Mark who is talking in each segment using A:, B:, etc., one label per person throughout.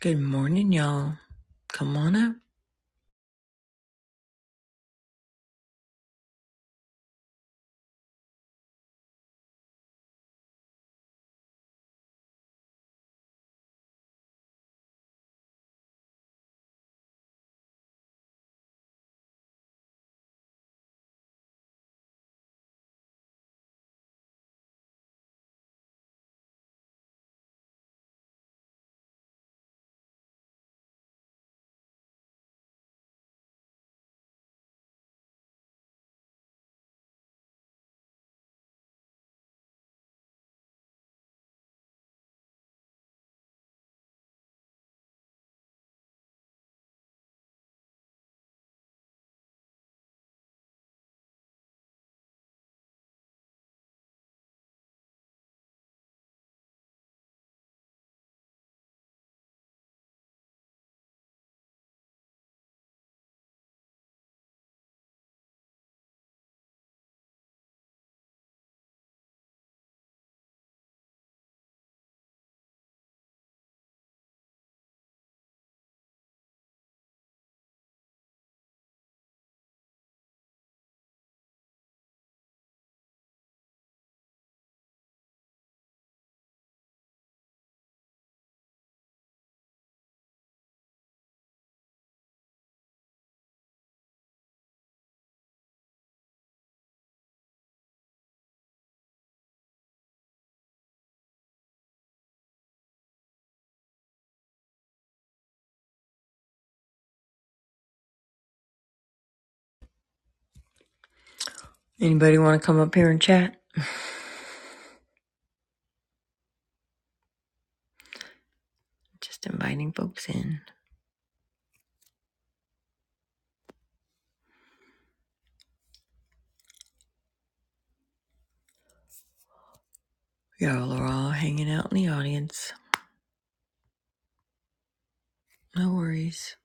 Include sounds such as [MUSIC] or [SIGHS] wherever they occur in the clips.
A: Good morning, y'all. Come on up. Anybody want to come up here and chat? Just inviting folks in. Y'all are all hanging out in the audience. No worries.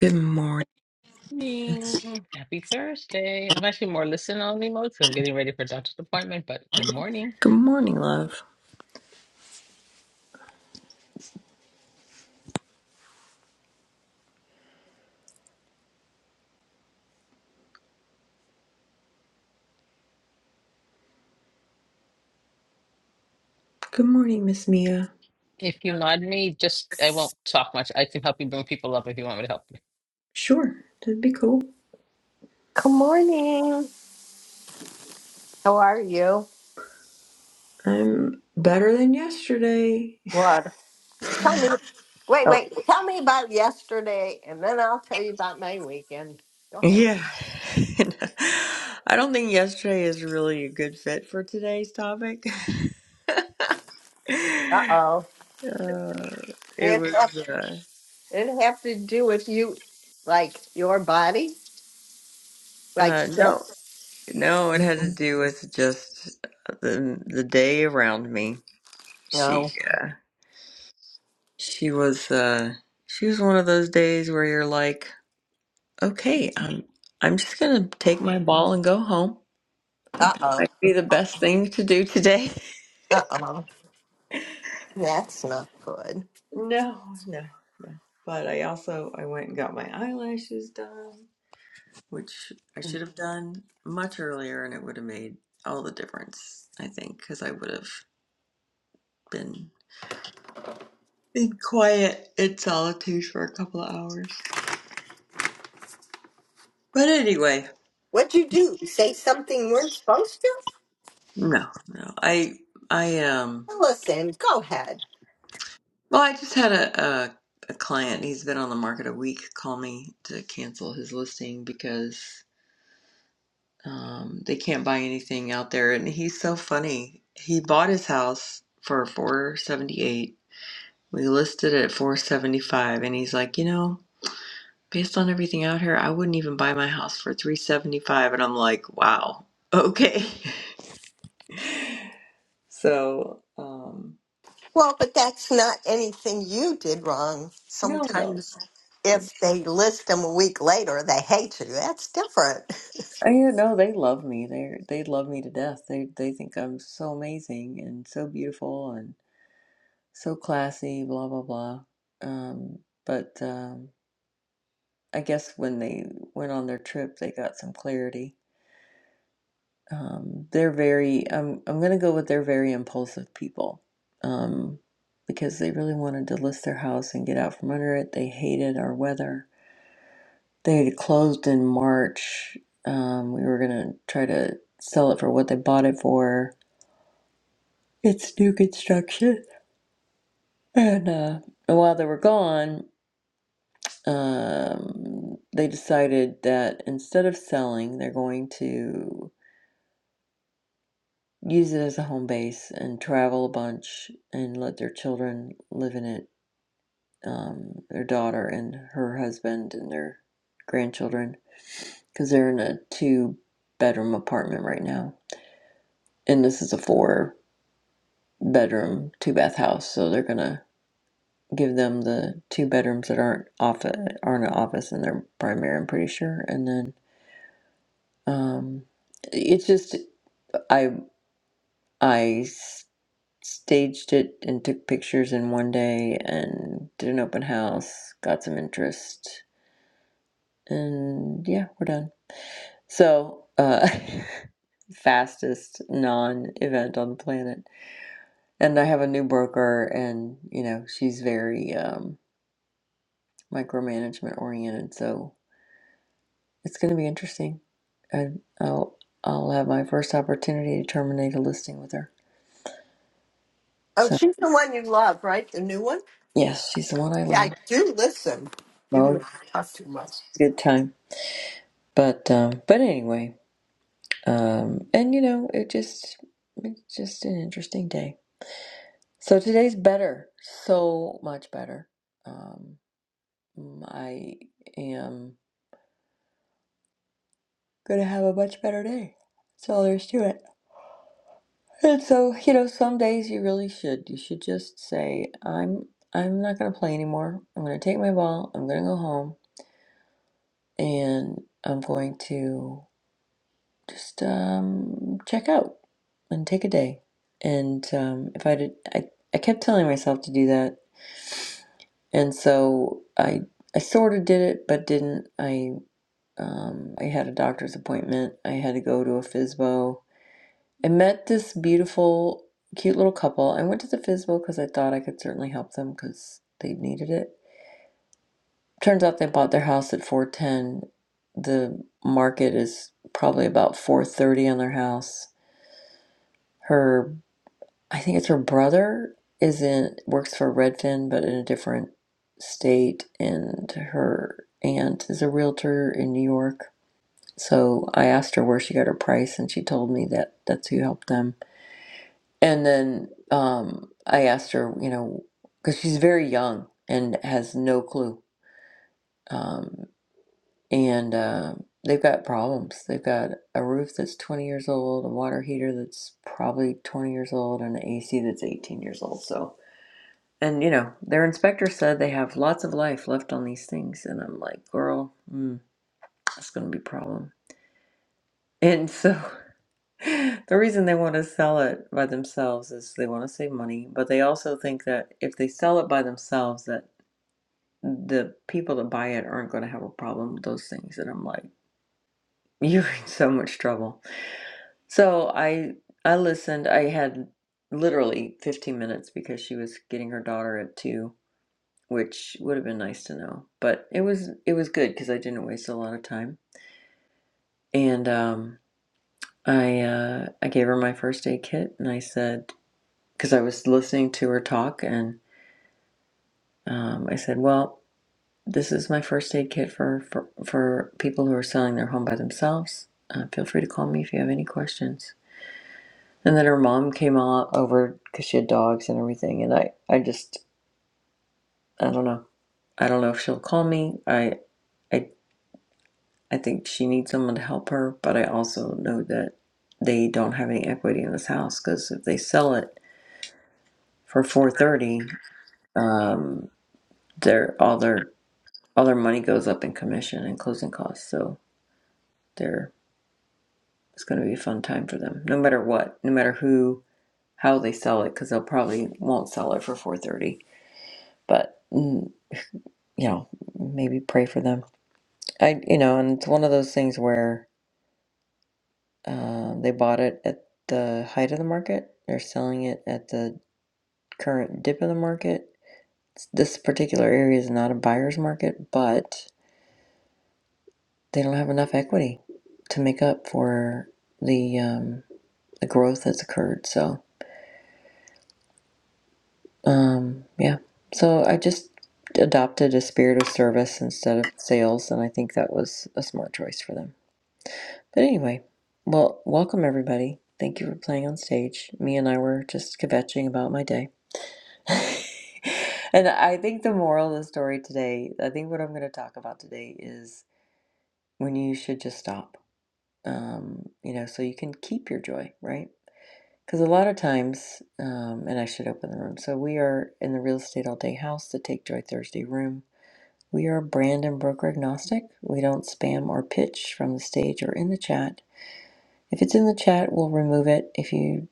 A: Good morning.
B: morning. Happy Thursday. I'm actually more listening only mode so I'm getting ready for doctor's appointment, but good morning.
A: Good morning, love. Good morning, Miss Mia.
B: If you nod me, just I won't talk much. I can help you bring people up if you want me to help.
A: Sure, that'd be cool.
C: Good morning. How are you?
A: I'm better than yesterday.
C: What? Tell me. Wait,
A: Oh.
C: wait. Tell me about yesterday, and then I'll tell you about my weekend. Go ahead.
A: Yeah. [LAUGHS] I don't think yesterday is really a good fit for today's topic. [LAUGHS] uh,
C: Uh oh.
A: it
C: It
A: was uh,
C: it have to do with you, like your body, like
A: uh,
C: sick.
A: no. No, it had to do with just the the day around me.
C: No.
A: She uh, she was uh, she was one of those days where you're like, okay, I'm I'm just gonna take my ball and go home. I
C: Uh
A: think that
C: oh.
A: might be the best thing to do today. [LAUGHS]
C: Uh oh. That's not good.
A: No, no, no. But I also I went and got my eyelashes done, which I should have done much earlier, and it would have made all the difference, I think, because I would have been. in quiet and solitude for a couple of hours. But anyway,
C: What'd you do? Say something you weren't supposed to?
A: no, no. I I um
C: Well, Listen. Go ahead.
A: well I just had a, a a client, he's been on the market a week, call me to cancel his listing because um they can't buy anything out there and he's so funny. He bought his house for four seventy eight. We listed it at four seventy five and he's like, you know, based on everything out here, I wouldn't even buy my house for three seventy five and I'm like, Wow, okay. [LAUGHS] So, um,
C: Well, but that's not anything you did wrong.
A: no, no.
C: Sometimes
A: It's,
C: if they list them a week later, they hate you. That's different.
A: I, you know, they love me. They they love me to death. They they think I'm so amazing and so beautiful and so classy, blah blah blah. Um, but um, I guess when they went on their trip, they got some clarity. Um, they're very. I'm I'm gonna go with they're very impulsive people. Um, because they really wanted to list their house and get out from under it. They hated our weather They had closed in March. Um, we were gonna try to sell it for what they bought it for. It's new construction, and uh, and while they were gone, um, they decided that instead of selling, they're going to use it as a home base and travel a bunch and let their children live in it. Um, their daughter and her husband and their grandchildren, because they're in a two bedroom apartment right now, and this is a four. bedroom, two bath house. So they're gonna give them the two bedrooms that aren't office aren't an office in their primary. I'm pretty sure. And then um, it's just I I s- staged it and took pictures in one day and did an open house, got some interest, and yeah, we're done. So uh, [LAUGHS] fastest non-event on the planet. And I have a new broker, and you know she's very um, micromanagement oriented. So it's going to be interesting. I, I'll I'll have my first opportunity to terminate a listing with her.
C: Oh,
A: So
C: she's the one you love, right? The new one?
A: yes, she's the one I
C: Yeah, I
A: love.
C: do listen, even if
A: Well,
C: I talk too much.
A: good time. But um, but anyway, um, and you know, it just it's just an interesting day. So today's better, so much better. Um, I am gonna have a much better day. That's all there is to it. And so, you know, some days you really should. You should just say, I'm I'm not gonna play anymore. I'm gonna take my ball, I'm gonna go home, and I'm going to just um check out and take a day. And um if I did I, I kept telling myself to do that. And so I I sort of did it but didn't. I um I had a doctor's appointment. I had to go to a FISBO I met this beautiful, cute little couple. I went to the FISBO because I thought I could certainly help them because they needed it. Turns out they bought their house at 410. The market is probably about 430 on their house. Her, I think it's her brother, is in works for Redfin, but in a different state, and her aunt is a realtor in New York. So I asked her where she got her price, and she told me that that's who helped them And then um, I asked her, you know, because she's very young and has no clue. Um, and uh, they've got problems. They've got a roof that's 20 years old, a water heater that's probably 20 years old, and an AC that's 18 years old. So, and you know, their inspector said they have lots of life left on these things. And I'm like, girl, mm, that's going to be a problem. And [LAUGHS] so The reason they want to sell it by themselves is they want to save money, but they also think that if they sell it by themselves, that the people that buy it aren't going to have a problem with those things. And I'm like, [LAUGHS] you're in so much trouble. So I I listened. I had literally 15 minutes because she was getting her daughter at two, which would have been nice to know, but it was it was good because I didn't waste a lot of time. And um, I uh, I gave her my first aid kit, and I said. because I was listening to her talk, and um, I said, "Well, this is my first aid kit for for, for people who are selling their home by themselves. Uh, feel free to call me if you have any questions." And then her mom came all over because she had dogs and everything, and I I just I don't know I don't know if she'll call me. I I I think she needs someone to help her, but I also know that they don't have any equity in this house because if they sell it for four thirty, um, their all their all their money goes up in commission and closing costs. So they're it's going to be a fun time for them, no matter what, no matter who, how they sell it, because they'll probably won't sell it for four thirty. But mm, you know, maybe pray for them. I you know, and it's one of those things where uh, they bought it at the height of the market. They're selling it at the current dip of the market. This particular area is not a buyer's market, but they don't have enough equity to make up for the um, the growth that's occurred. So, um, yeah. So I just adopted a spirit of service instead of sales, and I think that was a smart choice for them. But anyway, well, welcome everybody. Thank you for playing on stage. Me and I were just kvetching about my day. [LAUGHS] and I think the moral of the story today, I think what I'm going to talk about today is when you should just stop. Um, you know, so you can keep your joy, right? Because a lot of times, um, and I should open the room. So we are in the real estate all day house, the Take Joy Thursday room. We are brand and broker agnostic. We don't spam or pitch from the stage or in the chat. If it's in the chat, we'll remove it. If you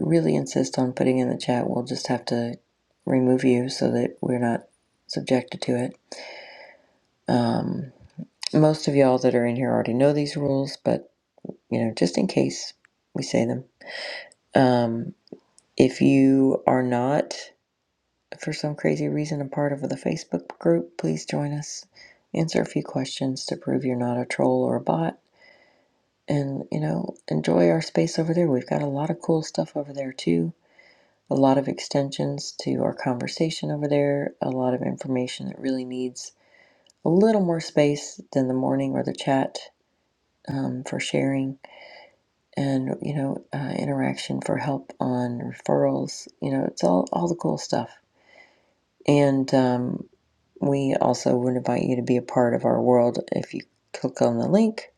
A: really insist on putting in the chat, we'll just have to remove you so that we're not subjected to it. Um, most of y'all that are in here already know these rules, but you know, just in case we say them. Um, if you are not for some crazy reason a part of the Facebook group, please join us. Answer a few questions to prove you're not a troll or a bot. And, you know, enjoy our space over there. We've got a lot of cool stuff over there, too. A lot of extensions to our conversation over there, a lot of information that really needs a little more space than the morning or the chat um, for sharing and, you know, uh, interaction for help on referrals. You know, it's all, all the cool stuff. And, um, We also would invite you to be a part of our world if you click on the link.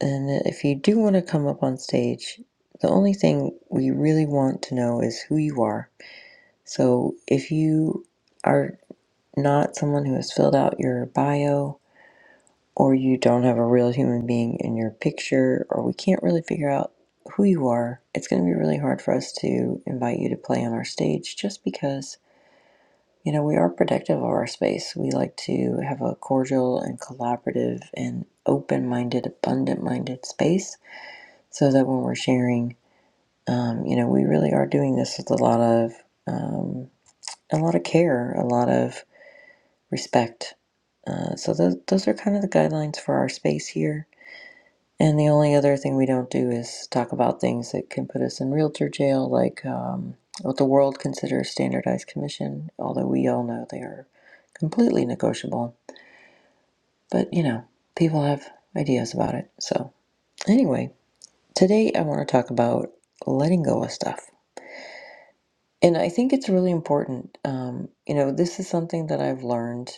A: And if you do want to come up on stage, the only thing we really want to know is who you are. So if you are not someone who has filled out your bio, or you don't have a real human being in your picture, or we can't really figure out who you are, it's going to be really hard for us to invite you to play on our stage just because You know, we are protective of our space. We like to have a cordial and collaborative and open minded, abundant minded space so that when we're sharing, um, you know, we really are doing this with a lot of, um, a lot of care, a lot of respect. Uh, so those, those are kind of the guidelines for our space here. And the only other thing we don't do is talk about things that can put us in realtor jail, like um, what the world considers standardized commission, although we all know they are completely negotiable. But, you know, people have ideas about it. So, anyway, today I want to talk about letting go of stuff. And I think it's really important. Um, you know, this is something that I've learned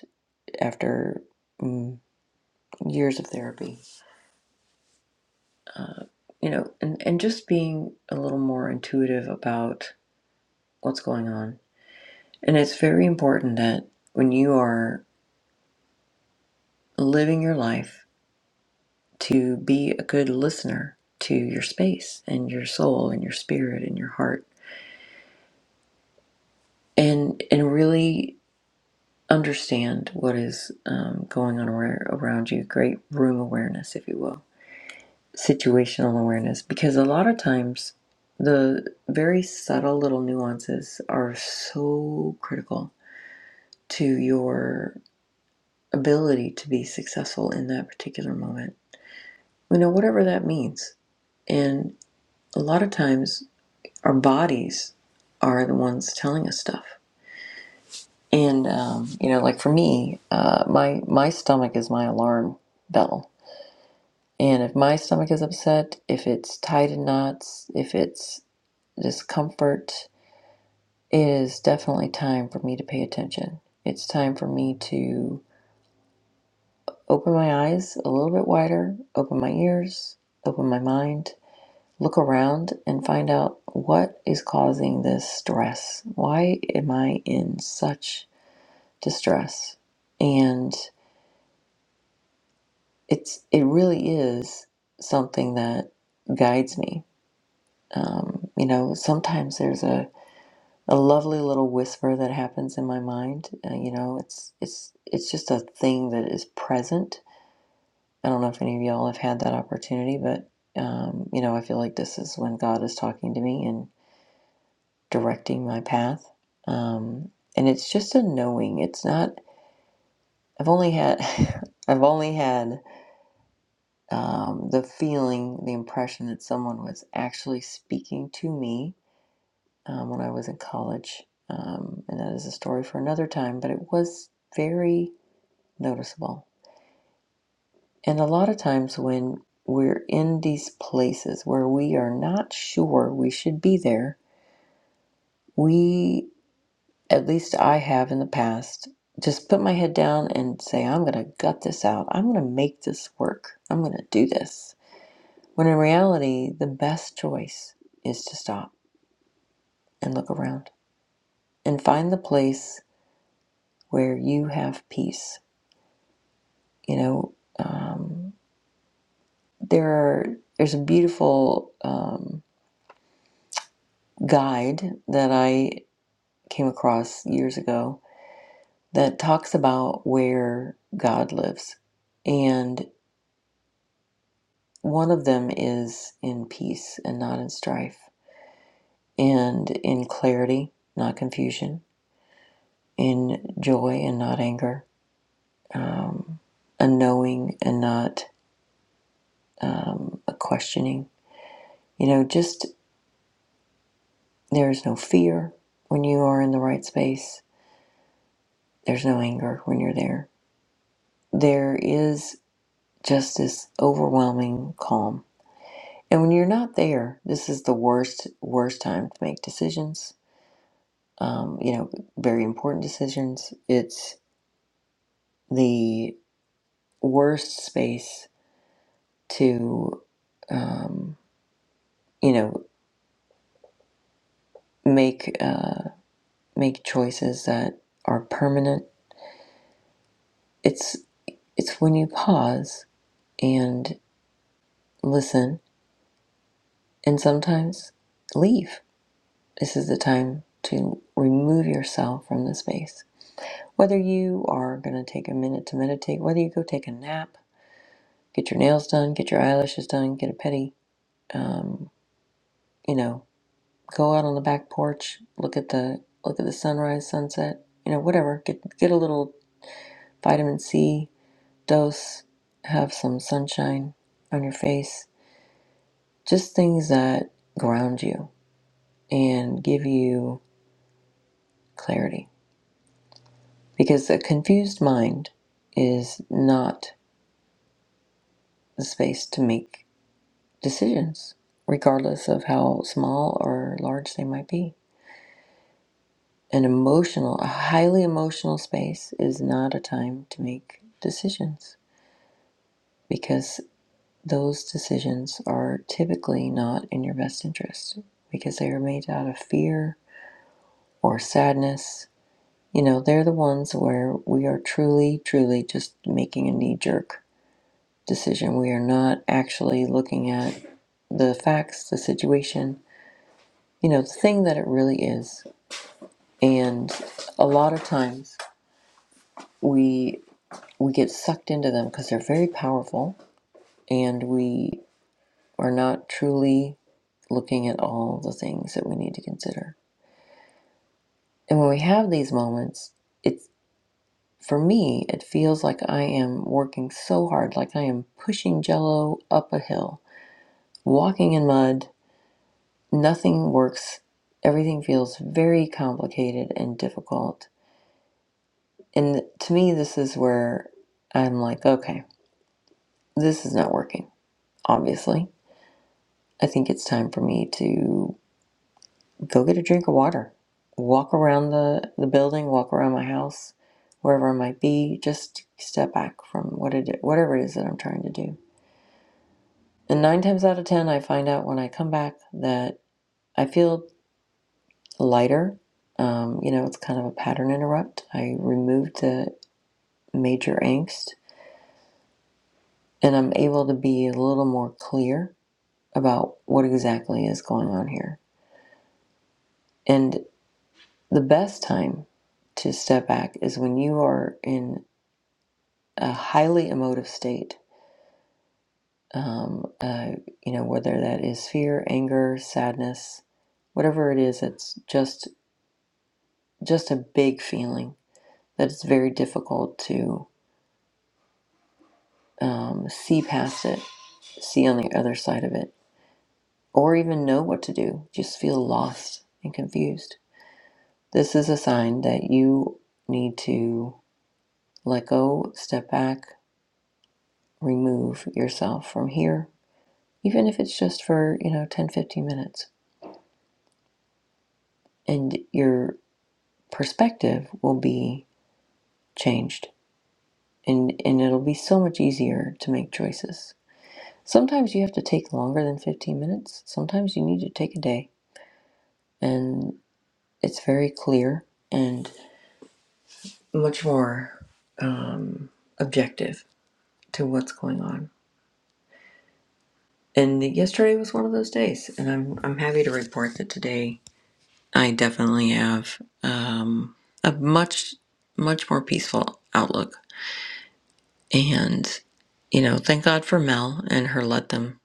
A: after mm, years of therapy. Uh, you know, and, and just being a little more intuitive about what's going on. And it's very important that when you are living your life to be a good listener to your space and your soul and your spirit and your heart and and really understand what is um, going on ar- around you great room awareness if you will situational awareness because a lot of times the very subtle little nuances are so critical to your ability to be successful in that particular moment. You know, whatever that means. And a lot of times, our bodies are the ones telling us stuff. And um, you know, like for me, uh, my my stomach is my alarm bell. And if my stomach is upset, if it's tied in knots, if it's discomfort, it is definitely time for me to pay attention. It's time for me to open my eyes a little bit wider, open my ears, open my mind, look around and find out what is causing this stress. Why am I in such distress? And it's it really is something that guides me. Um, you know, sometimes there's a, a lovely little whisper that happens in my mind. Uh, you know, it's it's it's just a thing that is present. I don't know if any of y'all have had that opportunity, but um, you know, I feel like this is when God is talking to me and directing my path. Um, and it's just a knowing. It's not. I've only had. [LAUGHS] I've only had um, the feeling, the impression that someone was actually speaking to me um, when I was in college, um, and that is a story for another time. But it was very noticeable. And a lot of times when we're in these places where we are not sure we should be there, we. at least I have in the past, just put my head down and say, I'm going to gut this out. I'm going to make this work. I'm going to do this. When in reality, the best choice is to stop and look around and find the place where you have peace. You know, um, there are, there's a beautiful um, guide that I came across years ago that talks about where God lives. and. One of them is in peace and not in strife, and in clarity, not confusion, in joy and not anger, um, a knowing and not um, a questioning. You know, just there's no fear when you are in the right space, there's no anger when you're there. There is just this overwhelming calm. And when you're not there, this is the worst, worst time to make decisions um, you know, very important decisions. It's the worst space to, um, you know, make uh, make choices that are permanent. It's it's when you pause and listen, and sometimes leave. This is the time to remove yourself from the space. Whether you are going to take a minute to meditate, whether you go take a nap, get your nails done, get your eyelashes done, get a pedi, um, you know, go out on the back porch, look at the look at the sunrise, sunset, you know, whatever. Get get a little vitamin C dose, have some sunshine on your face. Just things that ground you and give you clarity. Because a confused mind is not the space to make decisions, regardless of how small or large they might be. An emotional, a highly emotional space is not a time to make decisions because those decisions are typically not in your best interest because they are made out of fear or sadness. You know, they're the ones where we are truly, truly just making a knee jerk decision. We are not actually looking at the facts, the situation, you know, the thing that it really is. And a lot of times, we we get sucked into them because they're very powerful and we are not truly looking at all the things that we need to consider. And when we have these moments, it's for me, it feels like I am working so hard, like I am pushing jello up a hill, walking in mud. Nothing works. Everything feels very complicated and difficult. And to me, this is where I'm like, okay, this is not working, obviously. I think it's time for me to go get a drink of water. Walk around the, the building, walk around my house, wherever I might be. Just step back from what it, whatever it is that I'm trying to do. And nine times out of 10, I find out when I come back that I feel lighter. Um, you know, it's kind of a pattern interrupt. I removed the major angst and I'm able to be a little more clear about what exactly is going on here. And the best time to step back is when you are in a highly emotive state, um, uh, you know, whether that is fear, anger, sadness, whatever it is, it's just just a big feeling that it's very difficult to um, see past it, see on the other side of it, or even know what to do. Just feel lost and confused. This is a sign that you need to let go, step back, remove yourself from here, even if it's just for, you know, 10, 15 minutes and you're perspective will be changed and, and it'll be so much easier to make choices. Sometimes you have to take longer than 15 minutes, sometimes you need to take a day, and it's very clear and much more um, objective to what's going on. And yesterday was one of those days, and I'm, I'm happy to report that today I definitely have um, a much, much more peaceful outlook And, you know, thank God for Mel and her let them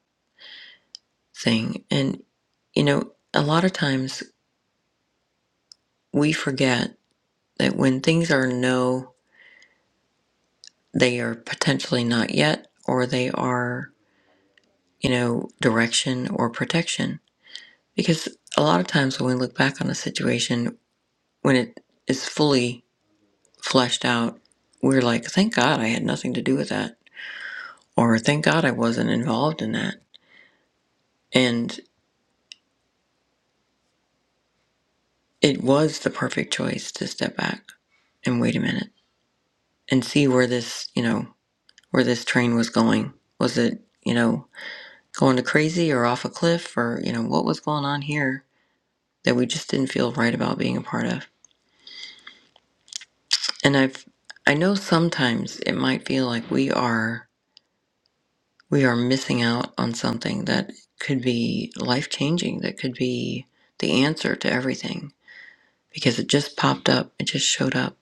A: thing. And, you know, a lot of times we forget that when things are no, they are potentially not yet, or they are, you know, direction or protection. Because a lot of times when we look back on a situation, when it is fully fleshed out, we're like, thank God I had nothing to do with that. Or thank God I wasn't involved in that. And it was the perfect choice to step back and wait a minute and see where this, you know, where this train was going. Was it, you know, going to crazy or off a cliff or, you know, what was going on here that we just didn't feel right about being a part of? And I've, I know sometimes it might feel like we are, we are missing out on something that could be life changing, that could be the answer to everything because it just popped up, it just showed up.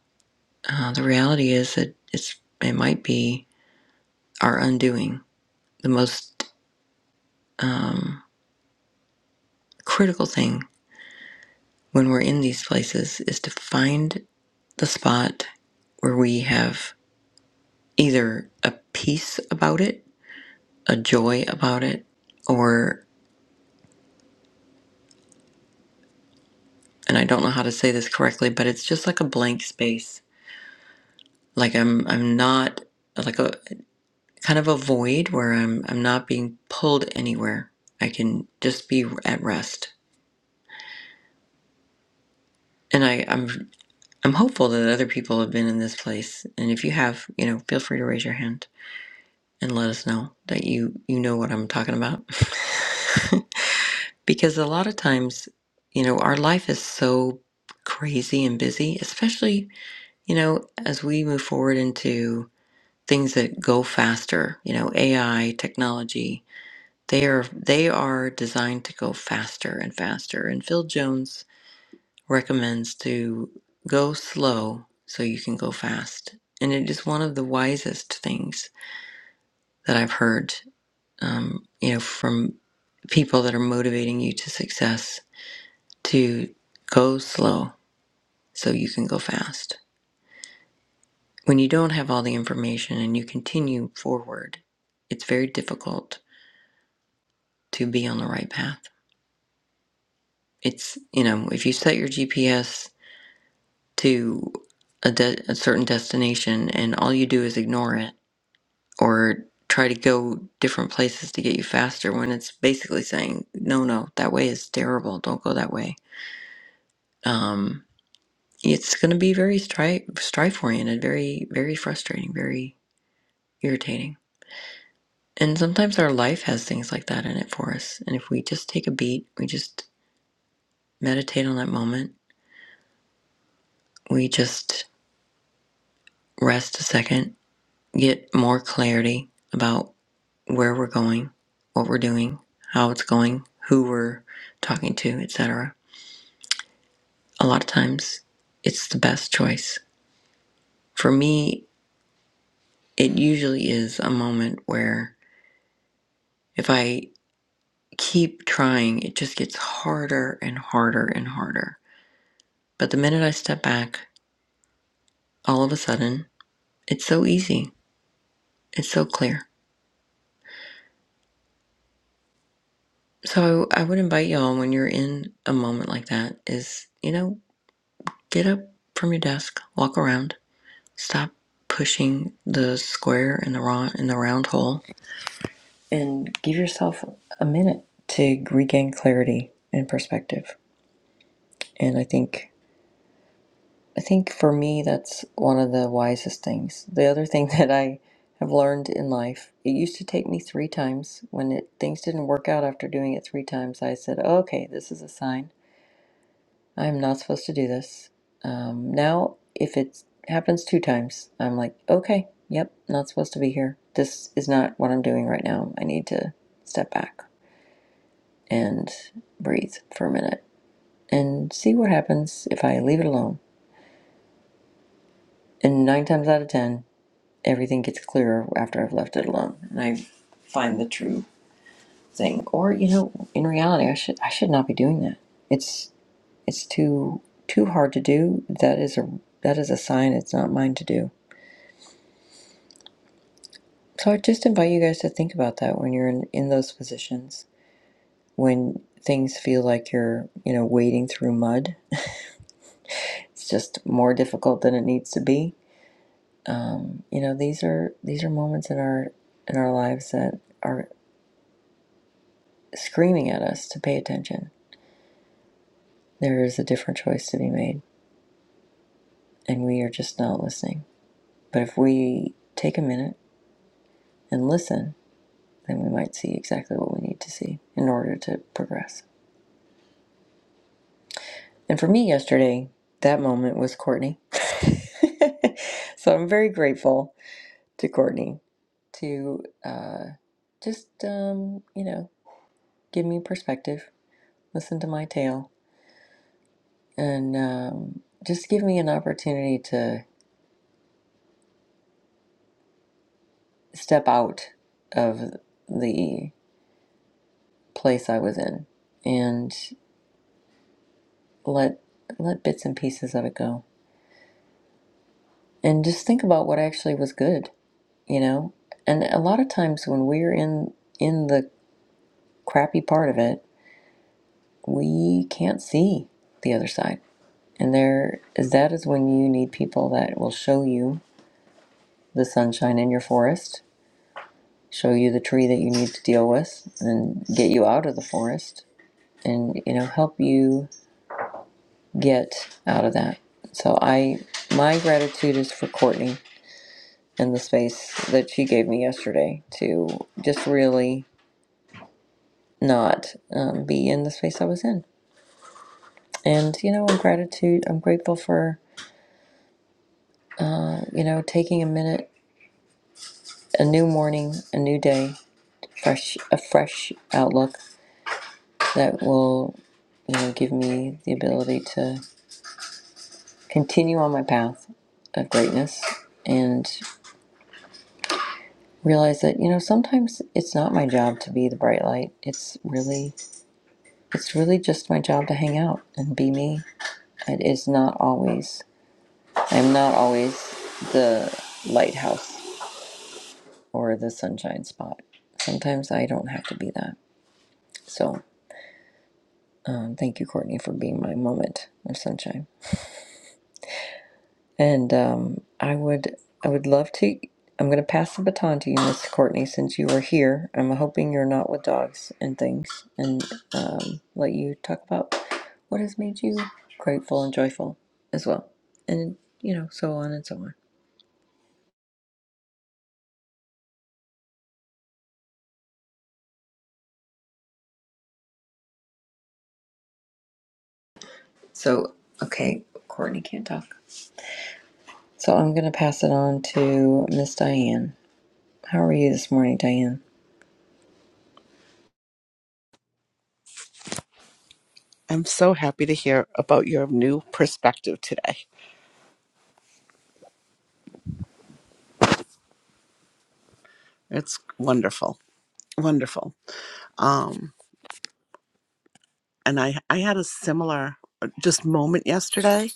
A: Uh, the reality is that it's, it might be our undoing. The most um, critical thing when we're in these places is to find the spot where we have either a peace about it, a joy about it, or and I don't know how to say this correctly, but it's just like a blank space. Like I'm I'm not like a kind of a void where I'm I'm not being pulled anywhere. I can just be at rest. And I, I'm I'm hopeful that other people have been in this place. And if you have, you know, feel free to raise your hand and let us know that you you know what I'm talking about. [LAUGHS] because a lot of times, you know, our life is so crazy and busy, especially, you know, as we move forward into things that go faster, you know, AI, technology, they are they are designed to go faster and faster. And Phil Jones recommends to go slow so you can go fast. And it is one of the wisest things that I've heard um, you know, from people that are motivating you to success to go slow so you can go fast. When you don't have all the information and you continue forward, it's very difficult to be on the right path. It's, you know, if you set your GPS to a, de- a certain destination and all you do is ignore it or try to go different places to get you faster when it's basically saying, no, no, that way is terrible. Don't go that way. Um, it's going to be very strife strife oriented, very very frustrating, very irritating. And sometimes our life has things like that in it for us. And if we just take a beat, we just meditate on that moment, we just rest a second, get more clarity about where we're going, what we're doing, how it's going, who we're talking to, etc. A lot of times it's the best choice. For me, it usually is a moment where if I keep trying, it just gets harder and harder and harder. But the minute I step back, all of a sudden, it's so easy. It's so clear. So I would invite y'all when you're in a moment like that is, you know, get up from your desk, walk around, stop pushing the square in the round in the round hole and give yourself a minute to regain clarity and perspective. And I think I think for me, that's one of the wisest things. The other thing [LAUGHS] that I have learned in life, it used to take me three times. When it, things didn't work out after doing it three times, I said, "Oh, okay, this is a sign. I'm not supposed to do this. Um, now, if it happens two times, I'm like, okay, yep, not supposed to be here. This is not what I'm doing right now. I need to step back and breathe for a minute and see what happens if I leave it alone. And nine times out of ten, everything gets clearer after I've left it alone and I find the true thing. Or you know, in reality, I should I should not be doing that. It's it's too too hard to do. That is a that is a sign it's not mine to do. So I just invite you guys to think about that when you're in in those positions when things feel like you're you know wading through mud. It's just more difficult than it needs to be. Um, you know, these are these are moments in our in our lives that are screaming at us to pay attention there is a different choice to be made, and we are just not listening. But if we take a minute and listen, then we might see exactly what we need to see in order to progress. And for me, yesterday, that moment was Courtney. [LAUGHS] so I'm very grateful to Courtney to uh, just, um, you know, give me perspective, listen to my tale, and um, just give me an opportunity to step out of the place I was in and let let bits and pieces of it go. And just think about what actually was good, you know? And a lot of times when we're in in the crappy part of it, we can't see the other side. And there is that is when you need people that will show you the sunshine in your forest, show you the tree that you need to deal with and get you out of the forest and you know help you get out of that. So I my gratitude is for Courtney and the space that she gave me yesterday to just really not um, be in the space I was in. And you know, I'm gratitude. I'm grateful for you know taking a minute, a new morning, a new day, fresh a fresh outlook that will you know give me the ability to continue on my path of greatness. and. realize that you know sometimes it's not my job to be the bright light it's really it's really just my job to hang out and be me it is not always i'm not always the lighthouse or the sunshine spot sometimes i don't have to be that so um, thank you courtney for being my moment of sunshine And um, I would I would love to. I'm going to pass the baton to you, Mr. Courtney, since you are here. I'm hoping you're not with dogs and things, and um, let you talk about what has made you grateful and joyful as well, and you know, so on and so on. So, okay, Courtney can't talk. So I'm going to pass it on to Miss Diane. How are you this morning, Diane?
D: I'm so happy to hear about your new perspective today. It's wonderful, wonderful. Um, and I, I had a similar uh, just moment yesterday.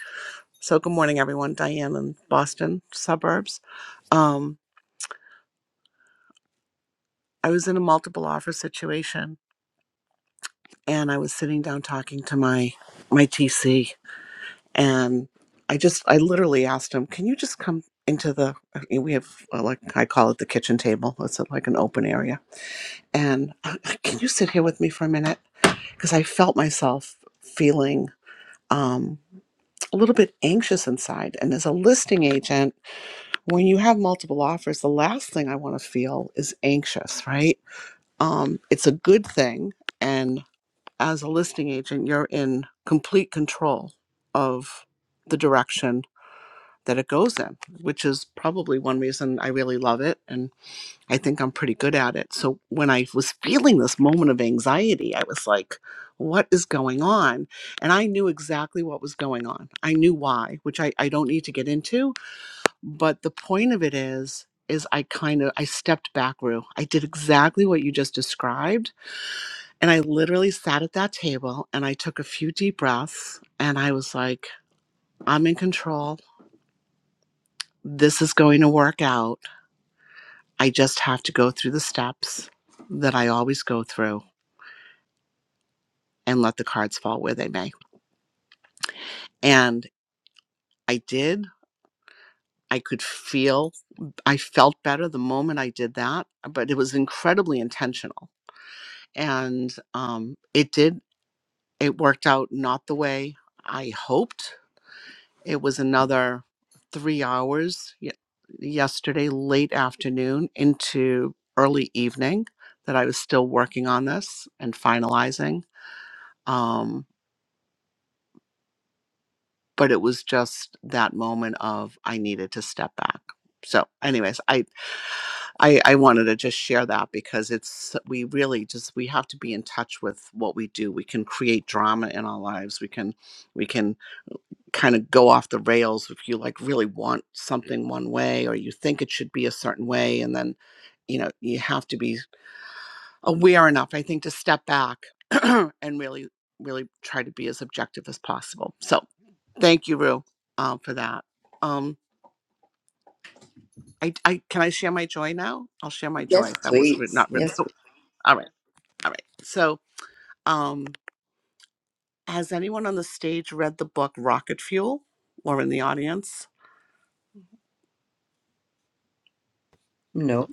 D: So good morning, everyone. Diane in Boston suburbs. Um, I was in a multiple offer situation, and I was sitting down talking to my my TC, and I just I literally asked him, "Can you just come into the? We have uh, like I call it the kitchen table. It's like an open area." And [LAUGHS] uh, can you sit here with me for a minute? Because I felt myself feeling um, a little bit anxious inside. And as a listing agent, when you have multiple offers, the last thing I want to feel is anxious, right? Um, it's a good thing. And as a listing agent, you're in complete control of the direction that it goes in, which is probably one reason I really love it. And I think I'm pretty good at it. So when I was feeling this moment of anxiety, I was like, what is going on? And I knew exactly what was going on. I knew why, which I, I don't need to get into. But the point of it is, is I kind of I stepped back, Rue. I did exactly what you just described. And I literally sat at that table and I took a few deep breaths and I was like, I'm in control. This is going to work out. I just have to go through the steps that I always go through and let the cards fall where they may. And I did. I could feel, I felt better the moment I did that, but it was incredibly intentional. And um, it did, it worked out not the way I hoped. It was another three hours ye- yesterday, late afternoon into early evening that I was still working on this and finalizing. Um, but it was just that moment of I needed to step back. So, anyways, I I, I wanted to just share that because it's we really just we have to be in touch with what we do. We can create drama in our lives. We can we can kind of go off the rails if you like really want something one way or you think it should be a certain way, and then you know you have to be aware enough, I think, to step back [CLEARS THROAT] and really, really try to be as objective as possible. So, thank you, Rue, uh, for that. Um, I, I can I share my joy now? I'll share my joy.
A: Yes,
D: That was writ-
A: please.
D: not written. [LAUGHS]
A: Yes.
D: all right, all right. So, um, has anyone on the stage read the book Rocket Fuel, or in the audience?
A: No.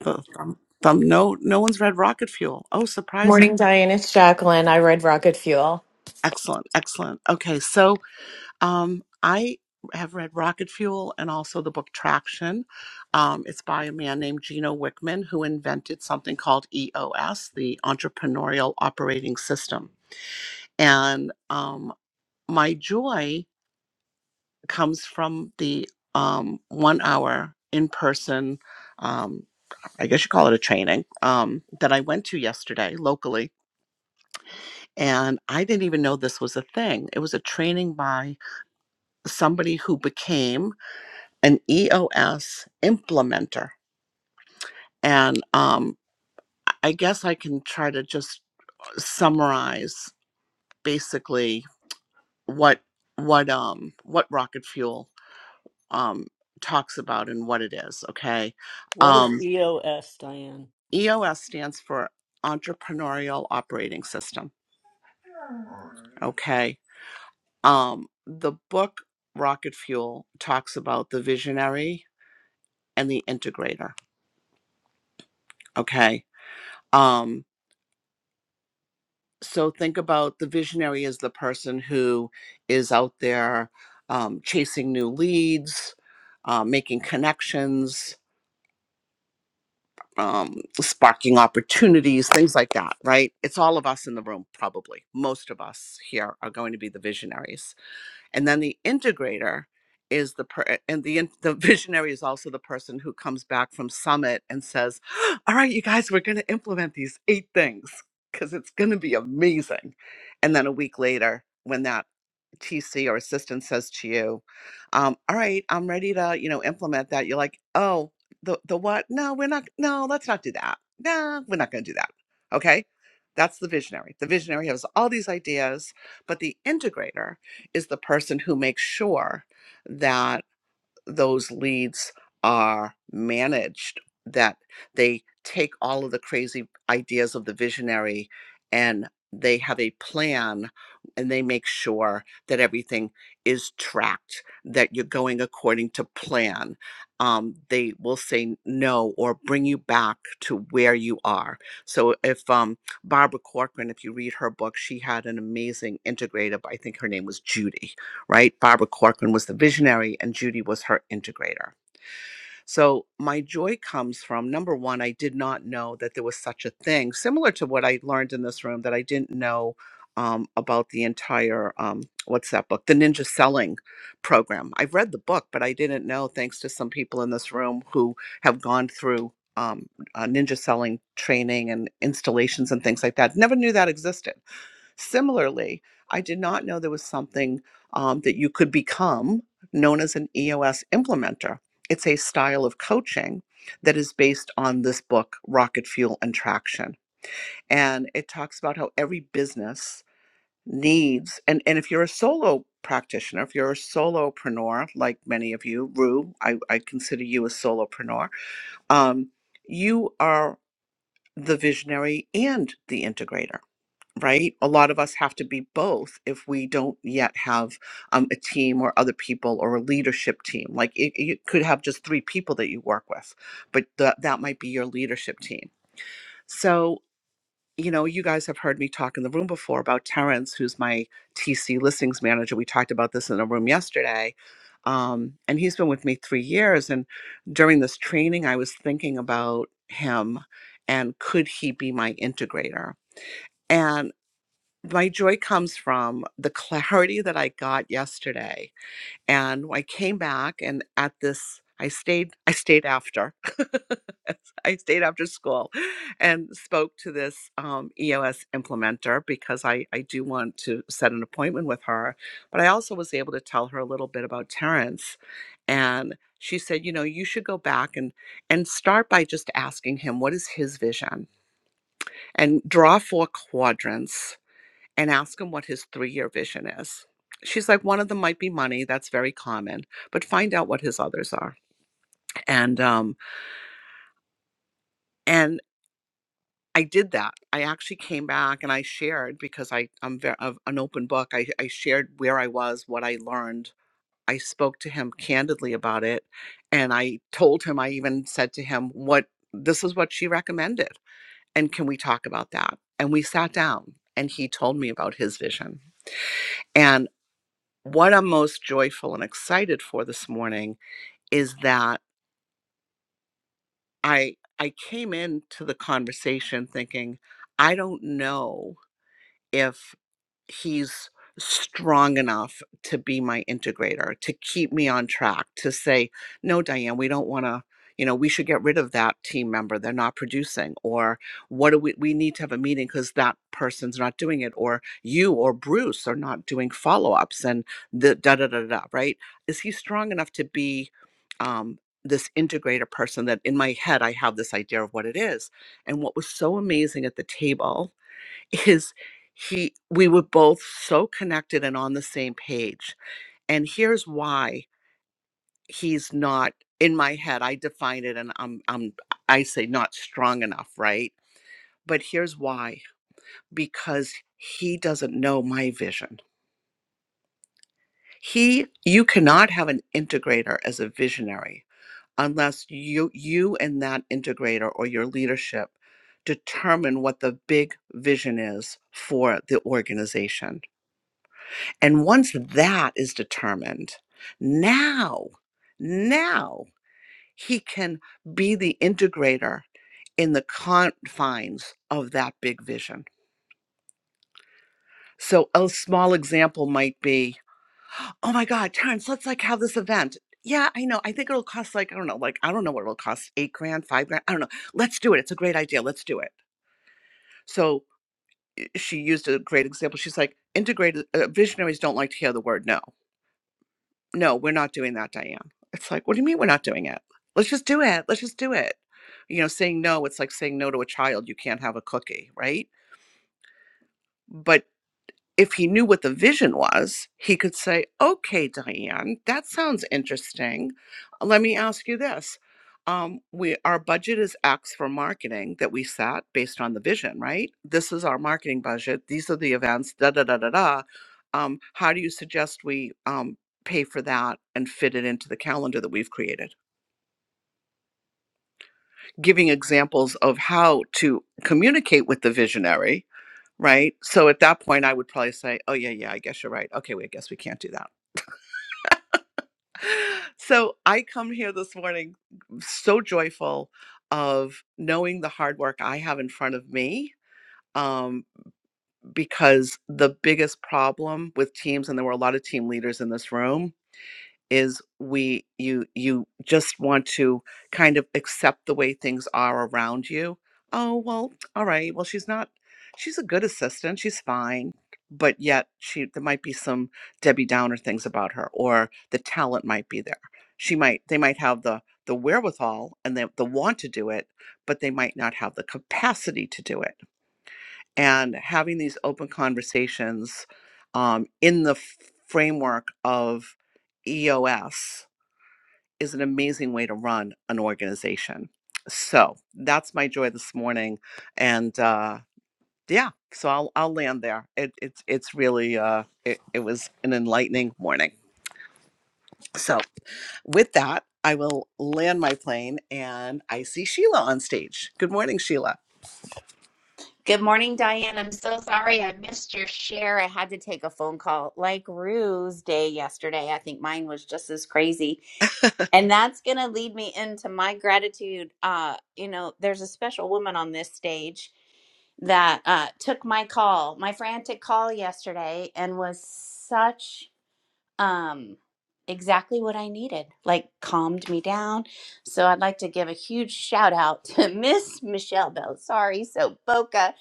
D: The thumb, thumb, no, no one's read Rocket Fuel. Oh, surprising.
E: Morning, Diane. It's Jacqueline. I read Rocket Fuel.
D: Excellent, excellent. Okay, so Um, I have read Rocket Fuel and also the book Traction. Um, it's by a man named Gino Wickman who invented something called EOS, the Entrepreneurial Operating System. And um, my joy comes from the um, one hour in person, um, I guess you call it a training, um, that I went to yesterday locally. And I didn't even know this was a thing. It was a training by somebody who became an EOS implementer. And um, I guess I can try to just summarize basically what what um what rocket fuel um talks about and what it is. Okay,
F: What is
D: um,
F: EOS, Diane?
D: EOS stands for Entrepreneurial Operating System. Okay, um, the book Rocket Fuel talks about the visionary and the integrator. Okay, um, so think about the visionary as the person who is out there um, chasing new leads uh, making connections um, sparking opportunities things like that right it's all of us in the room probably most of us here are going to be the visionaries and then the integrator is the per- and the in- the [LAUGHS] visionary is also the person who comes back from summit and says [GASPS] all right you guys we're going to implement these eight things because it's going to be amazing and then a week later when that TC or assistant says to you, um, all right, I'm ready to, you know, implement that. You're like, oh, the, the what? No, we're not. No, let's not do that. No, we're not going to do that. Okay. That's the visionary. The visionary has all these ideas, but the integrator is the person who makes sure that those leads are managed that they take all of the crazy ideas of the visionary and they have a plan and they make sure that everything is tracked that you're going according to plan um, they will say no or bring you back to where you are so if um, barbara corcoran if you read her book she had an amazing integrative i think her name was judy right? Barbara Corcoran was the visionary and Judy was her integrator. So my joy comes from number one, I did not know that there was such a thing, similar to what I learned in this room that I didn't know um, about the entire, um, what's that book? The Ninja Selling Program. I've read the book, but I didn't know, thanks to some people in this room who have gone through. Um, uh, ninja selling training and installations and things like that. Never knew that existed. Similarly, I did not know there was something um, that you could become known as an EOS implementer. It's a style of coaching that is based on this book, Rocket Fuel and Traction. And it talks about how every business needs, and, and if you're a solo practitioner, if you're a solopreneur, like many of you, Rue, I, I consider you a solopreneur, um, you are the visionary and the integrator right? A lot of us have to be both if we don't yet have um, a team or other people or a leadership team. Like it, you could have just three people that you work with, but tha- that might be your leadership team. So, you know, you guys have heard me talk in the room before about Terrence, who's my TC listings manager. We talked about this in a room yesterday. Um, and he's been with me three years. And during this training, I was thinking about him and could he be my integrator? and my joy comes from the clarity that I got yesterday. And I came back and at this I stayed I stayed after. [LAUGHS] I stayed after school and spoke to this um, EOS implementer because I, I do want to set an appointment with her. But I also was able to tell her a little bit about Terrence. And she said, you know, you should go back and and start by just asking him what is his vision and draw four quadrants and ask him what his three year vision is. She's like, one of them might be money. That's very common, but find out what his others are. And, um, and, I did that. I actually came back and I shared because I, I'm very, an open book. I, I shared where I was, what I learned. I spoke to him candidly about it. And I told him, I even said to him, what this is what she recommended. And can we talk about that? And we sat down and he told me about his vision. And what I'm most joyful and excited for this morning is that I I came into the conversation thinking I don't know if he's strong enough to be my integrator to keep me on track to say no diane we don't want to you know we should get rid of that team member they're not producing or what do we we need to have a meeting because that person's not doing it or you or bruce are not doing follow-ups and the da da da da da," right is he strong enough to be um this integrator person that in my head i have this idea of what it is and what was so amazing at the table is he we were both so connected and on the same page and here's why he's not in my head i define it and i'm i'm i say not strong enough right but here's why because he doesn't know my vision he you cannot have an integrator as a visionary unless you you and that integrator or your leadership determine what the big vision is for the organization And once that is determined, now, now he can be the integrator in the confines of that big vision. So a small example might be, oh my God, Terrence, let's like have this event. Yeah, I know. I think it'll cost like, I don't know, like, I don't know what it'll cost, eight grand, five grand. I don't know. Let's do it. It's a great idea. Let's do it. So eh, she used a great example. She's like, integrated uh, visionaries don't like to hear the word no no, we're not doing that, Diane. It's like, what do you mean we're not doing it? Let's just do it. Let's just do it. You know, saying no, it's like saying no to a child. You can't have a cookie, right? But if he knew what the vision was, he could say, okay, Diane, that sounds interesting. Let me ask you this. Um, we our budget is X for marketing that we set based on the vision, right? This is our marketing budget. These are the events. Da da da da da. Um, how do you suggest we um, pay for that and fit it into the calendar that we've created? Giving examples of how to communicate with the visionary, right? So at that point, I would probably say, "Oh yeah, yeah, I guess you're right. Okay, we I guess we can't do that." [LAUGHS] So I come here this morning so joyful of knowing the hard work I have in front of me. Um, because the biggest problem with teams, and there were a lot of team leaders in this room, is we you you just want to kind of accept the way things are around you oh well all right well she's not she's a good assistant she's fine but yet she there might be some debbie downer things about her or the talent might be there she might they might have the the wherewithal and the, the want to do it but they might not have the capacity to do it and having these open conversations um, in the f- framework of eos is an amazing way to run an organization. So that's my joy this morning, and uh, yeah, so I'll I'll land there. It, it's it's really uh, it, it was an enlightening morning. So with that, I will land my plane, and I see Sheila on stage. Good morning, Sheila.
G: Good morning, Diane. I'm so sorry I missed your share. I had to take a phone call like Rue's day yesterday. I think mine was just as crazy. And that's going to lead me into my gratitude. Uh, you know, there's a special woman on this stage that uh, took my call, my frantic call yesterday, and was such um, exactly what I needed, like calmed me down. So I'd like to give a huge shout out to [LAUGHS] Miss Michelle Bell. Sorry, so Boca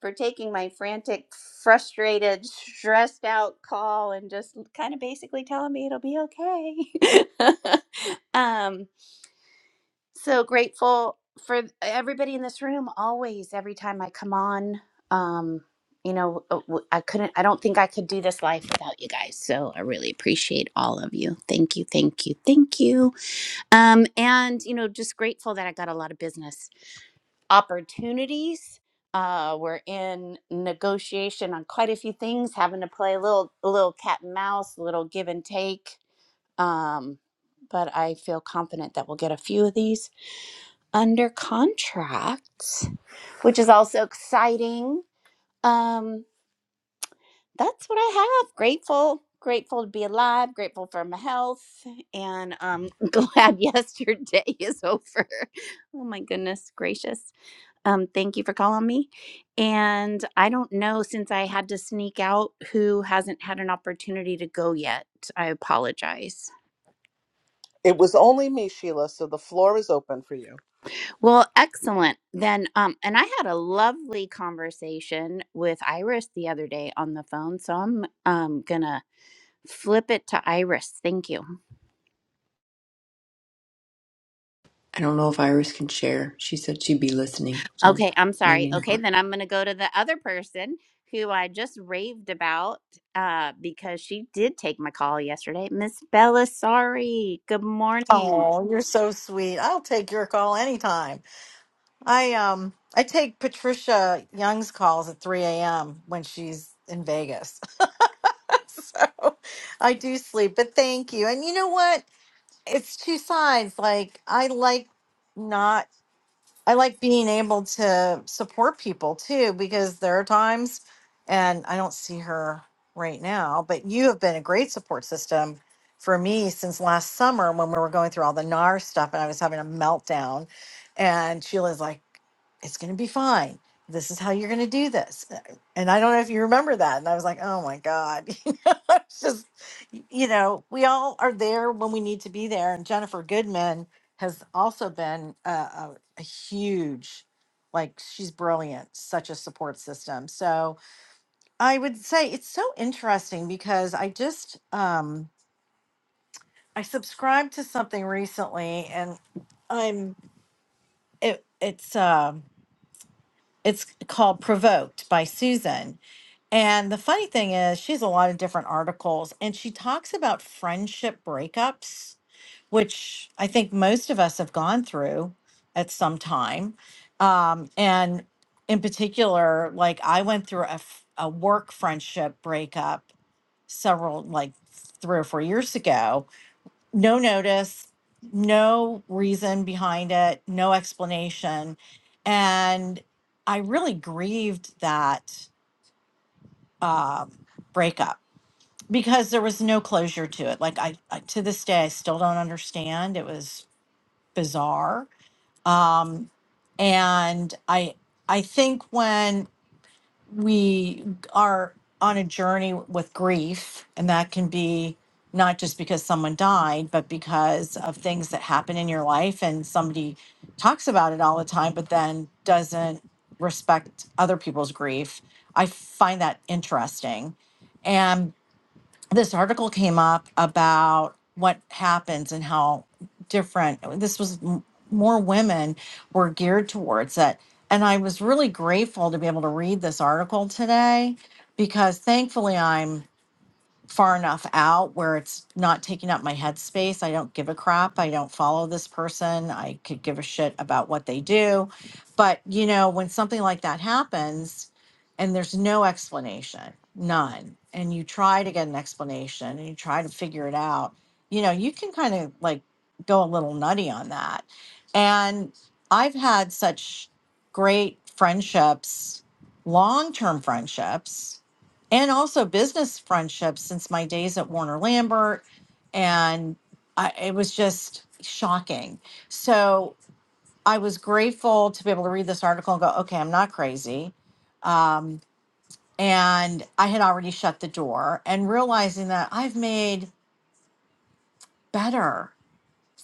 G: for taking my frantic, frustrated, stressed out call and just kind of basically telling me it'll be okay. [LAUGHS] um, so grateful for everybody in this room always, every time I come on. Um, you know, I could not I couldn't, I don't think I could do this life without you guys. So I really appreciate all of you. Thank you, thank you, thank you. Um, and, you know, just grateful that I got a lot of business opportunities. Uh, we're in negotiation on quite a few things, having to play a little, a little cat and mouse, a little give and take. Um, but I feel confident that we'll get a few of these under contract, which is also exciting. Um, that's what I have. Grateful, grateful to be alive, grateful for my health, and um, [LAUGHS] glad yesterday is over. [LAUGHS] Oh my goodness gracious. Um, thank you for calling me. And I don't know since I had to sneak out who hasn't had an opportunity to go yet. I apologize.
D: It was only me, Sheila. So the floor is open for you.
G: Well, excellent. Then um and I had a lovely conversation with Iris the other day on the phone, so I'm um going to flip it to Iris. Thank you.
A: I don't know if Iris can share. She said she'd be listening, so
G: Okay, I'm sorry.
A: maybe not.
G: Okay, then I'm going to go to the other person who I just raved about uh because she did take my call yesterday. Miss Bella, sorry. Good morning.
H: Oh, you're so sweet. I'll take your call anytime. I um I take Patricia Young's calls at 3 a.m. when she's in Vegas. [LAUGHS] So I do sleep, but thank you. And you know what? It's two sides. Like I like not. I like being able to support people too, because there are times, and I don't see her right now, but you have been a great support system for me since last summer when we were going through all the NAR stuff and I was having a meltdown. And Sheila's like, it's going to be fine. This is how you're going to do this. Uh, And I don't know if you remember that. And I was like, oh my God. [LAUGHS] You know, it's just, you know, we all are there when we need to be there. And Jennifer Goodman has also been a a huge like she's brilliant such a support system so i would say it's so interesting because i just um i subscribed to something recently and i'm it it's um it's called provoked by susan and the funny thing is she has a lot of different articles and she talks about friendship breakups which I think most of us have gone through at some time. Um, and in particular, like I went through a, f- a work friendship breakup several, like three or four years ago. No notice, no reason behind it, no explanation. And I really grieved that um, breakup because there was no closure to it. Like I, I to this day, I still don't understand. It was bizarre um, and I I think when we are on a journey with grief, and that can be not just because someone died, but because of things that happen in your life, and somebody talks about it all the time, but then doesn't respect other people's grief. I find that interesting, and this article came up about what happens and how different this was m- more women were geared towards it and i was really grateful to be able to read this article today because thankfully i'm far enough out where it's not taking up my headspace. I don't give a crap. I don't follow this person. I could give a shit about what they do. But, you know, when something like that happens and there's no explanation, none, and you try to get an explanation and you try to figure it out, you know, you can kind of like go a little nutty on that. And I've had such great friendships, long term friendships and also business friendships since my days at Warner Lambert. And I, it was just shocking. So I was grateful to be able to read this article and go, okay, I'm not crazy. Um, and I had already shut the door and realizing that I've made better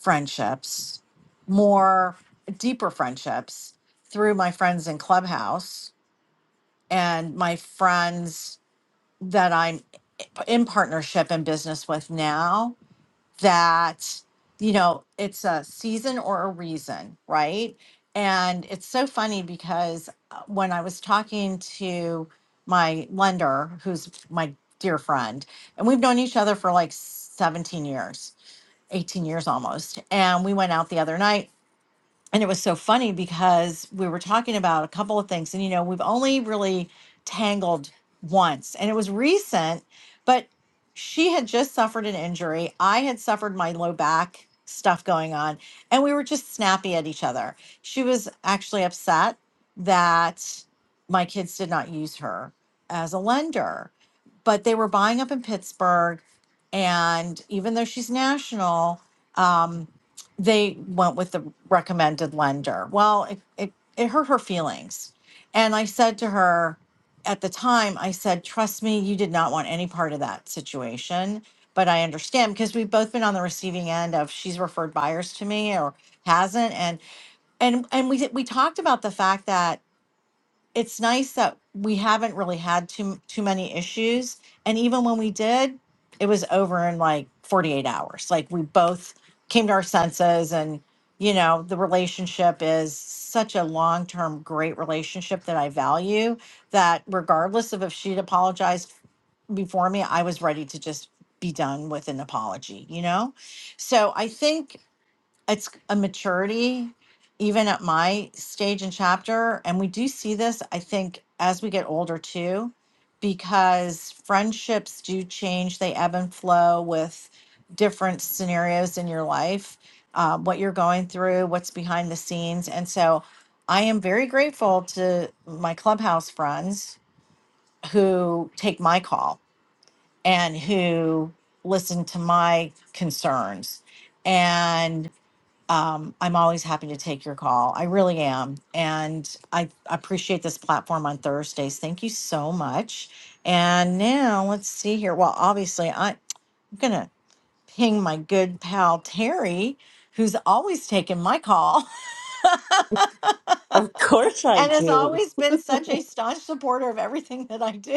H: friendships, more deeper friendships through my friends in Clubhouse and my friends that I'm in partnership and business with now that you know it's a season or a reason right and it's so funny because uh, when i was talking to my lender who's my dear friend and we've known each other for like 17 years 18 years almost and we went out the other night and it was so funny because we were talking about a couple of things and you know we've only really tangled once and it was recent but she had just suffered an injury i had suffered my low back stuff going on and we were just snappy at each other she was actually upset that my kids did not use her as a lender but they were buying up in pittsburgh and even though she's national um, they went with the recommended lender. Well, it, it, it hurt her feelings. And I said to her at the time, I said, trust me, you did not want any part of that situation. But I understand because we've both been on the receiving end of she's referred buyers to me or hasn't. And and and we we talked about the fact that it's nice that we haven't really had too too many issues and even when we did it was over in like 48 hours like we both came to our senses and you know the relationship is such a long-term great relationship that I value that regardless of if she'd apologized before me I was ready to just be done with an apology you know so I think it's a maturity even at my stage and chapter and we do see this i think as we get older too because friendships do change they ebb and flow with different scenarios in your life uh, what you're going through what's behind the scenes and so i am very grateful to my clubhouse friends who take my call and who listen to my concerns um, I'm always happy to take your call. I really am. And I appreciate this platform on Thursdays. Thank you so much. And now let's see here. Well, obviously, I, I'm going to ping my good pal, Terry, who's always taken my call
F: Of course
H: [LAUGHS]
F: I
H: and has
F: do.
H: always been such
F: [LAUGHS]
H: a staunch supporter of everything that I do. [LAUGHS]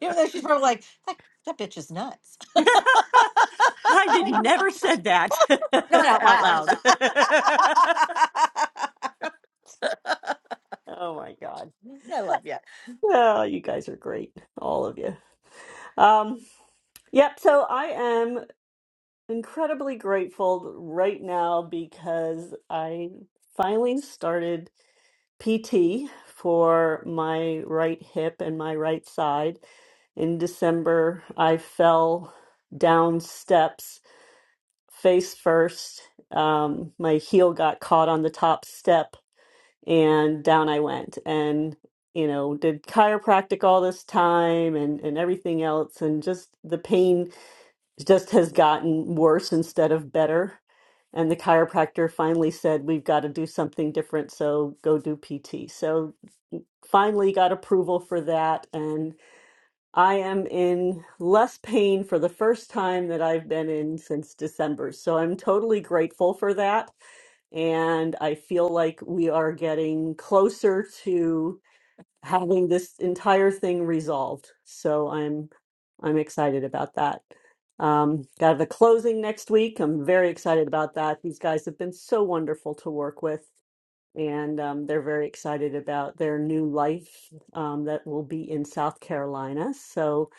H: Even though she's probably like, that, that bitch is nuts. [LAUGHS]
F: I did
H: Not
F: never said that [LAUGHS]
H: out
F: out
H: loud. [LAUGHS]
F: loud. [LAUGHS] Oh my God.
H: I love you.
F: Well, you guys are great, all of you. Um, Yep, so I am incredibly grateful right now because I finally started. PT for my right hip and my right side. In December, I fell down steps face first. Um, my heel got caught on the top step and down I went. And, you know, did chiropractic all this time and, and everything else. And just the pain just has gotten worse instead of better. And the chiropractor finally said, We've got to do something different. So go do PT. So finally got approval for that and I am in less pain for the first time that I've been in since December. So I'm totally grateful for that and I feel like we are getting closer to having this entire thing resolved. So I'm I'm excited about that. Um, got the closing next week. I'm very excited about that. These guys have been so wonderful to work with and um, they're very excited about their new life um, that will be in South Carolina. So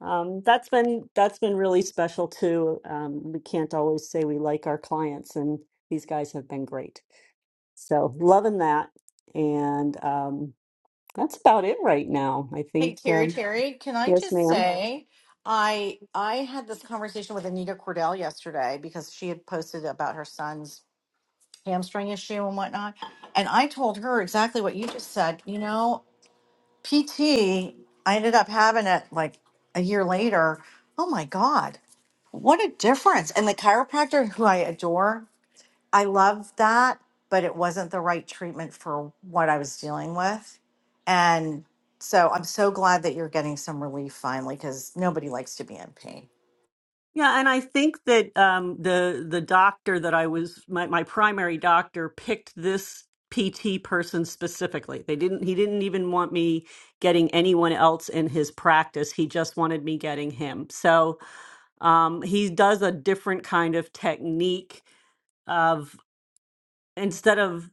F: um, that's been that's been really special too. Um, we can't always say we like our clients, and these guys have been great. So loving that, and um, that's about it right now. I
H: Hey
F: think
H: Terry,
F: um,
H: Terry, can I
F: yes,
H: just
F: ma'am.
H: say I I had this conversation with Anita Cordell yesterday because she had posted about her son's hamstring issue and whatnot. And I told her exactly what you just said. You know, PT, I ended up having it like a year later. Oh my God, what a difference. And the chiropractor who I adore I loved that, but it wasn't the right treatment for what I was dealing with. And so I'm so glad that you're getting some relief finally because nobody likes to be in pain.
F: Yeah, and I think that um, the the doctor that I was my, my primary doctor picked this PT person specifically. They didn't he didn't even want me getting anyone else in his practice. He just wanted me getting him. So um, he does a different kind of technique of instead of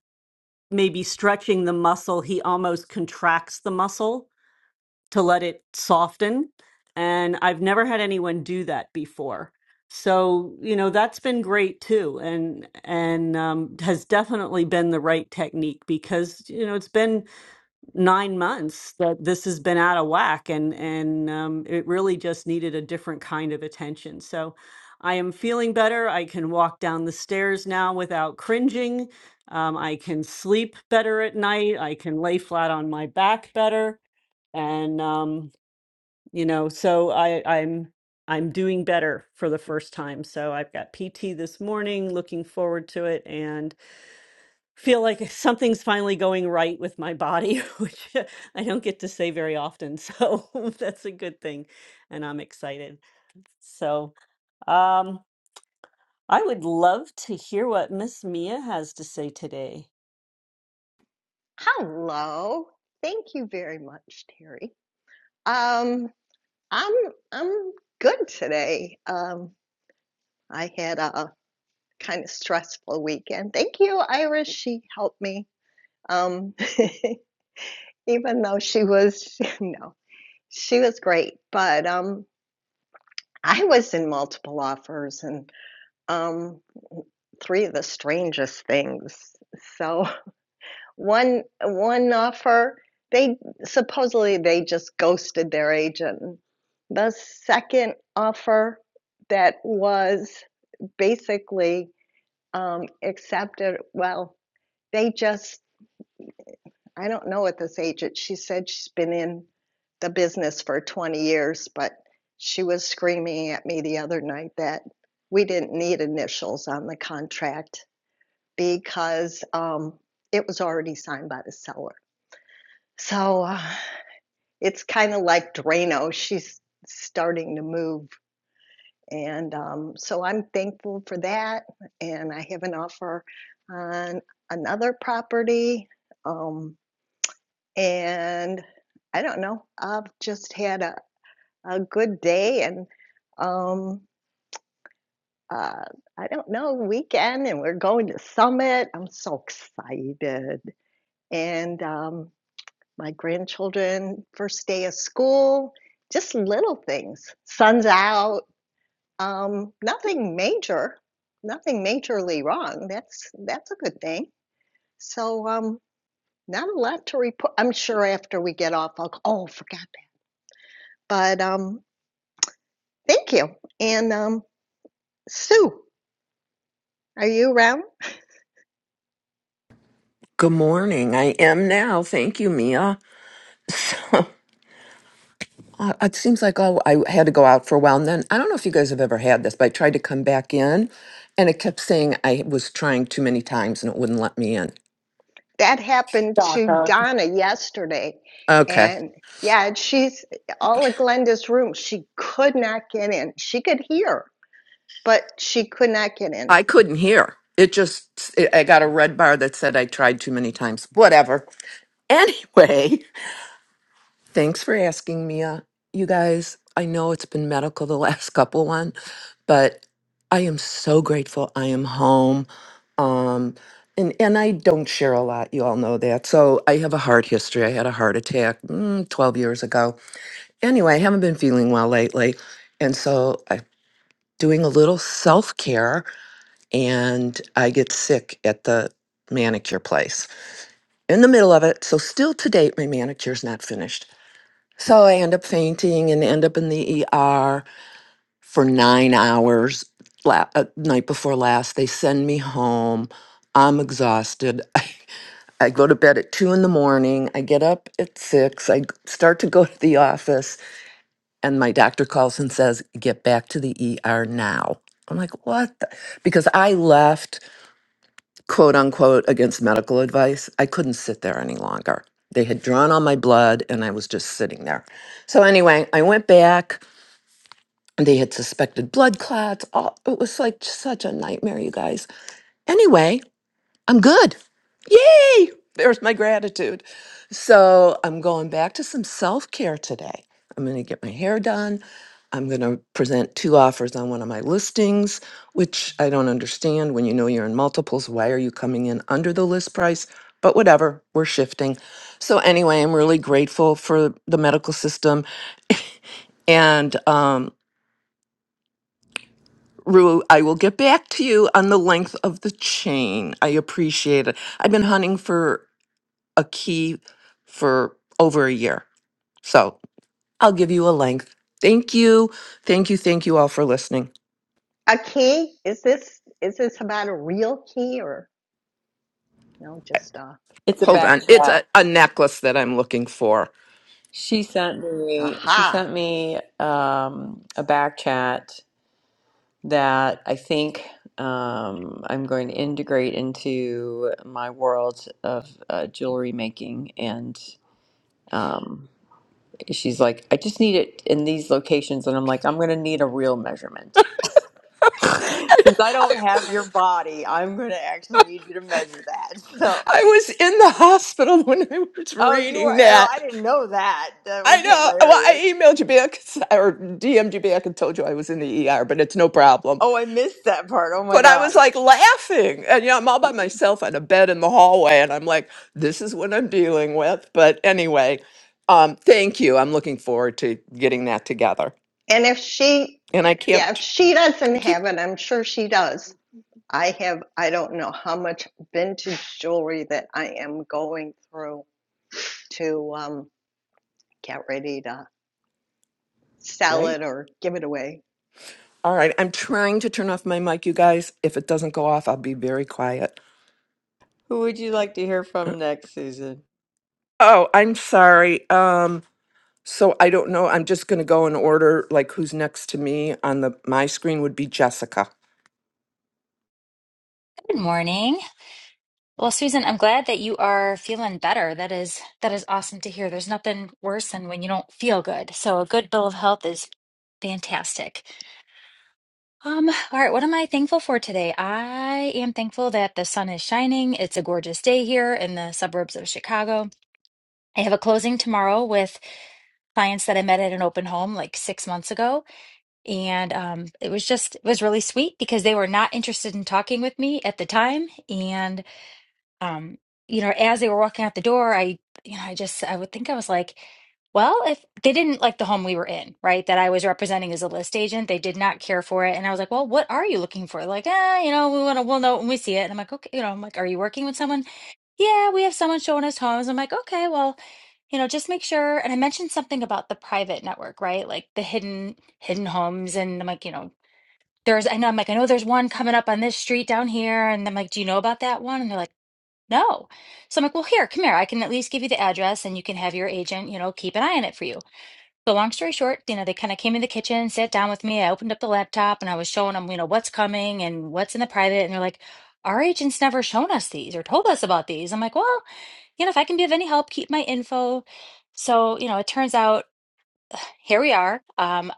F: maybe stretching the muscle, he almost contracts the muscle to let it soften. And I've never had anyone do that before. So, you know, that's been great too. And, and, um, has definitely been the right technique because, you know, it's been nine months that this has been out of whack and, and, um, it really just needed a different kind of attention. So I am feeling better. I can walk down the stairs now without cringing. Um, I can sleep better at night. I can lay flat on my back better. And, um, you know so i i'm i'm doing better for the first time so i've got pt this morning looking forward to it and feel like [LAUGHS] something's finally going right with my body [LAUGHS] which i don't get to say very often so [LAUGHS] that's a good thing and i'm excited so um i would love to hear what miss mia has to say today
C: Hello. Thank you very much, Terry. Um, I'm I'm good today. Um, I had a kind of stressful weekend. Thank you, Iris. She helped me. Um, [LAUGHS] even though she was [LAUGHS] no. She was great, but, um, I was in multiple offers and, um, 3 of the strangest things. So, [LAUGHS] one one offer, they supposedly, they just ghosted their agent. The second offer that was basically, um, accepted well, they just I don't know at this age. It, she said she's been in the business for 20 years, but she was screaming at me the other night that we didn't need initials on the contract because um, it was already signed by the seller. So uh, it's kind of like Drano. She's starting to move. And um, so I'm thankful for that. And I have an offer on another property. Um, And I don't know, I've just had a, a good day and um uh I don't know, weekend and we're going to Summit. I'm so excited. And um my grandchildren first day of school, just little things. Sun's out, um nothing major, nothing majorly wrong. That's that's a good thing. So um not a lot to report. I'm sure after we get off I'll go, oh, forgot that. But um Thank you. And um, Sue, are you around?
I: Good morning. I am now. Thank you, Mia. [LAUGHS] So uh, it seems like oh, I had to go out for a while. And then I don't know if you guys have ever had this, but I tried to come back in and it kept saying I was trying too many times and it wouldn't let me in.
C: That happened to Donna yesterday.
I: Okay.
C: And yeah, and she's all of Glenda's room. She could not get in. She could hear, but she could not get in.
I: I couldn't hear. It just, it, I got a red bar that said I tried too many times. Whatever. Anyway, [LAUGHS] Thanks for asking, Mia. You guys, I know it's been medical the [LAUGHS] last couple one, but I am so grateful I am home. Um and and I don't share a lot, you all know that. So I have a heart history. I had a heart attack mm, 12 years ago. Anyway, I haven't been feeling well lately. And so I'm doing a little self-care and I get sick at the manicure place in the middle of it. So still to date my manicure's not finished. So I end up fainting and end up in the ER for nine hours. La- uh, night before last, they send me home. I'm exhausted. [LAUGHS] I I go to bed at two in the morning. I get up at six. I g- start to go to the office, and my doctor calls and says, Get back to the ER now. I'm like, What? the-" Because I left, quote unquote, against medical advice. I couldn't sit there any longer. They had drawn all my blood, and I was just sitting there. So, anyway, I went back. they had suspected blood clots. All, it was like such a nightmare, you guys. Anyway, I'm good. Yay! There's my gratitude. So I'm going back to some self care today. I'm going to get my hair done. I'm going to present two offers on one of my listings, which I don't understand. When you know you're in multiples, why are you coming in under the list price? But whatever, we're shifting. So, anyway, I'm really grateful for the medical system [LAUGHS] and um. Rue, I will get back to you on the length of the chain. I appreciate it. I've been hunting for a key for over a year. So I'll give you a length. Thank you. Thank you. Thank you all for listening.
C: A key? Is this is this about a real key or no, just a
A: It's a
I: Hold
A: back
I: on.
C: metaphor?
I: It's
A: chat.
I: a, a necklace that I'm looking for.
A: She sent me she
C: Aha.
A: sent me um, a back chat that I think um, I'm going to integrate into my world of uh, jewelry making and um, she's like, I just need it in these locations and I'm like, I'm gonna need a real measurement. [LAUGHS] Since I don't have your body, I'm gonna actually need you to measure that. [LAUGHS] So
I: I was in the hospital [LAUGHS] when I was
A: Oh, you are,
I: reading
A: oh, I
I: that.
A: didn't know that. That
I: I
A: was
I: know. Well, I
A: hilarious.
I: emailed you back [LAUGHS] or DM'd you back and told you I was in the ER, but it's no problem.
A: Oh, I missed that part. Oh my
I: but I was
A: God.
I: like laughing. And you know, I'm all by myself on a bed in the hallway and I'm like, this is what I'm dealing with. But anyway, um, thank you. I'm looking forward to getting that together.
C: And if she
I: And I can't
C: yeah, if she
I: I
C: doesn't
I: can't
C: have it, I'm sure she does. I have, I don't know how much vintage jewelry that I am going through to um, get ready to sell
I: great.
C: it or give it away.
I: All right. I'm trying to turn off my mic, you guys. If it doesn't go off, I'll be very quiet.
A: Who would you like to hear
I: Uh,
A: from next, Susan?
I: Oh, I'm sorry. Um so I don't know. I'm just going to go in order. Like who's next to me on the my screen would be Jessica.
J: Good morning. Well, Susan, I'm glad that you are feeling better. That is that is awesome to hear. There's nothing worse than when you don't feel good. So a good bill of health is fantastic. Um, all right, what am I thankful for today? I am thankful that the sun is shining. It's a gorgeous day here in the suburbs of Chicago. I have a closing tomorrow with clients that I met at an open home like six months ago. And um, it was just, it was really sweet because they were not interested in talking with me at the time. And um, you know, as they were walking out the door, I, you know, I just, I would think I was like, well, if they didn't like the home we were in, right, that I was representing as a list agent, they did not care for it. And I was like, well, what are you looking for? Like, ah, you know, we want to, we'll know when we see it. And I'm like, okay, you know, I'm like, are you working with someone? Yeah, we have someone showing us homes. I'm like, okay, well, you know, just make sure. And I mentioned something about the private network, right? Like the hidden, hidden homes. And I'm like, you know, there's, I know, I'm like, I know there's one coming up on this street down here. And I'm like, do you know about that one? And they're like, no. So I'm like, well, here, come here. I can at least give you the address and you can have your agent, you know, keep an eye on it for you. So long story short, you know, they kind of came in the kitchen, sat down with me. I opened up the laptop and I was showing them, you know, what's coming and what's in the private. And they're like, our agent's never shown us these or told us about these. I'm like, well, you know, if I can be of any help, keep my info. So, you know, it turns out here we are. Um,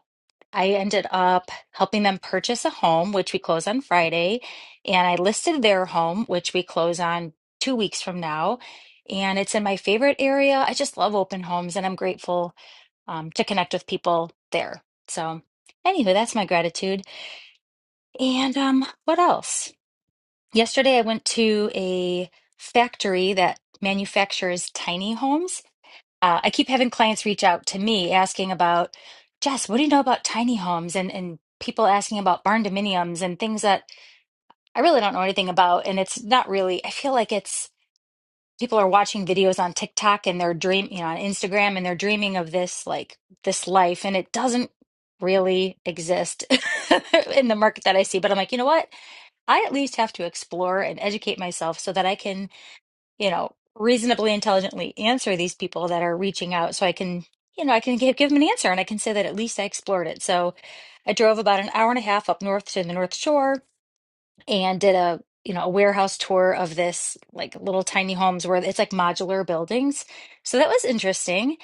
J: I ended up helping them purchase a home, which we close on Friday. And I listed their home, which we close on two weeks from now. And it's in my favorite area. I just love open homes and I'm grateful um, to connect with people there. So, anywho, that's my gratitude. And um, what else? Yesterday, I went to a factory that manufactures tiny homes uh, I keep having clients reach out to me asking about, Jess, what do you know about tiny homes and and people asking about barn dominiums and things that I really don't know anything about. And it's not really, I feel like it's people are watching videos on TikTok and they're dream, you know, on Instagram and they're dreaming of this like this life and it doesn't really exist [LAUGHS] in the market that I see. But I'm like, you know what? I at least have to explore and educate myself so that I can you know, reasonably intelligently answer these people that are reaching out so I can, you know, I can give, give them an answer and I can say that at least I explored it. So I drove about an hour and a half up north to the North Shore and did a, you know, a warehouse tour of this like little tiny homes where it's like modular buildings. So that was interesting.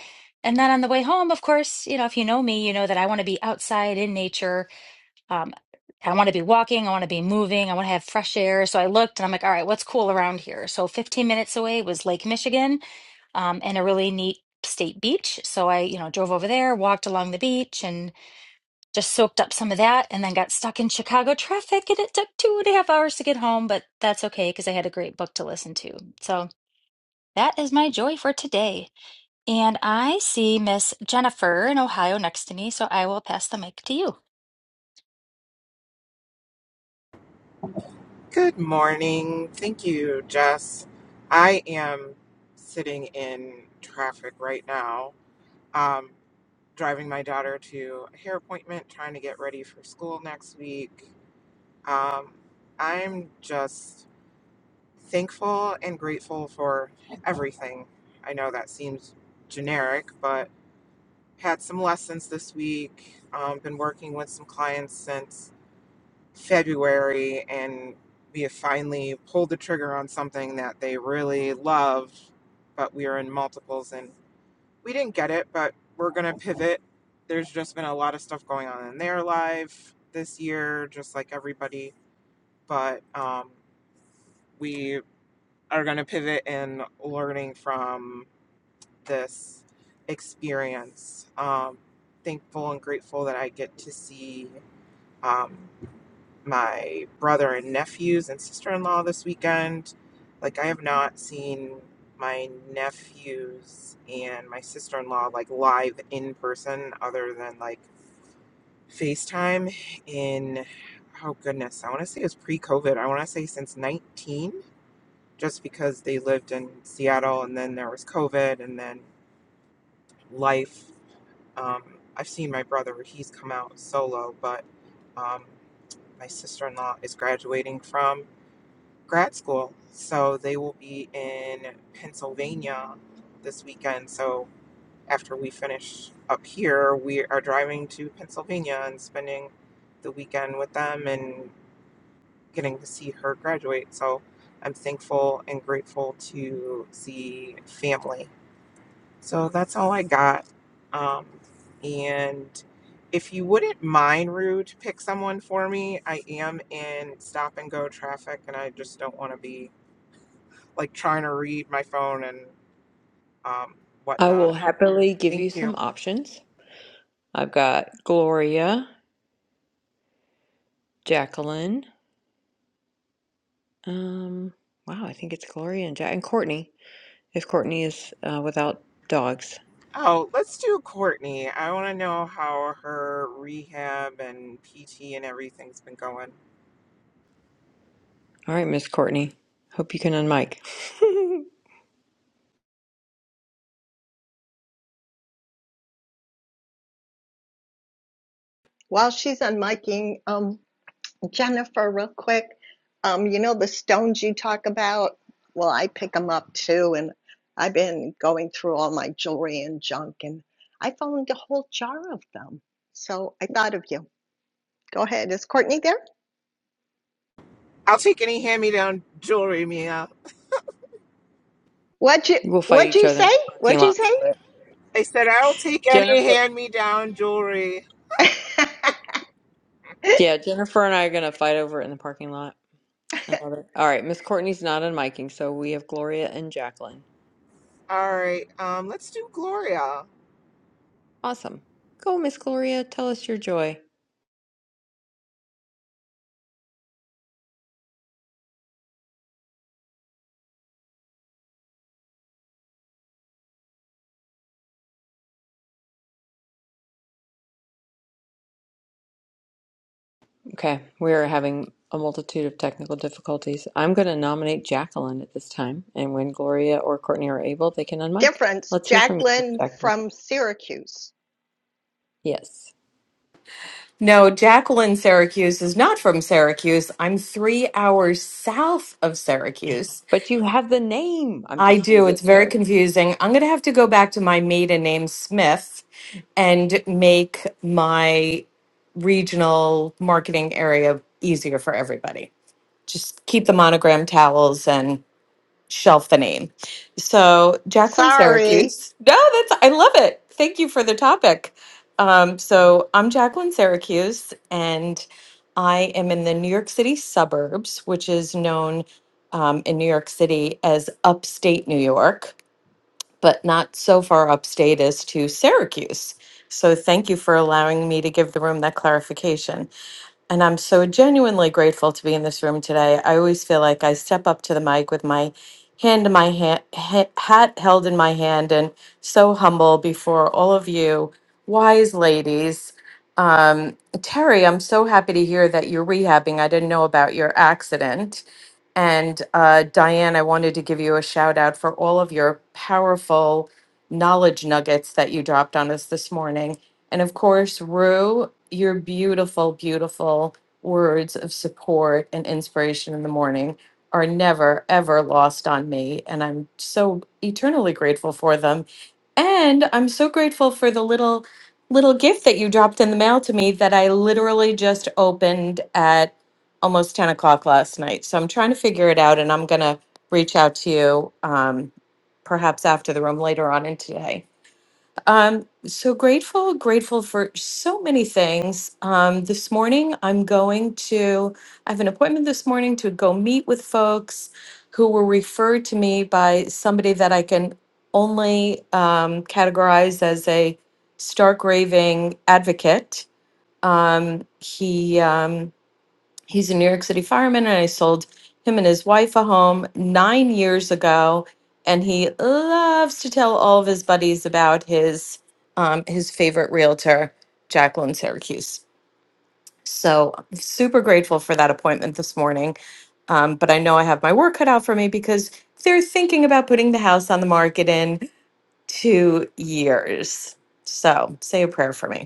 J: And then on the way home, of course, you know, if you know me, you know that I want to be outside in nature um, I want to be walking, I want to be moving, I want to have fresh air. So I looked and I'm like, all right, what's cool around here? So 15 minutes away was Lake Michigan, um, and a really neat state beach. So I, you know, drove over there, walked along the beach and just soaked up some of that and then got stuck in Chicago traffic and it took two and a half hours to get home, but that's okay because I had a great book to listen to. So that is my joy for today. And I see Miss Jennifer in Ohio next to me, so I will pass the mic to you.
K: Good morning. Thank you, Jess. I am sitting in traffic right now, um, driving my daughter to a hair appointment, trying to get ready for school next week. Um, I'm just thankful and grateful for everything. I know that seems generic, but had some lessons this week. Um, been working with some clients since February and we have finally pulled the trigger on something that they really loved, but we were in multiples and we didn't get it, but we're going to pivot. There's just been a lot of stuff going on in their life this year, just like everybody, but um, we are going to pivot in learning from this experience. Um, thankful and grateful that I get to see. Um, my brother and nephews and sister-in-law this weekend. Like I have not seen my nephews and my sister-in-law like live in person other than like FaceTime in oh goodness, I want to say it was pre-COVID. I want to say since 19 just because they lived in Seattle and then there was COVID and then life um I've seen my brother, he's come out solo, but um my sister-in-law is graduating from grad school. So they will be in Pennsylvania this weekend. So after we finish up here, we are driving to Pennsylvania and spending the weekend with them and getting to see her graduate. So I'm thankful and grateful to see family. So that's all I got. Um, and if you wouldn't mind, Rue, to pick someone for me, I am in stop and go traffic and I just don't want to be like trying to read my phone and um,
A: I will
K: whatnot.
A: happily give you
K: Thank you.
A: some options. I've got Gloria, Jacqueline. Um, wow, I think it's Gloria and Jack and Courtney. If Courtney is uh, without dogs,
K: Oh, let's do Courtney. I want to know how her rehab and PT and everything's been going.
A: all right, Miss Courtney. Hope you can unmic. [LAUGHS]
C: While she's on miking, um, Jennifer, real quick, um, you know the stones you talk about? Well, I pick them up too, and I've been going through all my jewelry and junk, and I found a whole jar of them. So I thought of you. Go ahead. Is Courtney there?
K: I'll take any hand me down jewelry, Mia.
C: What'd you
A: we'll fight
C: What'd
A: each
C: you
A: other in
C: say?
A: the parking
C: What'd you
A: lot for it.
K: I said I'll take any
A: Jennifer,
K: hand me down jewelry.
C: say? [LAUGHS]
A: yeah, Jennifer and I are gonna fight over it in the parking lot. I love it. All right, Miss Courtney's not unmiking, so we have Gloria and Jacqueline.
K: All right, um, let's do Gloria.
A: Awesome. Go, Miss Gloria. Tell us your joy. Okay, we are having a multitude of technical difficulties. I'm going to nominate Jacqueline at this time, and when Gloria or Courtney are able, they can unmic.
C: difference,
A: Let's hear from you, Miss
C: Jacqueline
A: Jacqueline.
C: from Syracuse.
A: Yes,
E: No, Jacqueline Syracuse is not from Syracuse. I'm three hours south of Syracuse.
A: but you have the name. I'm
E: I
A: just
E: do.
A: teasing
E: It's very
A: you.
E: confusing. I'm going to have to go back to my maiden name, Smith, and make my regional marketing area easier for everybody. Just keep the monogram towels and shelf the name. So Jacqueline
C: Sorry.
E: Syracuse. No, that's I love it. Thank you for the topic. Um, so I'm Jacqueline Syracuse, and I am in the New York City suburbs, which is known um, in New York City as upstate New York, but not so far upstate as to Syracuse. So thank you for allowing me to give the room that clarification. And I'm so genuinely grateful to be in this room today. I always feel like I step up to the mic with my hand in my hand, ha- hat held in my hand, and so humble before all of you wise ladies. Um, Terry, I'm so happy to hear that you're rehabbing. I didn't know about your accident. And uh, Diane, I wanted to give you a shout out for all of your powerful knowledge nuggets that you dropped on us this morning. And of course, Rue, your beautiful, beautiful words of support and inspiration in the morning are never, ever lost on me. And I'm so eternally grateful for them. And I'm so grateful for the little, little gift that you dropped in the mail to me that I literally just opened at almost 10 o'clock last night. So I'm trying to figure it out and I'm going to reach out to you um, perhaps after the room later on in today um, so grateful, grateful for so many things. Um, this morning, I'm going to, I have an appointment this morning to go meet with folks who were referred to me by somebody that I can only um, categorize as a stark raving advocate. Um, he, um, He's a New York City fireman, and I sold him and his wife a home nine years ago. And he loves to tell all of his buddies about his um, his favorite realtor, Jacqueline Syracuse. So I'm super grateful for that appointment this morning. Um, but I know I have my work cut out for me because they're thinking about putting the house on the market in two years. So say a prayer for me.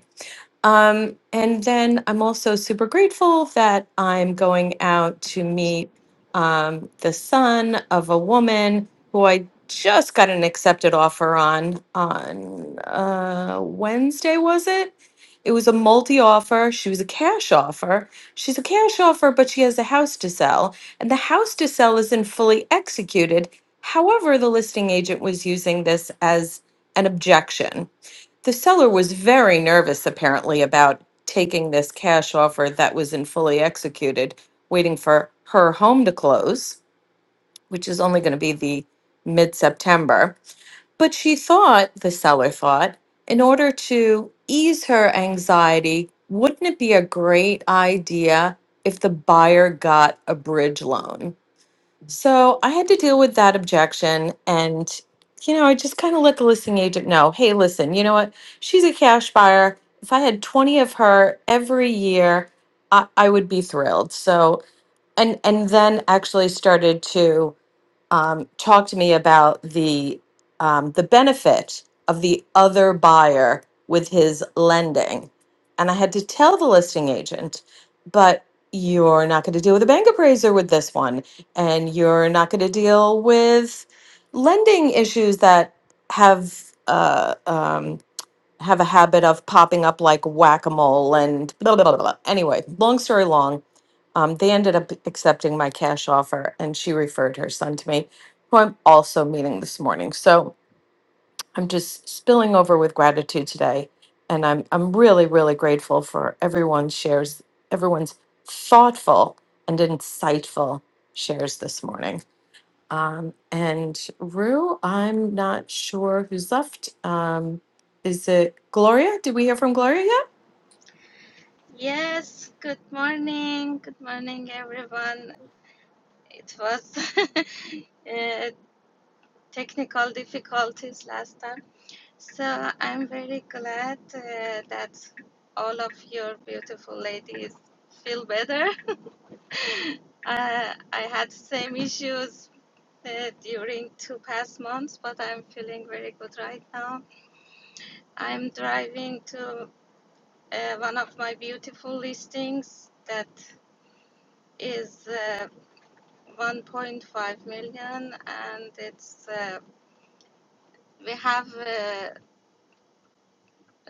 E: Um, and then I'm also super grateful that I'm going out to meet um, the son of a woman who I just got an accepted offer on on uh, Wednesday, was it? It was a multi offer. She was a cash offer. She's a cash offer, but she has a house to sell, and the house to sell isn't fully executed. However, the listing agent was using this as an objection the seller was very nervous, apparently, about taking this cash offer that was in fully executed, waiting for her home to close, which is only going to be the mid September. But she thought, the seller thought, in order to ease her anxiety, wouldn't it be a great idea if the buyer got a bridge loan? So I had to deal with that objection. And, you know, I just kind of let the listing agent know hey, listen, you know what? She's a cash buyer. If I had 20 of her every year, I, I would be thrilled. So, and, and then actually started to um, talk to me about the um, the benefit of the other buyer with his lending. And I had to tell the listing agent, but you're not going to deal with a bank appraiser with this one, and you're not going to deal with lending issues that have. Uh, um, have a habit of popping up like whack-a-mole and blah blah blah. blah. Anyway, long story long, um, they ended up accepting my cash offer, and she referred her son to me, who I'm also meeting this morning. So I'm just spilling over with gratitude today, and I'm I'm really really grateful for everyone's shares, everyone's thoughtful and insightful shares this morning. Um, and Rue, I'm not sure who's left. Um, is it Gloria? Did we hear from Gloria yet?
L: Yes, good morning. Good morning, everyone. It was [LAUGHS] uh, technical difficulties last time. So I'm very glad uh, that all of your beautiful ladies feel better. [LAUGHS] uh, I had same issues uh, during two past months, but I'm feeling very good right now. I'm driving to uh, one of my beautiful listings that is. Uh, 1.5 million, and it's uh, we have uh,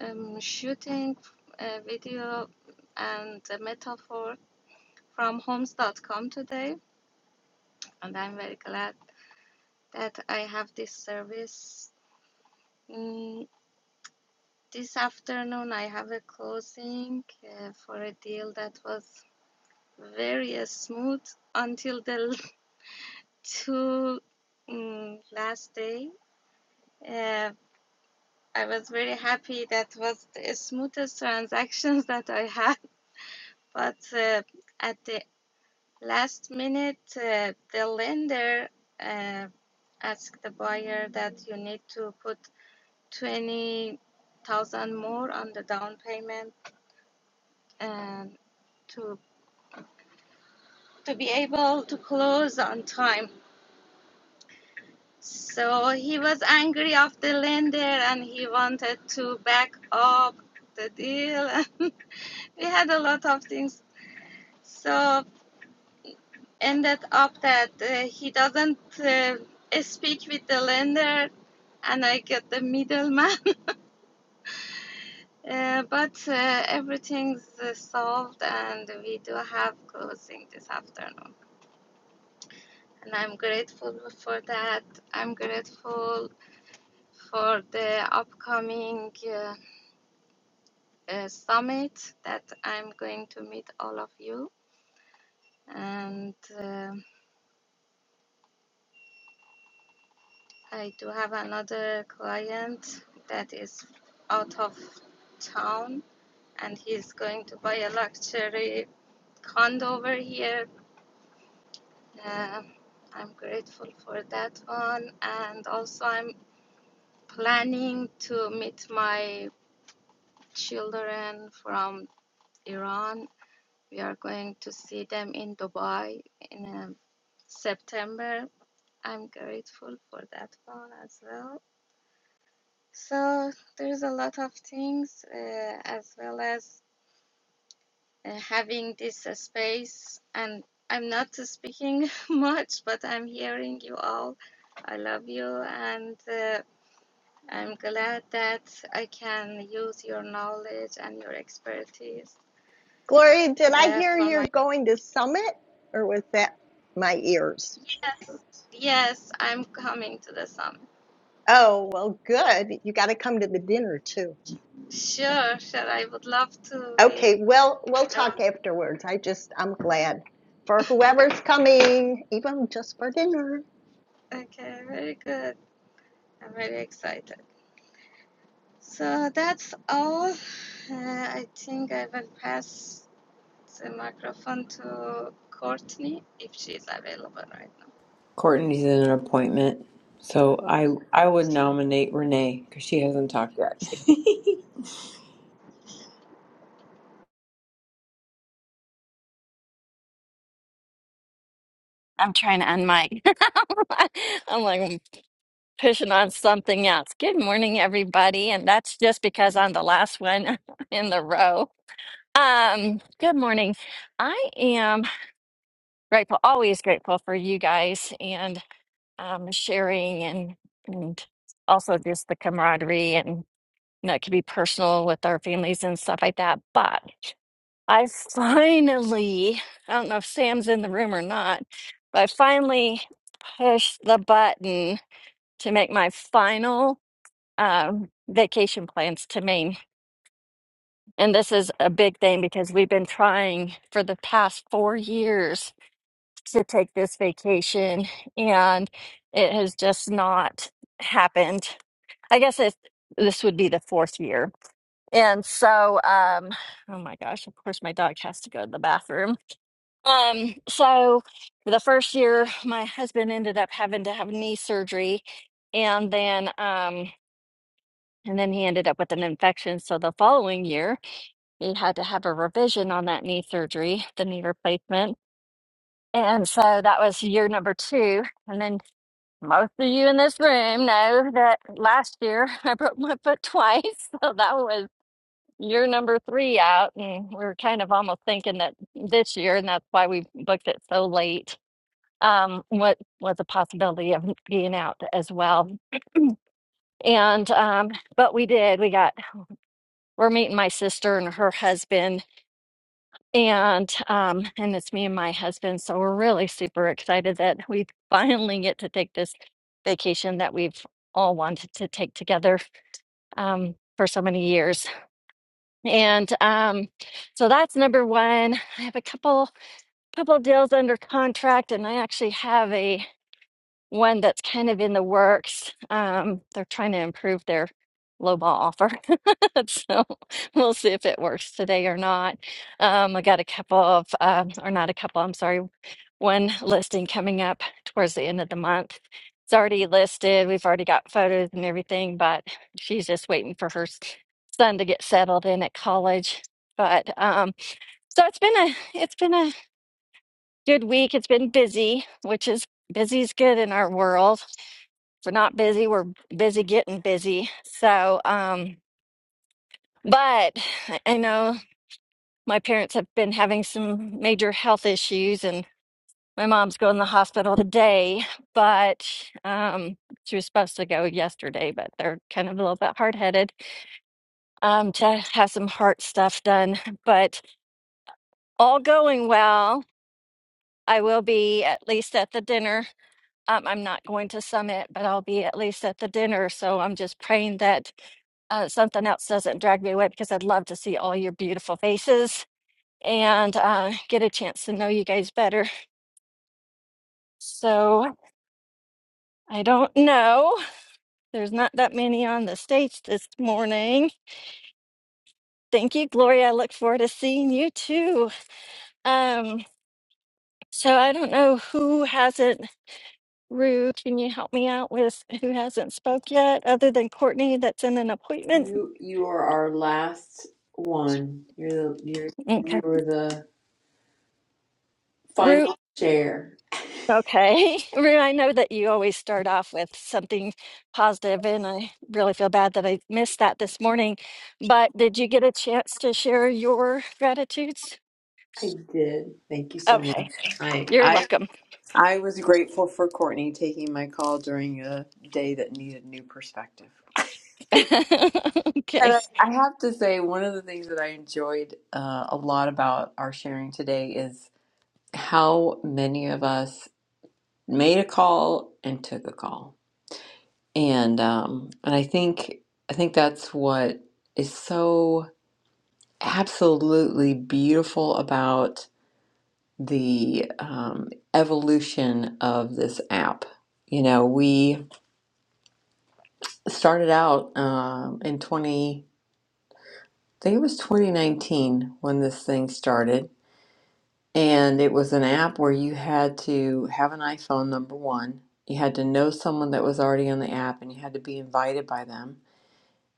L: um, shooting uh, video and uh, metaphor from homes.com today, and I'm very glad that I have this service. Mm, this afternoon, I have a closing uh, for a deal that was very uh, smooth until the [LAUGHS] two mm last day. Uh, I was very happy. That was the smoothest transactions [LAUGHS] that I had. But uh, at the last minute, uh, the lender uh, asked the buyer that you need to put 20,000 more on the down payment and to to be able to close on time. So he was angry of the lender and he wanted to back up the deal. [LAUGHS] we had a lot of things so ended up that uh, he doesn't uh, speak with the lender and I get the middleman. [LAUGHS] uh, but uh, everything's uh, solved and we do have closing this afternoon. And I'm grateful for that. I'm grateful for the upcoming uh, uh, summit that I'm going to meet all of you. And uh, I do have another client that is out of town and he's going to buy a luxury condo over here. Uh, I'm grateful for that one. And also, I'm planning to meet my children from Iran. We are going to see them in Dubai in um, September. I'm grateful for that one as well. So there's a lot of things uh, as well as uh, having this uh, space and I'm not speaking [LAUGHS] much but I'm hearing you all. I love you and uh, I'm glad that I can use your knowledge and your expertise
C: Gloria, did I
L: uh,
C: hear
L: for my
C: you're going to Summit or was that my ears?
L: yes yes I'm coming to the summit.
C: Oh, well, good. You got to come to the dinner too. Yeah.
L: Sure, sure I would love to be
C: Okay, well, we'll talk
L: around.
C: afterwards. I just, I'm glad for whoever's coming, even just for dinner.
L: Okay, very good. I'm very excited. So that's all. Uh, I think I will pass the microphone to Courtney if she's available right now.
A: Courtney's in an appointment, so I I would
L: So
A: nominate Renee because she hasn't talked yet.
L: she.
A: [LAUGHS]
M: I'm trying to unmic. [LAUGHS] I'm like I'm pushing on something else. Good morning, everybody, and that's just because I'm the last one [LAUGHS] in the row. Um, good morning. I am grateful, always grateful for you guys and um, sharing, and and also just the camaraderie, and you know, it could be personal with our families and stuff like that. But I finally, I don't know if Sam's in the room or not, but I finally pushed the button to make my final um, vacation plans to Maine. And this is a big thing because we've been trying for the past four years to take this vacation, and it has just not happened. I guess it, this would be the fourth year. And so, um, oh my gosh, of course, my dog has to go to the bathroom. Um, so the first year, my husband ended up having to have knee surgery, and then um, and then he ended up with an infection. So the following year, he had to have a revision on that knee surgery, the knee replacement. And so that was year number two. And then most of you in this room know that last year [LAUGHS] I broke my foot twice. [LAUGHS] So that was year number three out. And we were kind of almost thinking that this year, and that's why we booked it so late um, what was a possibility of being out as well. And um, but we did. We got we're meeting my sister and her husband, and um, and it's me and my husband. So we're really super excited that we finally get to take this vacation that we've all wanted to take together um, for so many years. And um, so that's number one. I have a couple couple deals under contract, and I actually have a one that's kind of in the works. Um, they're trying to improve their lowball offer. [LAUGHS] So we'll see if it works today or not. Um, I got a couple of, um, or not a couple, I'm sorry, one listing coming up towards the end of the month. It's already listed. We've already got photos and everything, but she's just waiting for her s- son to get settled in at college. But um, so it's been a it's been a good week. It's been busy, which is busy's good in our world we're not busy we're busy getting busy so um but i I know my parents have been having some major health issues and my mom's going to the hospital today but um she was supposed to go yesterday but they're kind of a little bit hard-headed um to have some heart stuff done but all going well i will be at least at the dinner um, i'm not going to summit but i'll be at least at the dinner so i'm just praying that uh, something else doesn't drag me away because I'd love to see all your beautiful faces and uh, get a chance to know you guys better. So I don't know. There's not that many on the stage this morning. Thank you, Gloria. I look forward to seeing you too. Um, so I don't know who hasn't. Rue, can you help me out with who hasn't spoke yet, other than Courtney that's in an appointment?
A: you you are our last one. You're the you're you
M: Okay.
A: are the final chair.
M: Okay. [LAUGHS] Rue, I know that you always start off with something positive, and I really feel bad that I missed that this morning. But did you get a chance to share your gratitudes?
A: I did. Thank you so
M: Okay.
A: much. I
M: You're
A: I
M: welcome. [LAUGHS]
A: I was grateful for Courtney taking my call during a day that needed new perspective. And
M: Okay.
A: I, I have to say, one of the things that I enjoyed uh, a lot about our sharing today is how many of us made a call and took a call, and um, and I think I think that's what is so absolutely beautiful about the um, evolution of this app. You know, we started out um, in 20, I think it was 2019 when this thing started. And it was an app where you had to have an iPhone, number one. You had to know someone that was already on the app and you had to be invited by them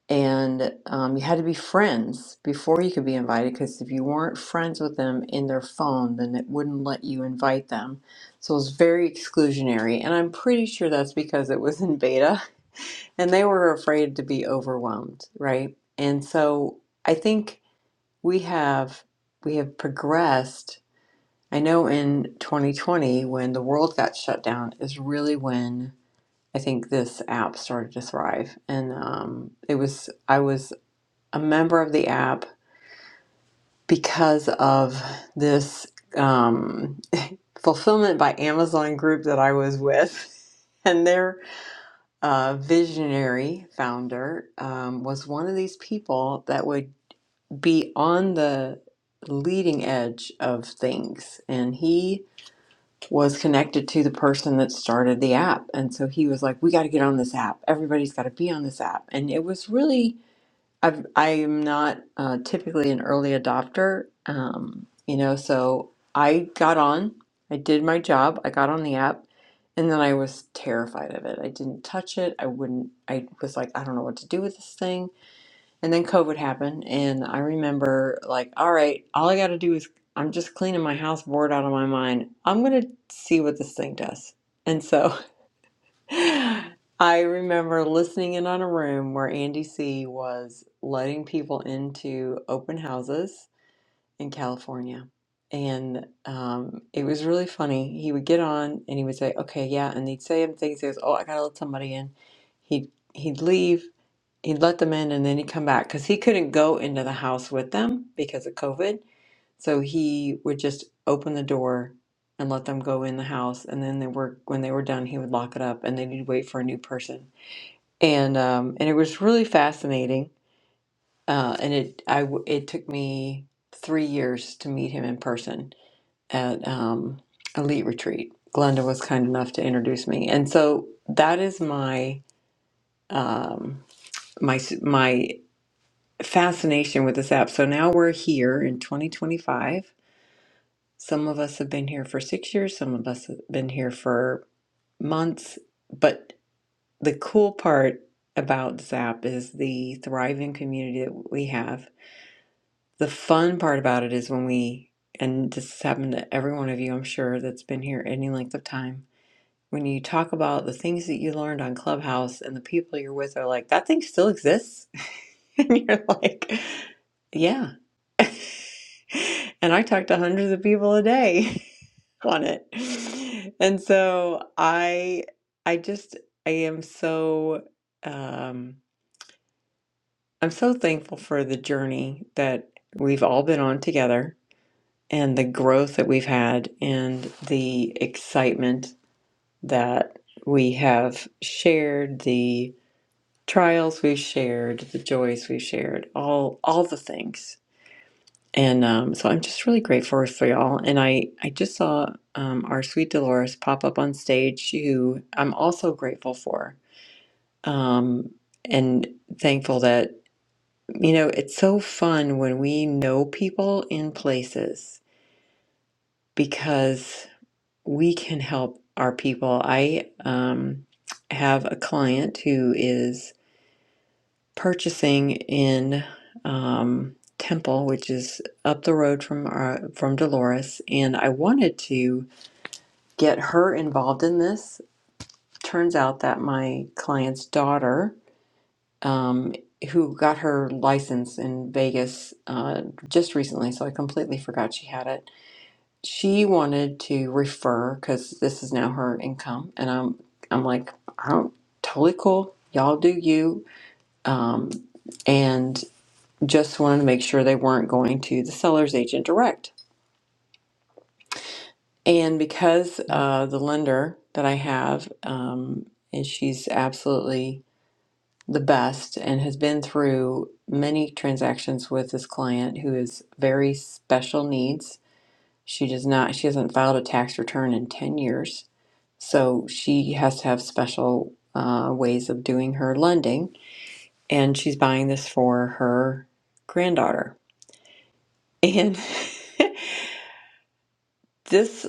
A: and um, you had to be friends before you could be invited because if you weren't friends with them in their phone then it wouldn't let you invite them so it was very exclusionary and i'm pretty sure that's because it was in beta [LAUGHS] and they were afraid to be overwhelmed right and so i think we have we have progressed i know in 2020 when the world got shut down is really when I think this app started to thrive, and um, it was I was a member of the app because of this um, fulfillment by Amazon group that I was with. [LAUGHS] And their uh, visionary founder um, was one of these people that would be on the leading edge of things. And he was connected to the person that started the app. And so he was like, We got to get on this app. Everybody's got to be on this app. And it was really I've, I'm not uh, typically an early adopter, um, you know, so I got on, I did my job, I got on the app, and then I was terrified of it. I didn't touch it. I wouldn't, I was like, I don't know what to do with this thing. And then COVID happened, and I remember, like, all right, all I got to do is I'm just cleaning my house bored out of my mind. I'm going to see what this thing does. And so I remember listening in on a room where Andy C was letting people into open houses in California. And um, it was really funny. He would get on and he would say, Okay, yeah. And he'd say him things. He goes, Oh, I got to let somebody in. He'd, he'd leave He'd let them in and then he'd come back because he couldn't go into the house with them because of COVID. So he would just open the door and let them go in the house, and then they were when they were done, he would lock it up, and then he'd wait for a new person. And um, and it was really fascinating. Uh, and it I w- it took me three years to meet him in person at um, Elite Retreat. Glenda was kind enough to introduce me, and so that is my um, my s- my fascination with this app. So now we're here in 2025. Some of us have been here for six years, some of us have been here for months. But the cool part about this app is the thriving community that we have. The fun part about it is when we, and this has happened to every one of you, I'm sure, that's been here any length of time. When you talk about the things that you learned on Clubhouse and the people you're with are like, that thing still exists. [LAUGHS] and you're like, yeah. [LAUGHS] [LAUGHS] and I talk to hundreds of people a day [LAUGHS] on it. And so I I just I am so um I'm so thankful for the journey that we've all been on together and the growth that we've had and the excitement that we have shared the trials we've shared the joys we've shared all all the things And um, so I'm just really grateful for y'all. And I, I just saw um, our sweet Dolores pop up on stage, who I'm also grateful for um, and thankful that, you know, it's so fun when we know people in places because we can help our people. I um, have a client who is purchasing in um, Temple, which is up the road from our, from Dolores, and I wanted to get her involved in this. Turns out that my client's daughter, um, who got her license in Vegas uh, just recently, so I completely forgot she had it. She wanted to refer because this is now her income, and I'm I'm like I'm totally cool. Y'all do you. Um, and just wanted to make sure they weren't going to the seller's agent direct. And because uh, the lender that I have, um, and she's absolutely the best and has been through many transactions with this client who has very special needs. She does not, she hasn't filed a tax return in 10 years. So she has to have special uh, ways of doing her lending. And she's buying this for her granddaughter. And. [LAUGHS] this.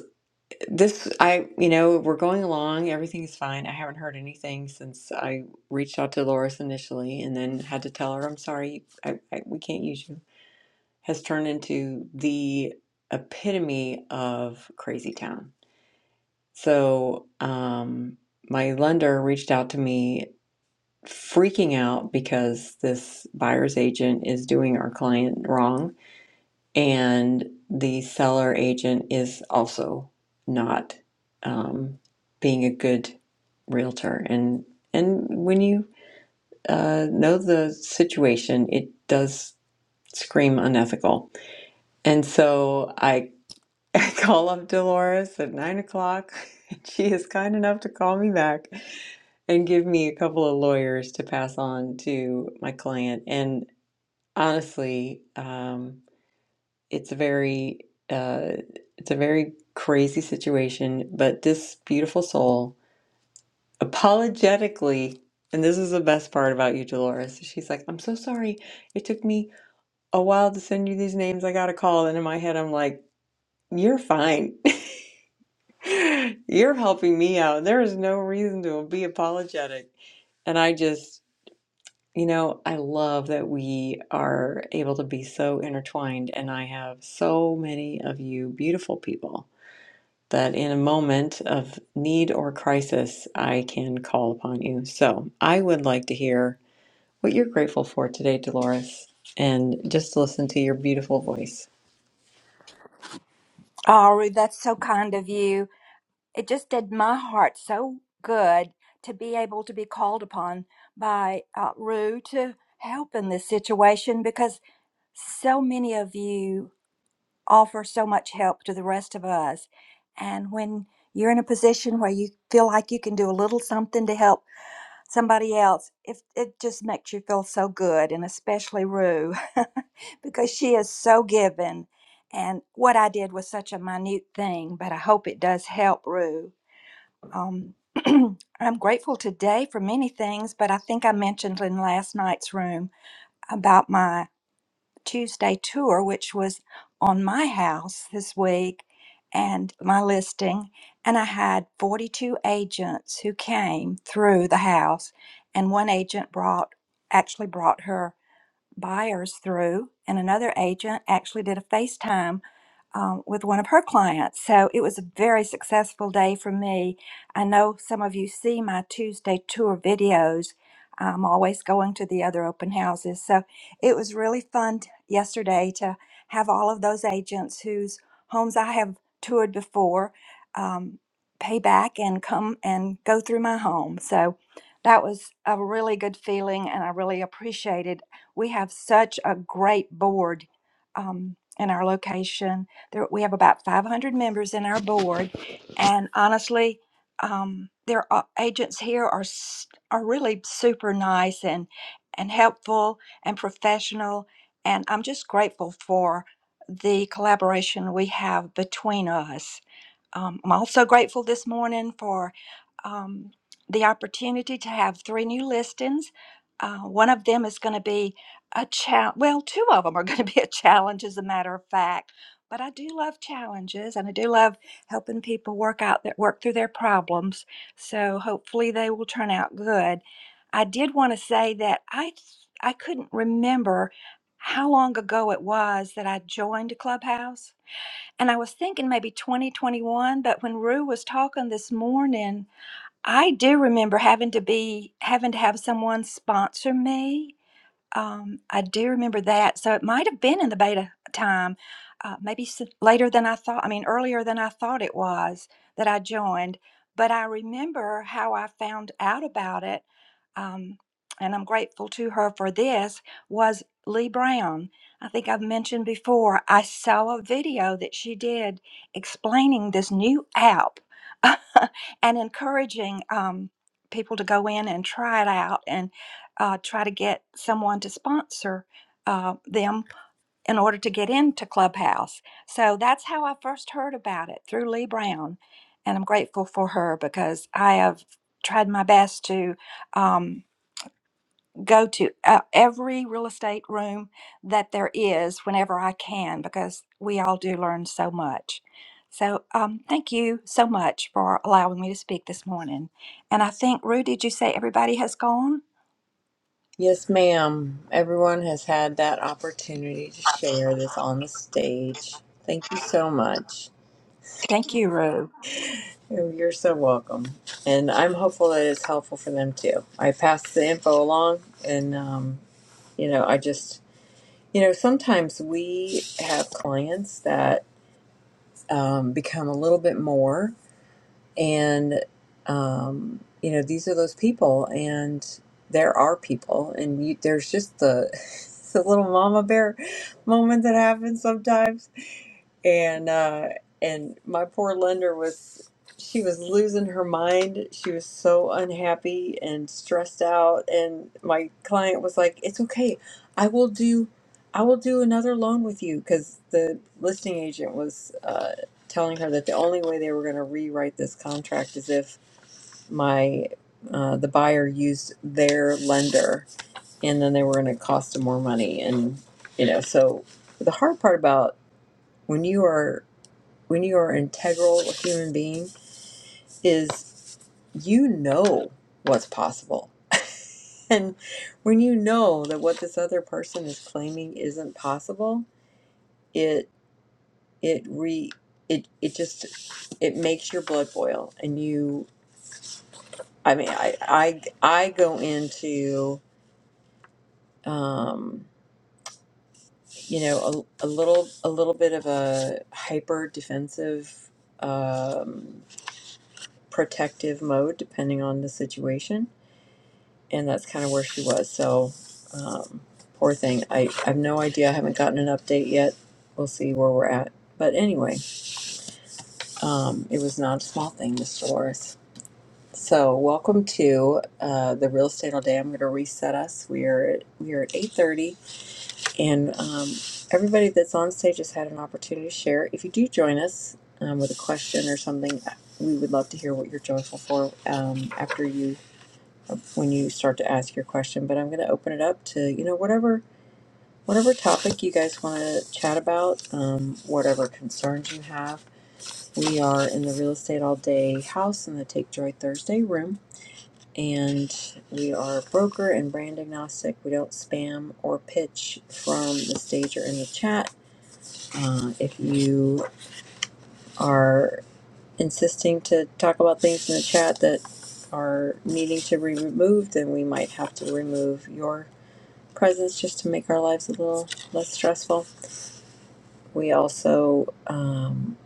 A: this I you know we're going along everything is fine I haven't heard anything since I reached out to Loris initially and then had to tell her I'm sorry I, I we can't use you has turned into the epitome of crazy town so um my lender reached out to me freaking out because this buyer's agent is doing our client wrong and the seller agent is also not um, being a good realtor. And and when you uh, know the situation, it does scream unethical. And so I, [LAUGHS] I call up Dolores at nine o'clock. [LAUGHS] She is kind enough to call me back and give me a couple of lawyers to pass on to my client. And honestly, um, it's very uh, it's a very crazy situation but this beautiful soul apologetically and this is the best part about you dolores she's like i'm so sorry it took me a while to send you these names i got a call and in my head i'm like you're fine [LAUGHS] you're helping me out there is no reason to be apologetic and i just you know i love that we are able to be so intertwined and i have so many of you beautiful people that in a moment of need or crisis, I can call upon you. So I would like to hear what you're grateful for today, Dolores, and just listen to your beautiful voice.
N: Oh, Ruth, that's so kind of you. It just did my heart so good to be able to be called upon by uh, Rue to help in this situation because so many of you offer so much help to the rest of us. And when you're in a position where you feel like you can do a little something to help, somebody else if it just makes you feel so good and especially rue [LAUGHS] because she is so given and what i did was such a minute thing but i hope it does help rue um, [CLEARS THROAT] i'm grateful today for many things but i think i mentioned in last night's room about my Tuesday tour, which was on my house this week and my listing. And I had 42 agents who came through the house, and one agent brought actually brought her buyers through, and another agent actually did a FaceTime um, with one of her clients. So it was a very successful day for me. I know some of you see my Tuesday tour videos. I'm always going to the other open houses. So it was really fun t- yesterday to have all of those agents whose homes I have toured before um, pay back and come and go through my home. So that was a really good feeling, and I really appreciated we have such a great board um, in our location. There, we have about 500 members in our board, and honestly, um, their uh, agents here are s- are really super nice and and helpful and professional. And I'm just grateful for the collaboration we have between us. Um, I'm also grateful this morning for um, the opportunity to have three new listings. Uh, one of them is going to be a challenge. Well, two of them are going to be a challenge, as a matter of fact. But I do love challenges, and I do love helping people work out that work through their problems. So hopefully they will turn out good. I did want to say that I I couldn't remember how long ago it was that I joined Clubhouse, and I was thinking maybe 2021. But when Rue was talking this morning, I do remember having to be having to have someone sponsor me um, I do remember that. So it might have been in the beta time, uh, maybe s- later than I thought. I mean, earlier than I thought it was that I joined. But I remember how I found out about it, um, and I'm grateful to her for this, was Lee Brown. I think I've mentioned before, I saw a video that she did explaining this new app [LAUGHS] and encouraging um, people to go in and try it out. and uh, try to get someone to sponsor uh, them in order to get into Clubhouse. So that's how I first heard about it through Lee Brown. And I'm grateful for her because I have tried my best to um, go to uh, every real estate room that there is whenever I can because we all do learn so much. So um, thank you so much for allowing me to speak this morning. And I think, Rue, did you say everybody has gone?
A: Yes, ma'am. Everyone has had that opportunity to share this on the stage. Thank you so much.
N: Thank you, Rue.
A: Oh, You're so welcome. And I'm hopeful that it's helpful for them too. I pass the info along, and, um, you know, I just, you know, sometimes we have clients that um, become a little bit more. And, um, you know, these are those people, and there are people, and you, there's just the, [LAUGHS] the little mama bear moment that happens sometimes and uh, and my poor lender was she was losing her mind she was so unhappy and stressed out and my client was like it's okay i will do i will do another loan with you because the listing agent was uh, telling her that the only way they were going to rewrite this contract is if my uh, the buyer used their lender and then they were going to cost them more money and you know so the hard part about when you are when you are an integral human being is you know what's possible. And when you know that what this other person is claiming isn't possible, it it re it it just it makes your blood boil and you I mean I I I go into um you know a, a little a little bit of a hyper defensive um protective mode depending on the situation and that's kind of where she was. So, um, poor thing. I, I have no idea. I haven't gotten an update yet. We'll see where we're at. But anyway, um, it was not a small thing, Miss Dolores. So, welcome to uh, the real estate all day. I'm going to reset us. We are we are at 8:30, and um, everybody that's on stage has had an opportunity to share. If you do join us um, with a question or something, uh, we would love to hear what you're joyful for um, after you when you start to ask your question. But I'm going to open it up to you know whatever whatever topic you guys want to chat about, um, whatever concerns you have. We are in the real estate all day house in the Take Joy Thursday room, and we are broker and brand agnostic. We don't spam or pitch from the stage or in the chat. Uh, if you are insisting to talk about things in the chat that are needing to be removed, then we might have to remove your presents just to make our lives a little less stressful. We also um,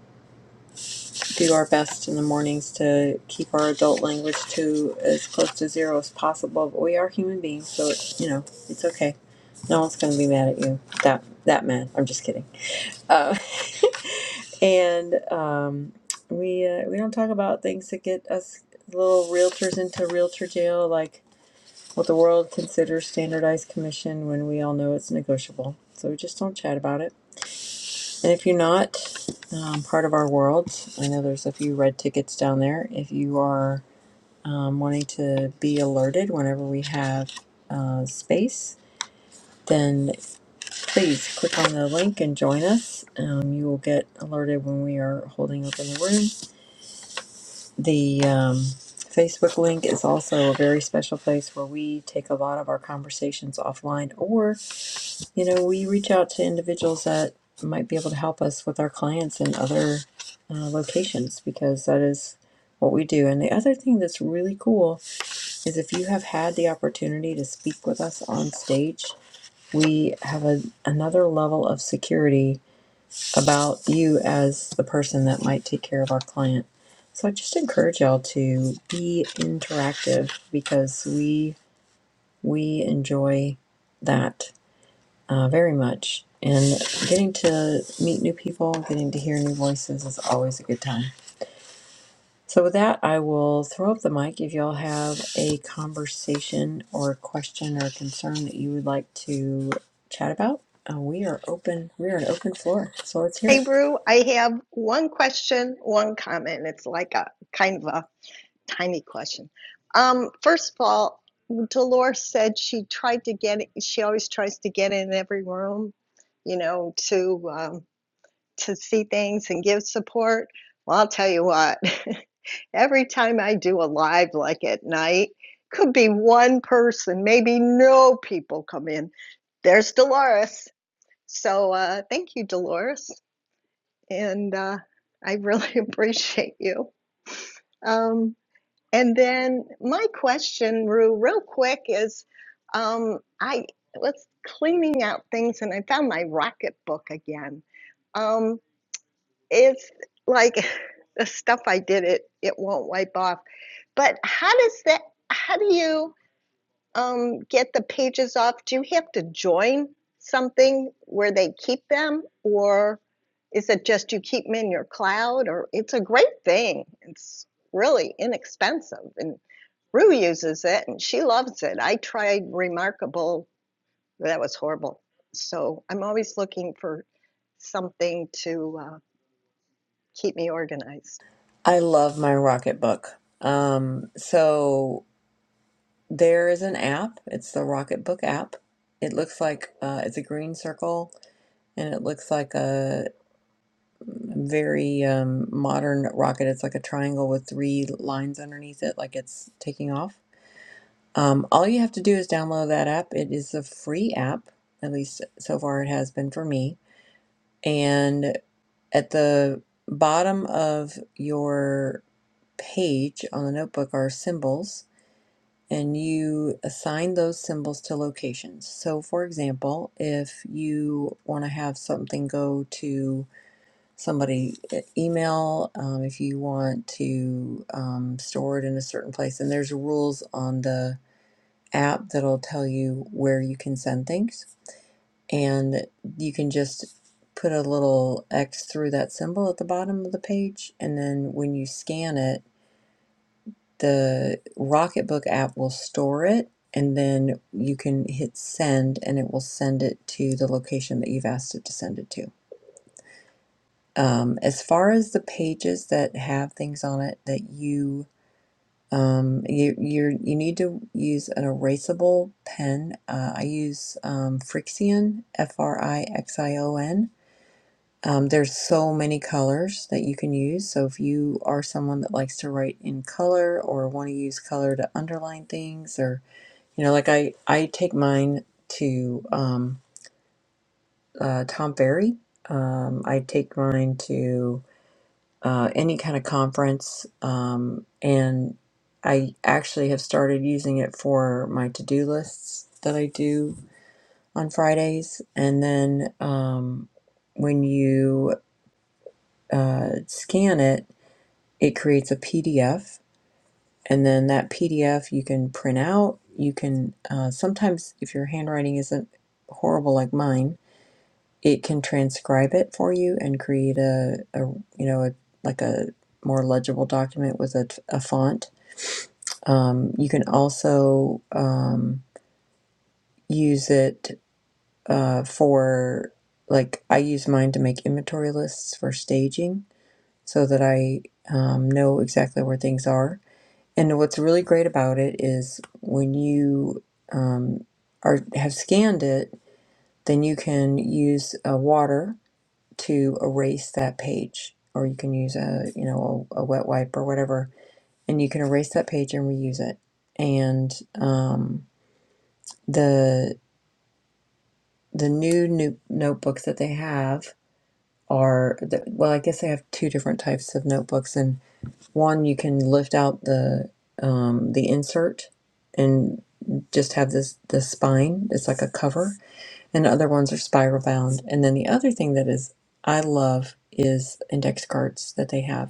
A: do our best in the mornings to keep our adult language to as close to zero as possible. But we are human beings, so it, you know it's okay. No one's going to be mad at you. That that man. I'm just kidding. Uh, [LAUGHS] and um, we uh, we don't talk about things that get us little realtors into realtor jail, like what the world considers standardized commission, when we all know it's negotiable. So we just don't chat about it And if you're not um, part of our world, I know there's a few red tickets down there. If you are um, wanting to be alerted whenever we have uh, space, then please click on the link and join us. Um, you will get alerted when we are holding open the room. The um, Facebook link is also a very special place where we take a lot of our conversations offline or You know, we reach out to individuals that might be able to help us with our clients in other uh, locations because that is what we do. And the other thing that's really cool is if you have had the opportunity to speak with us on stage, we have a, another level of security about you as the person that might take care of our client. So I just encourage y'all to be interactive because we we enjoy that uh, very much. And getting to meet new people, getting to hear new voices is always a good time. So, with that, I will throw up the mic. If y'all have a conversation or a question or a concern that you would like to chat about, uh, we are open. We are an open floor. So, let's hear
C: Hey,
A: it.
C: Brew, I have one question, one comment. It's like a kind of a tiny question. Um, first of all, Dolores said she tried to get. She always tries to get in every room, you know, to um, to see things and give support. Well, I'll tell you what. [LAUGHS] every time I do a live, like at night, could be one person, maybe no people come in. There's Dolores. So uh, thank you, Dolores, and uh, I really [LAUGHS] appreciate you. Um, and then my question, Rue, real quick is, um, I was cleaning out things and I found my rocket book again. Um, it's like [LAUGHS] the stuff I did it it won't wipe off. But how does that? How do you? um, get the pages off, do you have to join something where they keep them, or is it just you keep them in your cloud? Or it's a great thing. It's really inexpensive, and Rue uses it, and she loves it. I tried Remarkable, that was horrible. So I'm always looking for something to uh, keep me organized.
A: I love my Rocket Book. Um, so, there is an app, it's the Rocket Book app. It looks like uh, it's a green circle and it looks like a very um, modern rocket. It's like a triangle with three lines underneath it, like it's taking off. Um, all you have to do is download that app. It is a free app, at least so far it has been for me. And at the bottom of your page on the notebook are symbols, and you assign those symbols to locations. So, for example, if you want to have something go to somebody e- email um, if you want to um, store it in a certain place. And there's rules on the app that'll tell you where you can send things. And you can just put a little X through that symbol at the bottom of the page. And then when you scan it, the Rocketbook app will store it. And then you can hit send, and it will send it to the location that you've asked it to send it to. Um, as far as the pages that have things on it that you um, you you're, you need to use an erasable pen. Uh, I use um, Frixion, F R I X I O N. Um, there's so many colors that you can use. So if you are someone that likes to write in color or want to use color to underline things, or you know, like I I take mine to um, uh, Tom Ferry. Um, I take mine to uh, any kind of conference. Um, and I actually have started using it for my to do lists that I do on Fridays. And then um, when you uh, scan it, it creates a PDF. And then that PDF you can print out. You can uh, sometimes, if your handwriting isn't horrible like mine, it can transcribe it for you and create a, a you know a, like a more legible document with a, a font um, you can also um, use it uh, for like i use mine to make inventory lists for staging so that i um, know exactly where things are and what's really great about it is when you um, are have scanned it then you can use uh, water to erase that page or you can use a you know a, a wet wipe or whatever and you can erase that page and reuse it and um, the the new, new notebooks that they have are the, well i guess they have two different types of notebooks and one you can lift out the um, the insert and just have this the spine it's like a cover and other ones are spiral bound and then the other thing that is i love is index cards that they have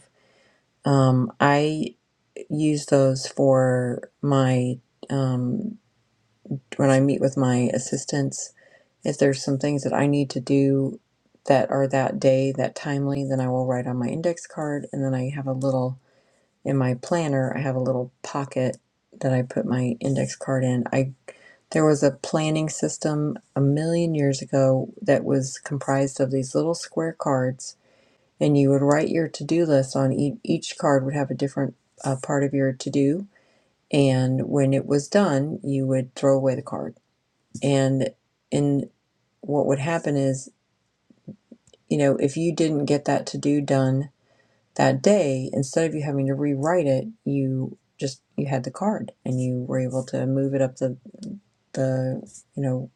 A: Um, I use those for my um, when I meet with my assistants. If there's some things that I need to do that are that day, that timely, then I will write on my index card, and then I have a little in my planner. I have a little pocket that I put my index card in. I there was a planning system a million years ago that was comprised of these little square cards and you would write your to-do list on e- each card would have a different uh, part of your to-do and when it was done you would throw away the card and in what would happen is you know if you didn't get that to-do done that day instead of you having to rewrite it you just you had the card and you were able to move it up the the you know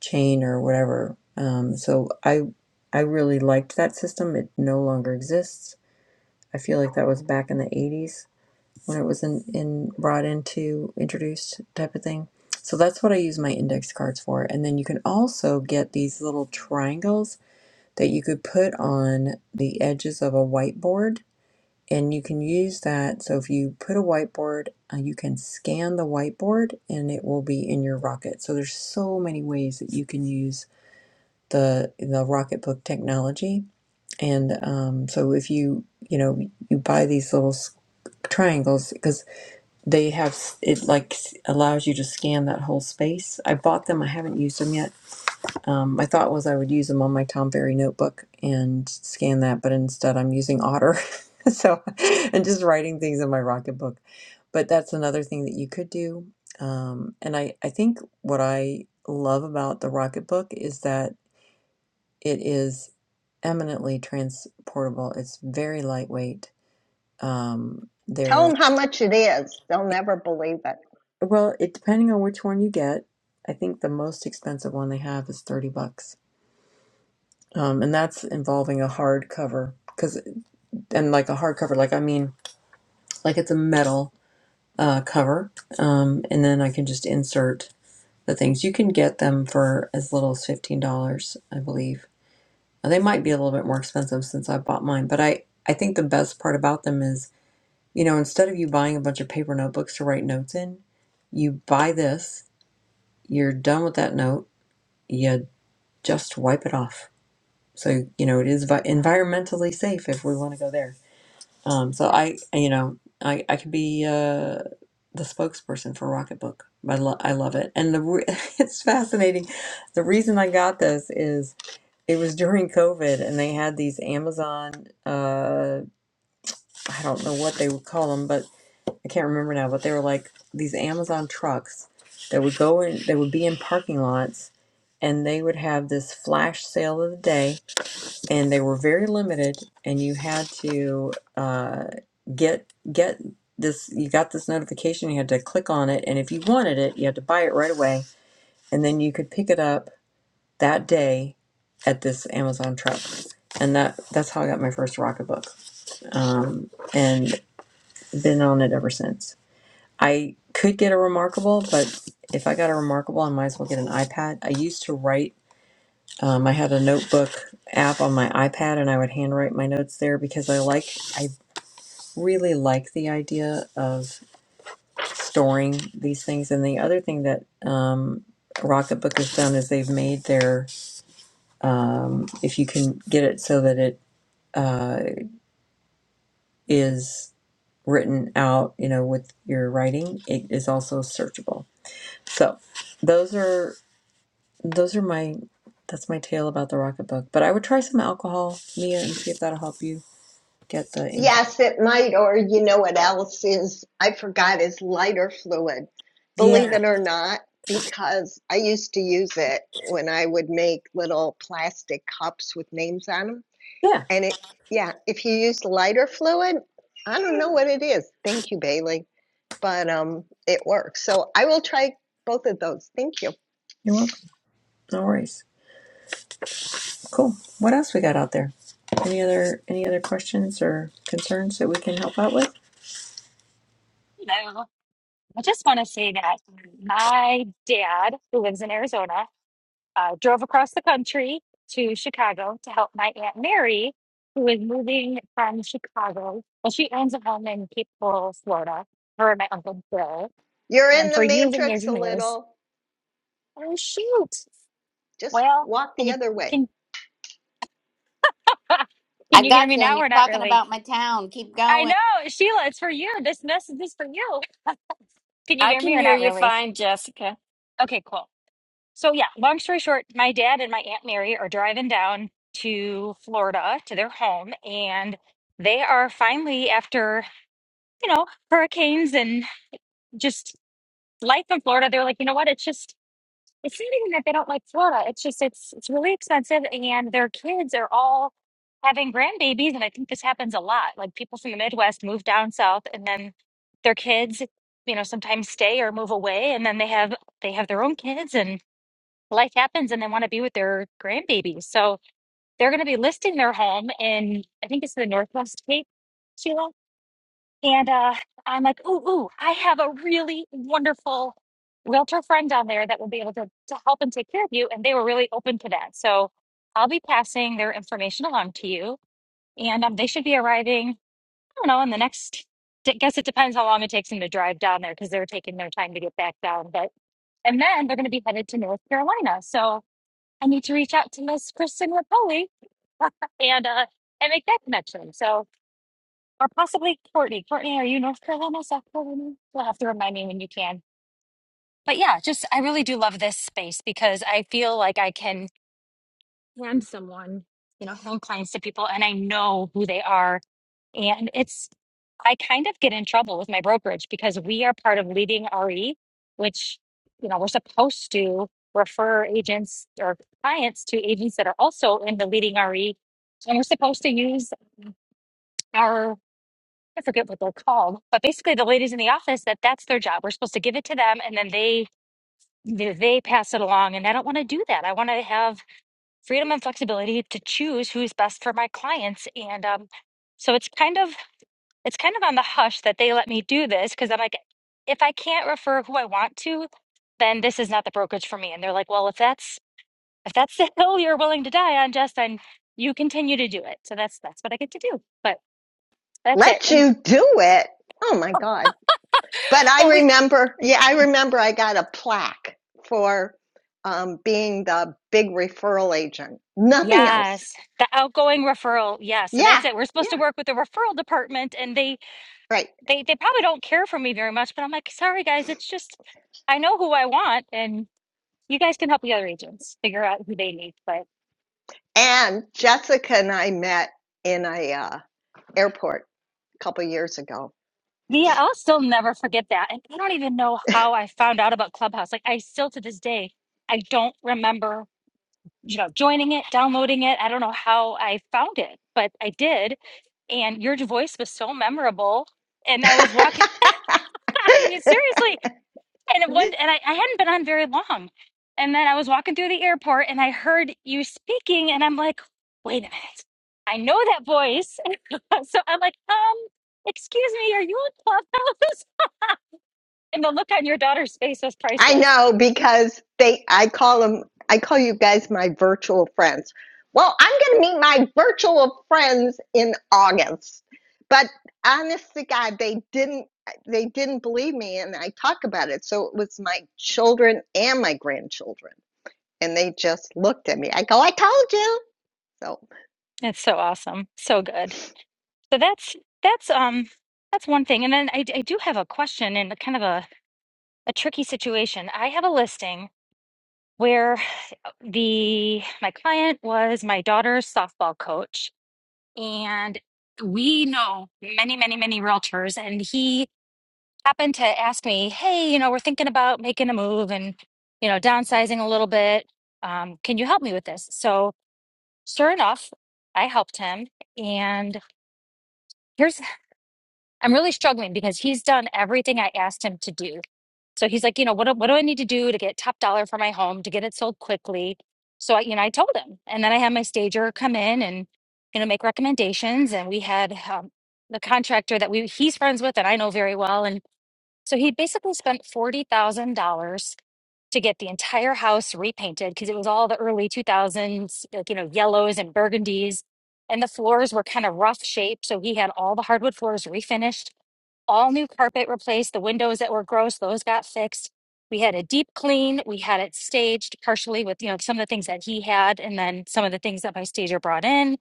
A: chain or whatever um, so i i really liked that system it no longer exists i feel like that was back in the 80s when it was in, in brought into introduced type of thing. So that's what I use my index cards for. And then you can also get these little triangles that you could put on the edges of a whiteboard. And you can use that. So if you put a whiteboard, uh, you can scan the whiteboard and it will be in your rocket. So there's so many ways that you can use the the Rocketbook technology. And um, so if you you know you buy these little triangles because they have it like allows you to scan that whole space. I bought them. I haven't used them yet. Um, my thought was I would use them on my Tom Ferry notebook and scan that, but instead I'm using Otter. [LAUGHS] so and just writing things in my Rocketbook. But that's another thing that you could do. Um, and I I think what I love about the Rocketbook is that it is eminently transportable. It's very lightweight. Um,
C: Tell them how much it is; they'll never believe it.
A: Well, it depending on which one you get, I think the most expensive one they have is 30 bucks. Um, and that's involving a hard cover cuz and like a hard cover like I mean like it's a metal uh, cover. Um, and then I can just insert the things. You can get them for as little as $15, I believe. Now, They might be a little bit more expensive since I bought mine, but I I think the best part about them is, you know, instead of you buying a bunch of paper notebooks to write notes in, you buy this, you're done with that note, You just wipe it off. So you know it is vi- environmentally safe if we want to go there. Um, so I, you know, I I could be uh, the spokesperson for Rocketbook. I, lo- I love it, and the re- [LAUGHS] it's fascinating. The reason I got this is it was during COVID, and they had these Amazon uh, I don't know what they would call them, but I can't remember now. But they were like these Amazon trucks that would go in. They would be in parking lots, and they would have this flash sale of the day and they were very limited and you had to uh, get get this you got this notification you had to click on it and if you wanted it you had to buy it right away and then you could pick it up that day at this amazon truck and that that's how i got my first rocketbook um, and been on it ever since i could get a remarkable but if i got a remarkable i might as well get an ipad i used to write um, I had a notebook app on my iPad, and I would handwrite my notes there because I like, I really like the idea of storing these things. And the other thing that um, Rocketbook has done is they've made their, um, if you can get it so that it uh, is written out, you know, with your writing, it is also searchable. So those are those are my that's my tale about the Rocketbook. But I would try some alcohol, Mia, and see if that'll help you get the income.
C: Yes, it might. Or you know what else is, I forgot, is lighter fluid. Believe
A: Yeah.
C: it or not, because I used to use it when I would make little plastic cups with names on them.
A: Yeah.
C: And it, yeah, if you use lighter fluid, I don't know what it is. Thank you, Bailey. But um, it works. So I will try both of those. Thank you.
A: You're welcome. No worries. Cool. What else we got out there? Any other any other questions or concerns that we can help out with?
J: Hello. I just want to say that my dad, who lives in Arizona, uh, drove across the country to Chicago to help my Aunt Mary, who is moving from Chicago. Well, she owns a home in Cape Coral, Florida, her and my Uncle Bill.
C: You're in
J: And for
C: the
J: years and years
C: matrix a
J: and years,
C: little.
J: Oh shoot.
C: Just
J: Well,
C: walk
J: can
C: the
J: you
C: other way.
J: can [LAUGHS] can
G: I
J: you hear
G: got
J: me
G: you, and
J: now
G: you're
J: or not
G: talking
J: really?
G: about my town. Keep
J: I
G: going.
J: know, Sheila, it's for you. This message is for you. Can you
M: I
J: hear me
M: can
J: or
M: hear
J: not
M: you
J: really?
M: fine, Jessica.
J: Okay, cool. So yeah, long story short, my dad and my aunt Mary are driving down to Florida to their home and they are finally after, you know, hurricanes and just life in Florida, they're like, you know what? It's just it's not even that they don't like Florida. It's just it's it's really expensive and their kids are all having grandbabies, and I think this happens a lot. Like people from the Midwest move down south, and then their kids, you know, sometimes stay or move away, and then they have they have their own kids, and life happens, and they want to be with their grandbabies. So they're going to be listing their home in I think it's the Northwest Cape, Sheila. And uh, I'm like, ooh, ooh, I have a really wonderful realtor friend down there that will be able to, to help and take care of you. And they were really open to that. So I'll be passing their information along to you and um, they should be arriving. I don't know in the next. I guess it depends how long it takes them to drive down there because they're taking their time to get back down. But and then they're going to be headed to North Carolina, so I need to reach out to Miss Kristen Rapoli [LAUGHS] and uh and make that connection. So or possibly Courtney. Courtney, are you North Carolina, South Carolina? You'll have to remind me when you can. But yeah, just I really do love this space because I feel like I can hand someone, you know, hand clients to people and I know who they are And it's, I kind of get in trouble with my brokerage because we are part of leading RE, which, you know, we're supposed to refer agents or clients to agents that are also in the leading RE. And we're supposed to use our, I forget what they're called, but basically the ladies in the office that that's their job. We're supposed to give it to them and then they, they pass it along. And I don't want to do that. I want to have freedom and flexibility to choose who's best for my clients. And, um, so it's kind of it's kind of on the hush that they let me do this because I'm like, if I can't refer who I want to, then this is not the brokerage for me. And they're like, well, if that's if that's the [LAUGHS] hill you're willing to die on, Jess, then you continue to do it. So that's that's what I get to do. But that's it.
C: Let
J: And
C: you do it. Oh my God. But I
J: well, we
C: remember, yeah, I remember I got a plaque for um, being the big referral agent. Nothing else.
J: yes, the outgoing referral. Yeah, so
C: Yeah,
J: that's it. We're supposed to
C: yeah,
J: work with the referral department, and they
C: right.
J: they they probably don't care for me very much. But I'm like, sorry guys, it's just I know who I want, and you guys can help the other agents figure out who they need. But
C: And Jessica and I met in a uh, airport a couple years ago.
J: Yeah, I'll still never forget that. And I don't even know how I found out about Clubhouse. Like I still to this day, I don't remember, you know, joining it, downloading it. I don't know how I found it, but I did. And your voice was so memorable. And I was walking [LAUGHS] Yeah,
C: [LAUGHS]
J: seriously. And it one and I, I hadn't been on very long. And then I was walking through the airport and I heard you speaking and I'm like, wait a minute. I know that voice. [LAUGHS] so I'm like, um, excuse me, are you on Clubhouse? [LAUGHS] And the look on your daughter's face was
C: I
J: priceless.
C: know because they I call them I call you guys my virtual friends. Well, I'm going to meet my virtual friends in August. But honest to God, they didn't they didn't believe me and I talk about it. So it was my children and my grandchildren and they just looked at me. I go, "I told you." So
J: It's so awesome. So good. So that's that's um that's one thing. And then I, I do have a question and kind of a, a tricky situation. I have a listing where the my client was my daughter's softball coach and we know many many many realtors and he happened to ask me hey you know we're thinking about making a move and you know downsizing a little bit um, can you help me with this so Sure enough, I helped him. And here's, I'm really struggling because he's done everything I asked him to do. So he's like, you know, what, do- what do I need to do to get top dollar for my home, to get it sold quickly? So I, you know, I told him. And then I had my stager come in and, you know, make recommendations. And we had um, the contractor that we, he's friends with and I know very well. And so he basically spent $40,000 to get the entire house repainted because it was all the early 2000s, like, you know, yellows and burgundies. And the floors were kind of rough shaped. So he had all the hardwood floors refinished, all new carpet replaced. The windows that were gross, those got fixed. We had a deep clean. We had it staged partially with, you know, some of the things that he had and then some of the things that my stager brought in,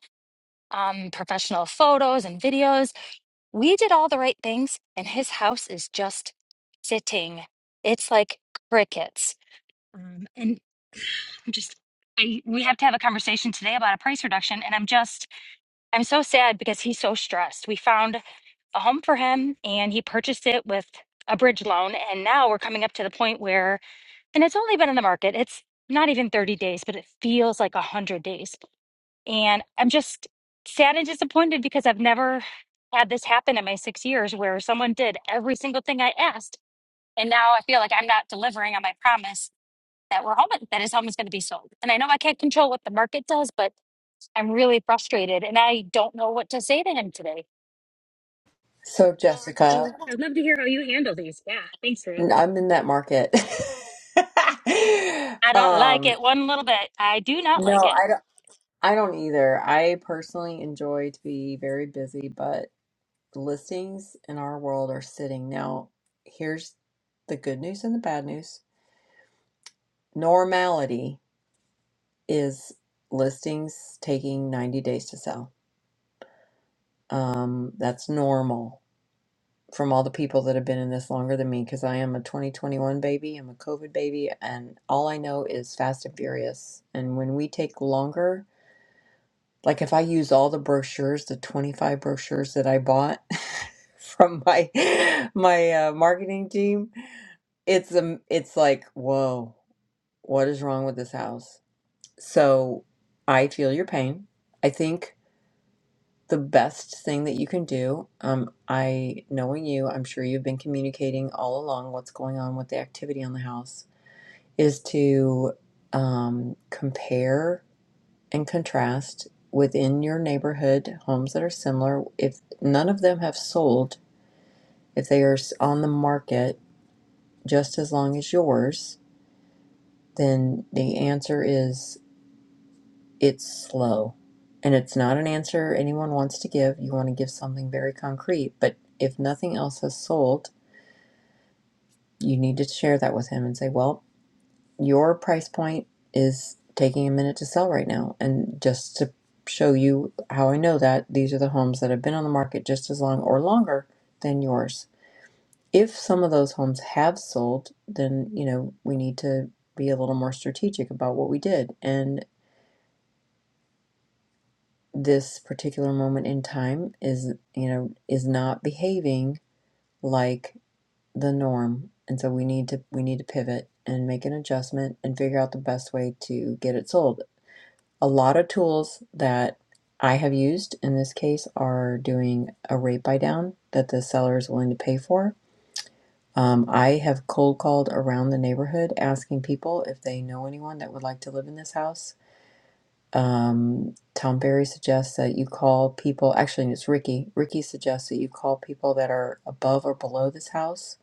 J: um, professional photos and videos we did all the right things and his house is just sitting it's like crickets um, and [SIGHS] I'm just I we have to have a conversation today about a price reduction and I'm just I'm so sad because he's so stressed. We found a home for him and he purchased it with a bridge loan and now we're coming up to the point where and it's only been in the market. It's not even 30 days, but it feels like 100 days. And I'm just sad and disappointed because I've never had this happen in my 6 years where someone did every single thing I asked and now I feel like I'm not delivering on my promise that we're home that his home is going to be sold. And I know I can't control what the market does, but I'm really frustrated and I don't know what to say to him today.
A: So, Jessica,
J: So I'd love to hear how you handle these. Yeah, thanks, Ruth.
A: n- I'm in that market. [LAUGHS]
J: I don't like
A: Um,
J: it one little bit. I do not
A: no,
J: like it.
A: I don't I don't either. I personally enjoy to be very busy, but listings in our world are sitting. Now, here's the good news and the bad news. Normality. is listings taking 90 days to sell. Um, that's normal from all the people that have been in this longer than me because I am a 2021 baby, I'm a COVID baby, and all I know is fast and furious. And when we take longer, like if I use all the brochures, the 25 brochures that I bought [LAUGHS] from my my uh, marketing team, it's um, it's like, whoa, what is wrong with this house? So I feel your pain. I think the best thing that you can do. Um, I, knowing you, I'm sure you've been communicating all along what's going on with the activity on the house, is to um, compare and contrast within your neighborhood homes that are similar. If none of them have sold, if they are s- on the market just as long as yours, then the answer is it's slow and it's not an answer anyone wants to give you want to give something very concrete but if nothing else has sold you need to share that with him and say well your price point is taking a minute to sell right now and just to show you how i know that these are the homes that have been on the market just as long or longer than yours if some of those homes have sold then you know we need to be a little more strategic about what we did and. this particular moment in time is you know is not behaving like the norm and so we need to we need to pivot and make an adjustment and figure out the best way to get it sold a lot of tools that i have used in this case are doing a rate buy down that the seller is willing to pay for um, i have cold called around the neighborhood asking people if they know anyone that would like to live in this house um, Tom Berry suggests that you call people, actually, it's Ricky. Ricky suggests that you call people that are above or below this house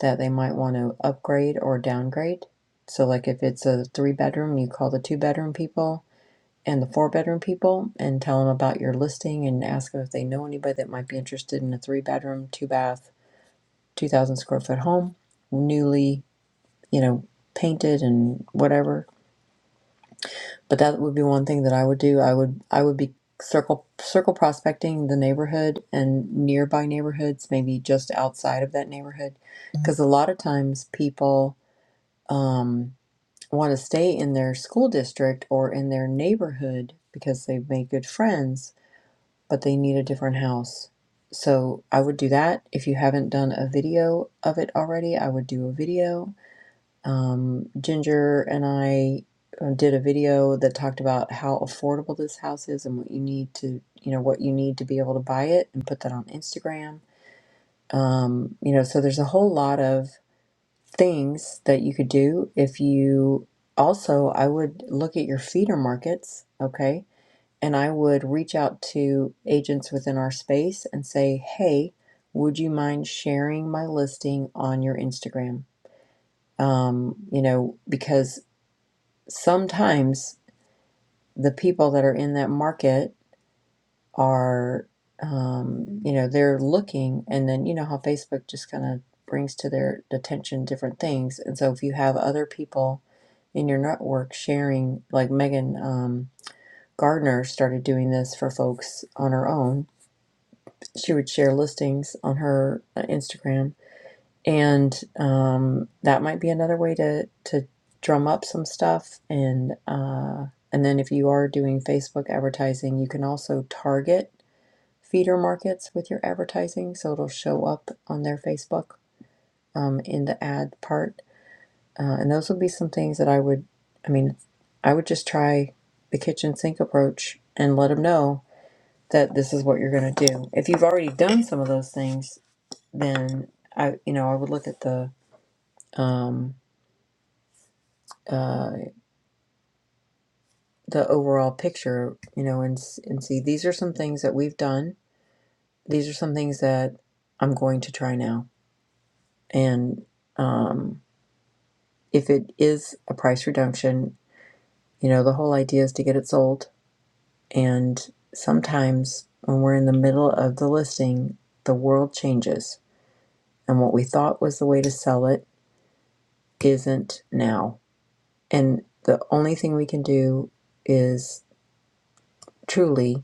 A: that they might want to upgrade or downgrade. So, like if it's a three bedroom, you call the two bedroom people and the four bedroom people and tell them about your listing and ask them if they know anybody that might be interested in a three bedroom, two bath, 2,000 square foot home, newly, you know, painted and whatever but that would be one thing that I would do. I would I would be circle circle prospecting the neighborhood and nearby neighborhoods, maybe just outside of that neighborhood, because a lot of times people um, want to stay in their school district or in their neighborhood because they've made good friends, but they need a different house. So I would do that. If you haven't done a video of it already, I would do a video um, Ginger and I uh, did a video that talked about how affordable this house is and what you need to, you know, what you need to be able to buy it and put that on Instagram. Um, you know, so there's a whole lot of things that you could do if you also, I would look at your feeder markets, okay? And I would reach out to agents within our space and say, hey, would you mind sharing my listing on your Instagram? Um, you know, because sometimes the people that are in that market are um, you know they're looking and then you know how facebook just kind of brings to their attention different things and so if you have other people in your network sharing like megan um, gardner started doing this for folks on her own she would share listings on her uh, instagram and um, that might be another way to to drum up some stuff and uh, and then if you are doing Facebook advertising, you can also target feeder markets with your advertising, so it'll show up on their Facebook um, in the ad part, uh, and those would be some things that I would, I mean, I would just try the kitchen sink approach and let them know that this is what you're going to do. If you've already done some of those things, then I, you know, I would look at the um, uh, the overall picture, you know, and s- and see these are some things that we've done. These are some things that I'm going to try now. And um, if it is a price reduction, you know, the whole idea is to get it sold. And sometimes when we're in the middle of the listing, the world changes, and what we thought was the way to sell it isn't now. And the only thing we can do is truly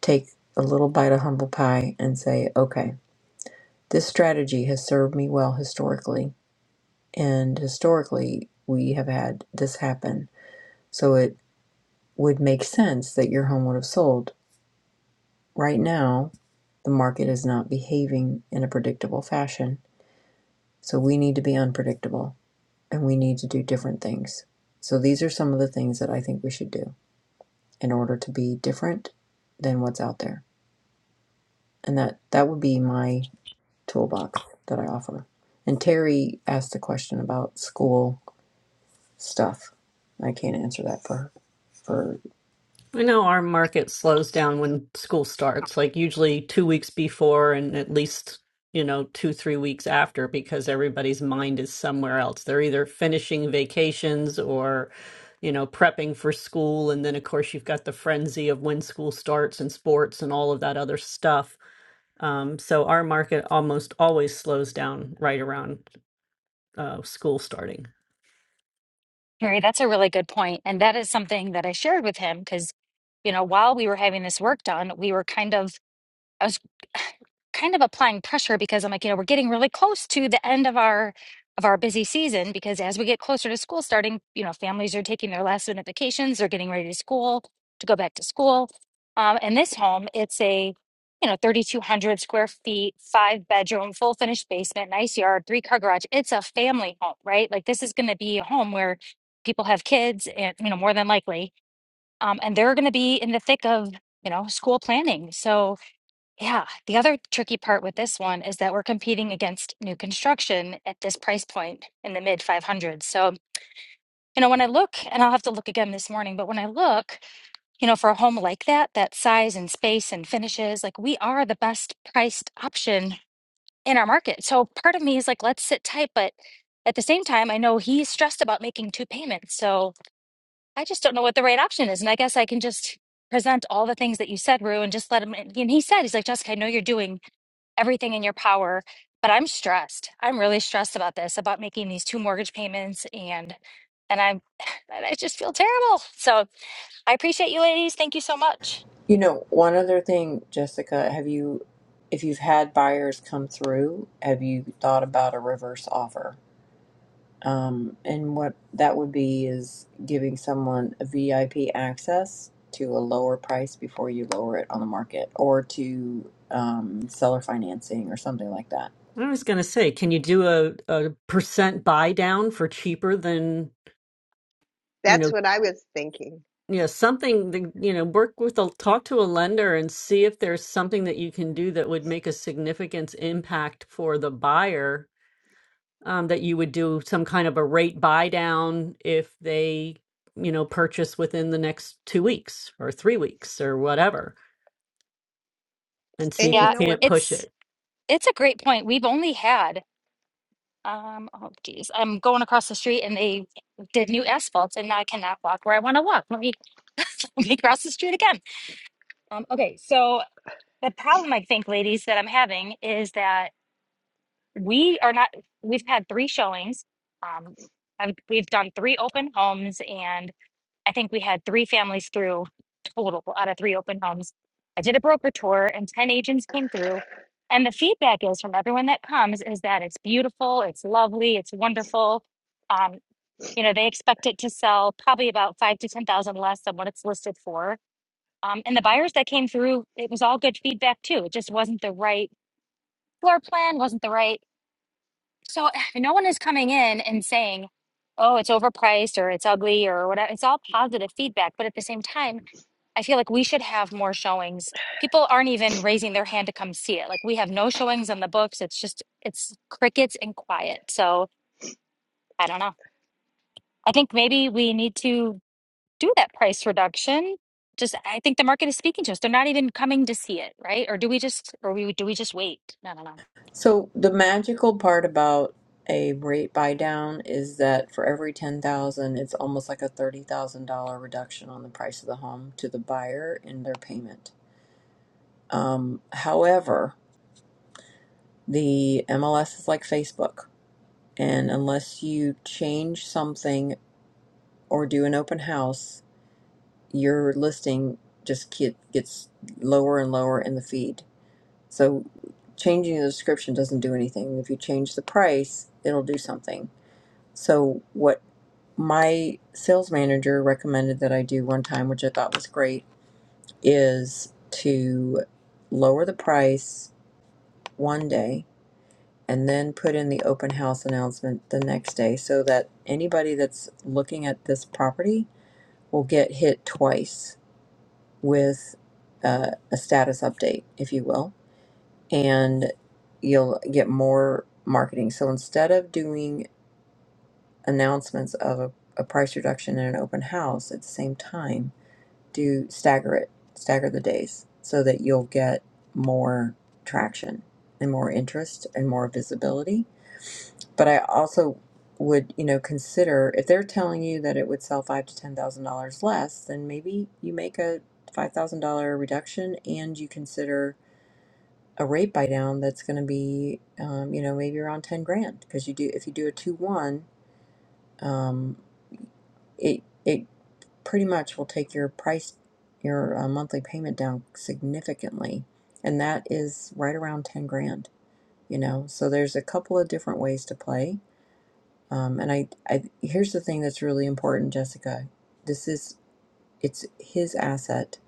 A: take a little bite of humble pie and say, okay, this strategy has served me well historically. And historically, we have had this happen. So it would make sense that your home would have sold. Right now, the market is not behaving in a predictable fashion. So we need to be unpredictable and we need to do different things. So these are some of the things that I think we should do in order to be different than what's out there. And that that would be my toolbox that I offer. And Terry asked a question about school stuff. I can't answer that for for
F: I know our market slows down when school starts, like usually two weeks before and at least, you know, two, three weeks after, because everybody's mind is somewhere else. They're either finishing vacations or, you know, prepping for school. And then, of course, you've got the frenzy of when school starts and sports and all of that other stuff. Um, so our market almost always slows down right around uh, school starting.
J: Mary, that's a really good point, And that is something that I shared with him because, you know, while we were having this work done, we were kind of I was kind of applying pressure because I'm like, you know, we're getting really close to the end of our of our busy season because as we get closer to school starting, you know, families are taking their last minute vacations, they're getting ready to school to go back to school. Um, and this home, it's a you know 3,200 square feet, five bedroom, full finished basement, nice yard, three car garage. It's a family home, right? Like this is going to be a home where people have kids, and you know more than likely, um, and they're going to be in the thick of you know school planning. So yeah, the other tricky part with this one is that we're competing against new construction at this price point in the mid 500s. So, you know, when I look, and I'll have to look again this morning, but when I look, you know, for a home like that, that size and space and finishes, like we are the best priced option in our market. So part of me is like, let's sit tight, but at the same time, I know he's stressed about making two payments. So I just don't know what the right option is. And I guess I can just present all the things that you said, Rue, and just let him, and he said, he's like, Jessica, I know you're doing everything in your power. But I'm stressed. I'm really stressed about this, about making these two mortgage payments, and and I'm [SIGHS] and I just feel terrible. So I appreciate you, ladies. Thank you so much.
A: you know one other thing, Jessica. Have you, if you've had buyers come through, have you thought about a reverse offer? Um, and what that would be is giving someone a VIP access to a lower price before you lower it on the market, or to um, seller financing or something like that
F: I was going to say, can you do a, a percent buy down for cheaper than, you
C: that's
F: know,
C: what I was thinking.
F: you know, something that, you know, work with a talk to a lender and see if there's something that you can do that would make a significant impact for the buyer um, that you would do some kind of a rate buy down if they, you know, purchase within the next two weeks or three weeks or whatever, and see
C: And
F: if you
C: you
J: Yeah,
C: know what?
F: can't push it.
J: it's it's a great point. We've only had um oh geez, I'm going across the street and they did new asphalt, and now I cannot walk where I want to walk. Let me [LAUGHS] let me cross the street again. Um, okay, so the problem I think, ladies, that I'm having is that we are not we've had three showings um I've, we've done three open homes and i think we had three families through total out of three open homes i did a broker tour and 10 agents came through and the feedback is from everyone that comes is that it's beautiful it's lovely it's wonderful um you know they expect it to sell probably about five to ten thousand less than what it's listed for um, and the buyers that came through it was all good feedback too it just wasn't the right floor plan wasn't the right so [SIGHS] no one is coming in and saying, oh, it's overpriced or it's ugly or whatever. It's all positive feedback. But at the same time, I feel like we should have more showings. People aren't even raising their hand to come see it. Like we have no showings on the books. It's just, it's crickets and quiet. So I don't know. I think maybe we need to do that price reduction. Just, I think the market is speaking to us. They're not even coming to see it, right? Or do we just, or we do we just wait? I don't
A: So the magical part about a rate buy down is that for every ten thousand, it's almost like a thirty thousand dollar reduction on the price of the home to the buyer in their payment. Um, however, the MLS is like Facebook, and unless you change something or do an open house, your listing just get, gets lower and lower in the feed. So changing the description doesn't do anything. If you change the price, it'll do something So, what my sales manager recommended that I do one time, which I thought was great, is to lower the price one day and then put in the open house announcement the next day so that anybody that's looking at this property will get hit twice with uh, a status update, if you will, and you'll get more marketing. So, instead of doing announcements of a, a price reduction in an open house at the same time, do stagger it, stagger the days so that you'll get more traction and more interest and more visibility. But I also would, you know, consider if they're telling you that it would sell five to ten thousand dollars less, then maybe you make a five thousand dollar reduction and you consider a rate buy down that's going to be, um, you know, maybe around ten grand because you do if you do a two one, um, it it pretty much will take your price, your uh, monthly payment down significantly, and that is right around ten grand. You know, so there's a couple of different ways to play. Um, and I, I here's the thing that's really important, Jessica. This is it's his asset,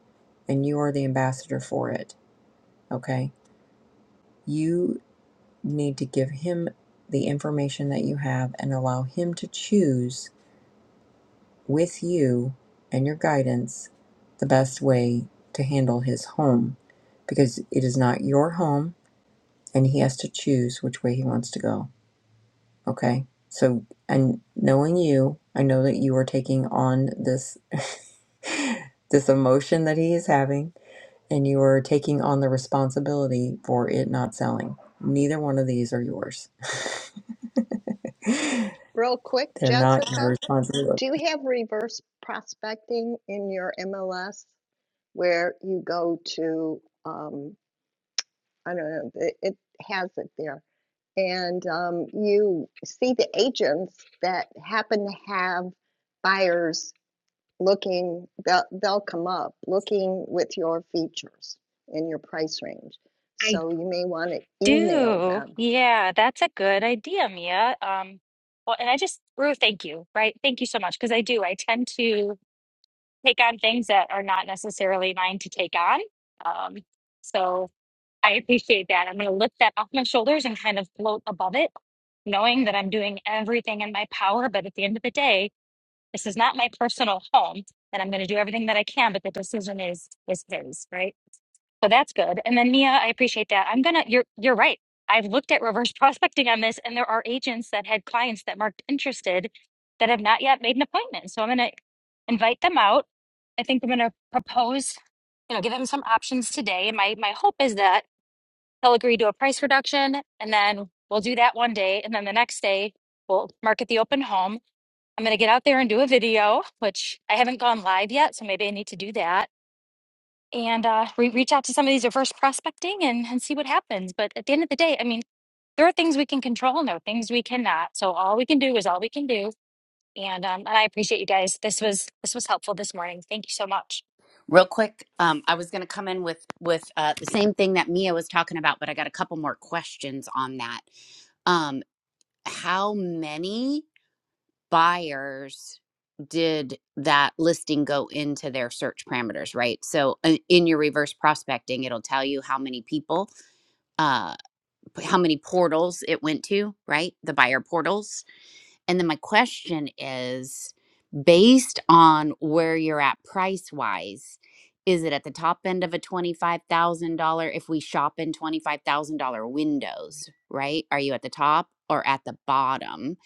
A: and you are the ambassador for it. Okay, you need to give him the information that you have and allow him to choose with you and your guidance the best way to handle his home because it is not your home and he has to choose which way he wants to go. Okay. So, and knowing you, I know that you are taking on this. [LAUGHS] this emotion that he is having and you are taking on the responsibility for it not selling neither one of these are yours [LAUGHS]
C: Real quick,
A: they're not your
C: Jessica,
A: responsibility
C: Do you have reverse prospecting in your MLS where you go to, um, I don't know, it, it has it there, and um, you see the agents that happen to have buyers looking, they'll, they'll come up looking with your features in your price range.
J: know.
C: So you may want to email
J: do.
C: them
J: Yeah, that's a good idea, Mia. Um, well, and I just, Rue, thank you, right? Thank you so much. Because I do, I tend to take on things that are not necessarily mine to take on. Um, so I appreciate that. I'm going to lift that off my shoulders and kind of float above it, knowing that I'm doing everything in my power. But at the end of the day, this is not my personal home, and I'm going to do everything that I can. But the decision is is his, right? So that's good. And then Mia, I appreciate that. I'm gonna you're you're right. I've looked at reverse [LAUGHS] prospecting on this, and there are agents that had clients that marked interested that have not yet made an appointment. So I'm gonna invite them out. I think I'm gonna propose, you know, give them some options today. And my my hope is that they'll agree to a price reduction, and then we'll do that one day, and then the next day we'll market the open home. I'm gonna get out there and do a video, which I haven't gone live yet, so maybe I need to do that and uh, re- reach out to some of these reverse prospecting and, and see what happens. But at the end of the day, I mean, there are things we can control and there are things we cannot. So all we can do is all we can do. And um, and I appreciate you guys. This was this was helpful this morning. Thank you so much.
G: Real quick, um, I was going to come in with with uh, the same thing that Mia was talking about, but I got a couple more questions on that. Um, how many buyers did that listing go into their search parameters? Right, so uh, in your reverse prospecting, it'll tell you how many people, uh, p- how many portals it went to. Right, the buyer portals And then my question is based on where you're at price wise, is it at the top end of a $25,000 if we shop in $25,000 windows, right? Are you at the top or at the bottom?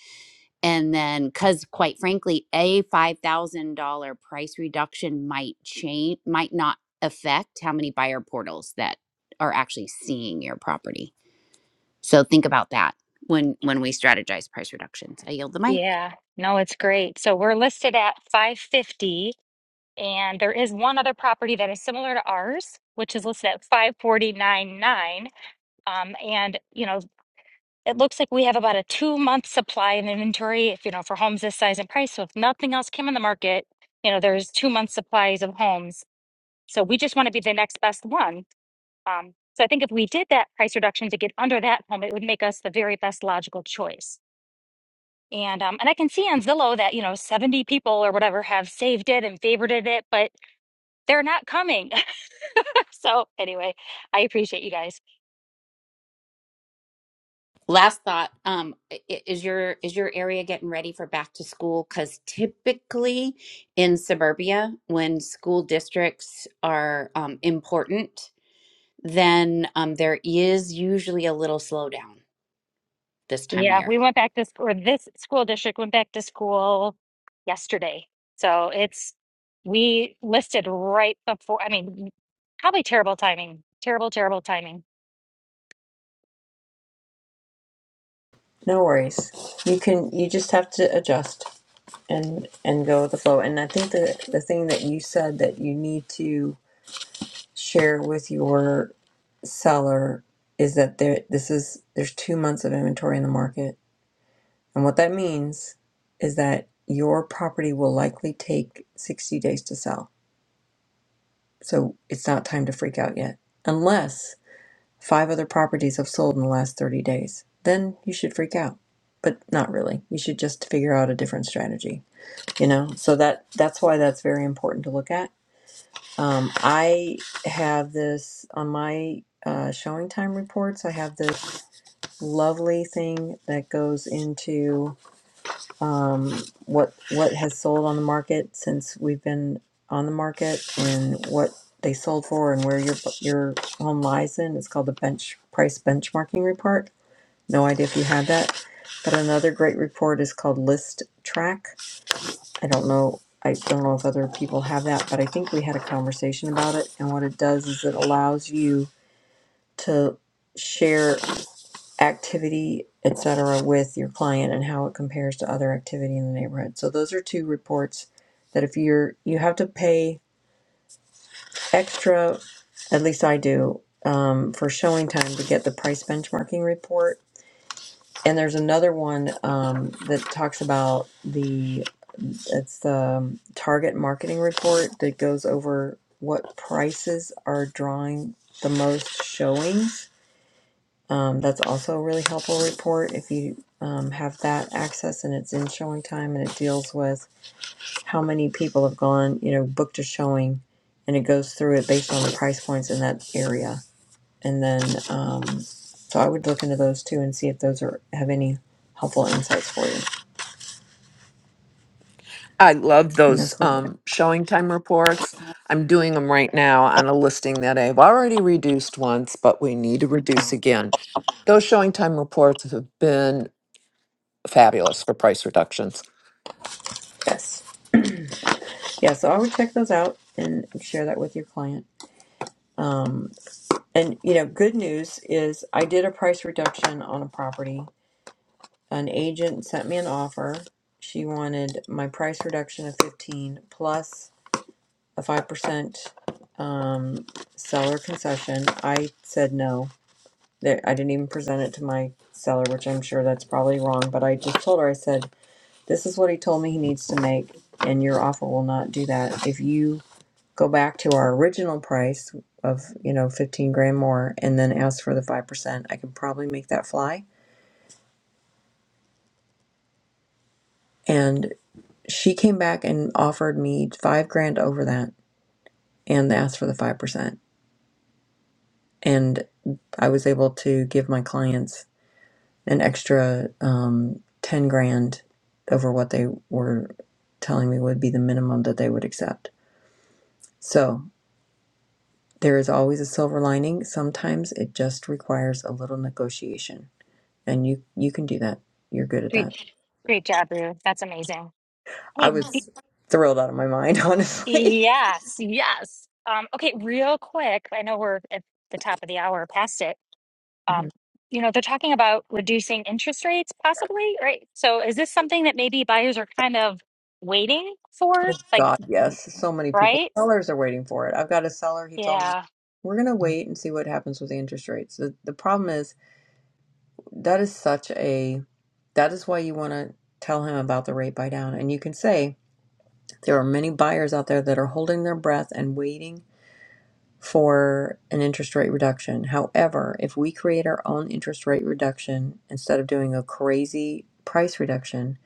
G: And then cuz quite frankly, a $5,000 price reduction might change might not affect how many buyer portals that are actually seeing your property. So think about that when when we strategize price reductions. I yield the mic.
J: Yeah, no, it's great. So we're listed at 550, and there is one other property that is similar to ours, which is listed at five forty nine nine. Um, and you know. It looks like we have about a two month supply in inventory, if you know, for homes this size and price. So if nothing else came on the market, you know, there's two month supplies of homes. So we just want to be the next best one. Um, so I think if we did that price reduction to get under that home, it would make us the very best logical choice. And um, and I can see on Zillow that you know 70 people or whatever have saved it and favorited it, but they're not coming. [LAUGHS] so anyway, I appreciate you guys.
G: Last thought, um, i- i- is your is your area getting ready for back to school? Because typically in suburbia, when school districts are um, important, then um, there is usually a little slowdown this time of
J: Yeah,
G: year.
J: we went back to school, or this school district went back to school yesterday. So it's, we listed right before, I mean, probably terrible timing, terrible, terrible timing.
A: no worries you can you just have to adjust and and go with the flow. And I think the the thing that you said that you need to share with your seller is that there this is there's two months of inventory in the market, and what that means is that your property will likely take 60 days to sell. So it's not time to freak out yet, unless five other properties have sold in the last 30 days. Then you should freak out, but not really. You should just figure out a different strategy. You know, so that that's why that's very important to look at Um, I have this on my uh, showing time reports. I have this lovely thing that goes into um, what what has sold on the market since we've been on the market and what they sold for and where your your home lies in. It's called the bench price benchmarking report. No idea if you had that, but another great report is called List Track I don't know. I don't know if other people have that, but I think we had a conversation about it. And what it does is it allows you to share activity, etc., with your client and how it compares to other activity in the neighborhood. So those are two reports that if you're you have to pay extra, at least I do, um, for showing time to get the price benchmarking report. And there's another one um, that talks about the. It's the um, target marketing report that goes over what prices are drawing the most showings. Um, that's also a really helpful report if you um, have that access and it's in showing time and it deals with how many people have gone, you know, booked a showing and it goes through it based on the price points in that area. And then, um, so I would look into those too and see if those are have any helpful insights for you.
I: I love
A: And
I: those
A: that's what I got.
I: um, showing time reports. I'm doing them right now on a listing that I've already reduced once, but we need to reduce again. Those showing time reports have been fabulous for price reductions.
A: Yes. Yeah, so I would check those out and share that with your client. Um, and you know, good news is I did a price reduction on a property. An agent sent me an offer. She wanted my price reduction of 15 plus a 5% um, seller concession. I said no. That I didn't even present it to my seller, which I'm sure that's probably wrong, but I just told her I said this is what he told me he needs to make and your offer will not do that. If you go back to our original price of, you know, 15 grand more and then ask for the 5%, I could probably make that fly. And she came back and offered me five grand over that and asked for the 5%. And I was able to give my clients an extra um, 10 grand over what they were telling me would be the minimum that they would accept. So there is always a silver lining. Sometimes it just requires a little negotiation. and you you can do that. You're good at
J: Great,
A: that.
J: great job, Rue. That's amazing.
A: I
J: Hey, y-
A: was thrilled out of my mind, [LAUGHS] honestly.
J: yes, yes. Um, okay, real quick, I know we're at the top of the hour, past it. Um,
A: Mhm.
J: you know, they're talking about reducing interest rates possibly, right? So is this something that maybe buyers are kind of waiting for?
A: Oh
J: Like,
A: God, yes, so many people.
J: right?
A: Sellers are waiting for it. I've got a seller. He told me
J: Yeah.
A: we're gonna wait and see what happens with the interest rates. The the problem is that is such a that is why you want to tell him about the rate buy down, and you can say there are many buyers out there that are holding their breath and waiting for an interest rate reduction. However, if we create our own interest rate reduction instead of doing a crazy price reduction,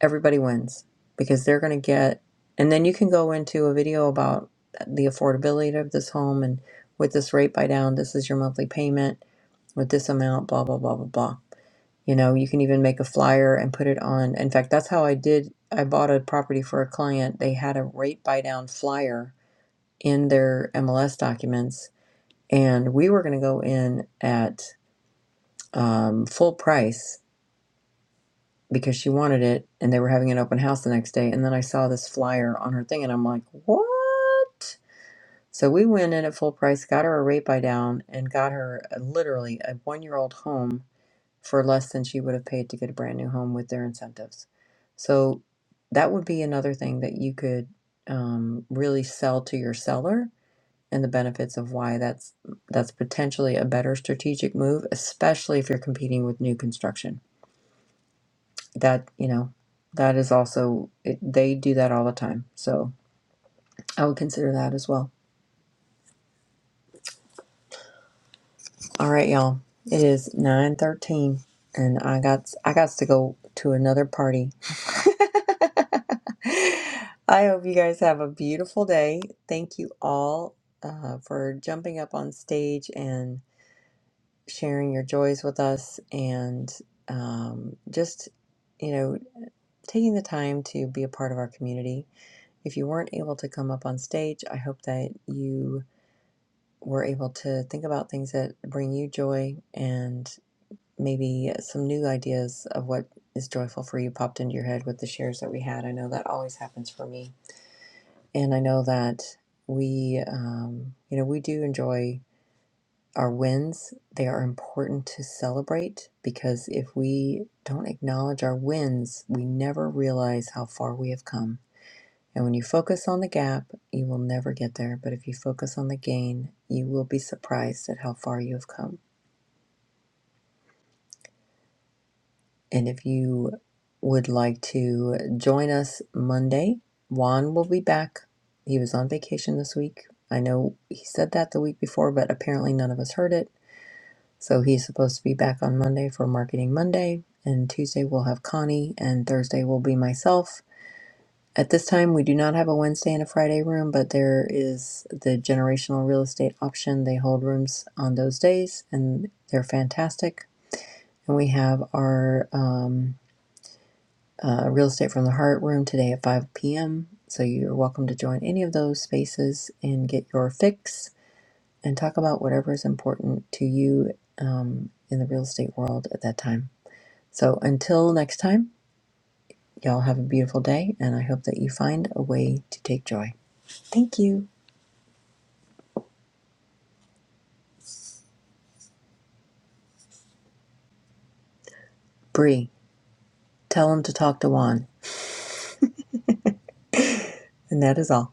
A: everybody wins because they're going to get. And then you can go into a video about the affordability of this home and with this rate buy down, this is your monthly payment with this amount, blah, blah, blah, blah, blah. You know, you can even make a flyer and put it on. In fact, that's how I did. I bought a property for a client. They had a rate buy down flyer in their MLS documents and we were going to go in at um, full price because she wanted it and they were having an open house the next day and then i saw this flyer on her thing and i'm like what so we went in at full price got her a rate buy down and got her a, literally a one year old home for less than she would have paid to get a brand new home with their incentives so that would be another thing that you could um, really sell to your seller and the benefits of why that's that's potentially a better strategic move, especially if you're competing with new construction. That you know, that is also it, they do that all the time. So I would consider that as well. All right, y'all. It is nine thirteen, and I got I got to go to another party. [LAUGHS] I hope you guys have a beautiful day. Thank you all uh, for jumping up on stage and sharing your joys with us and um, just, you know, taking the time to be a part of our community. If you weren't able to come up on stage, I hope that you were able to think about things that bring you joy and maybe some new ideas of what is joyful for you popped into your head with the shares that we had. I know that always happens for me. And I know that we, um, you know, we do enjoy. our wins they are important to celebrate because if we don't acknowledge our wins we never realize how far we have come and when you focus on the gap you will never get there but if you focus on the gain you will be surprised at how far you have come and if you would like to join us monday juan will be back he was on vacation this week i know he said that the week before but apparently none of us heard it So he's supposed to be back on Monday for Marketing Monday, and Tuesday we'll have Connie, and Thursday will be myself. At this time, we do not have a Wednesday and a Friday room, but there is the generational real estate option. They hold rooms on those days, and they're fantastic. And we have our um, uh, real estate from the heart room today at 5 p.m. So you're welcome to join any of those spaces and get your fix and talk about whatever is important to you um, in the real estate world at that time. So until next time, y'all have a beautiful day, and I hope that you find a way to take joy. Thank you. Bree, tell him to talk to Juan. And that is all.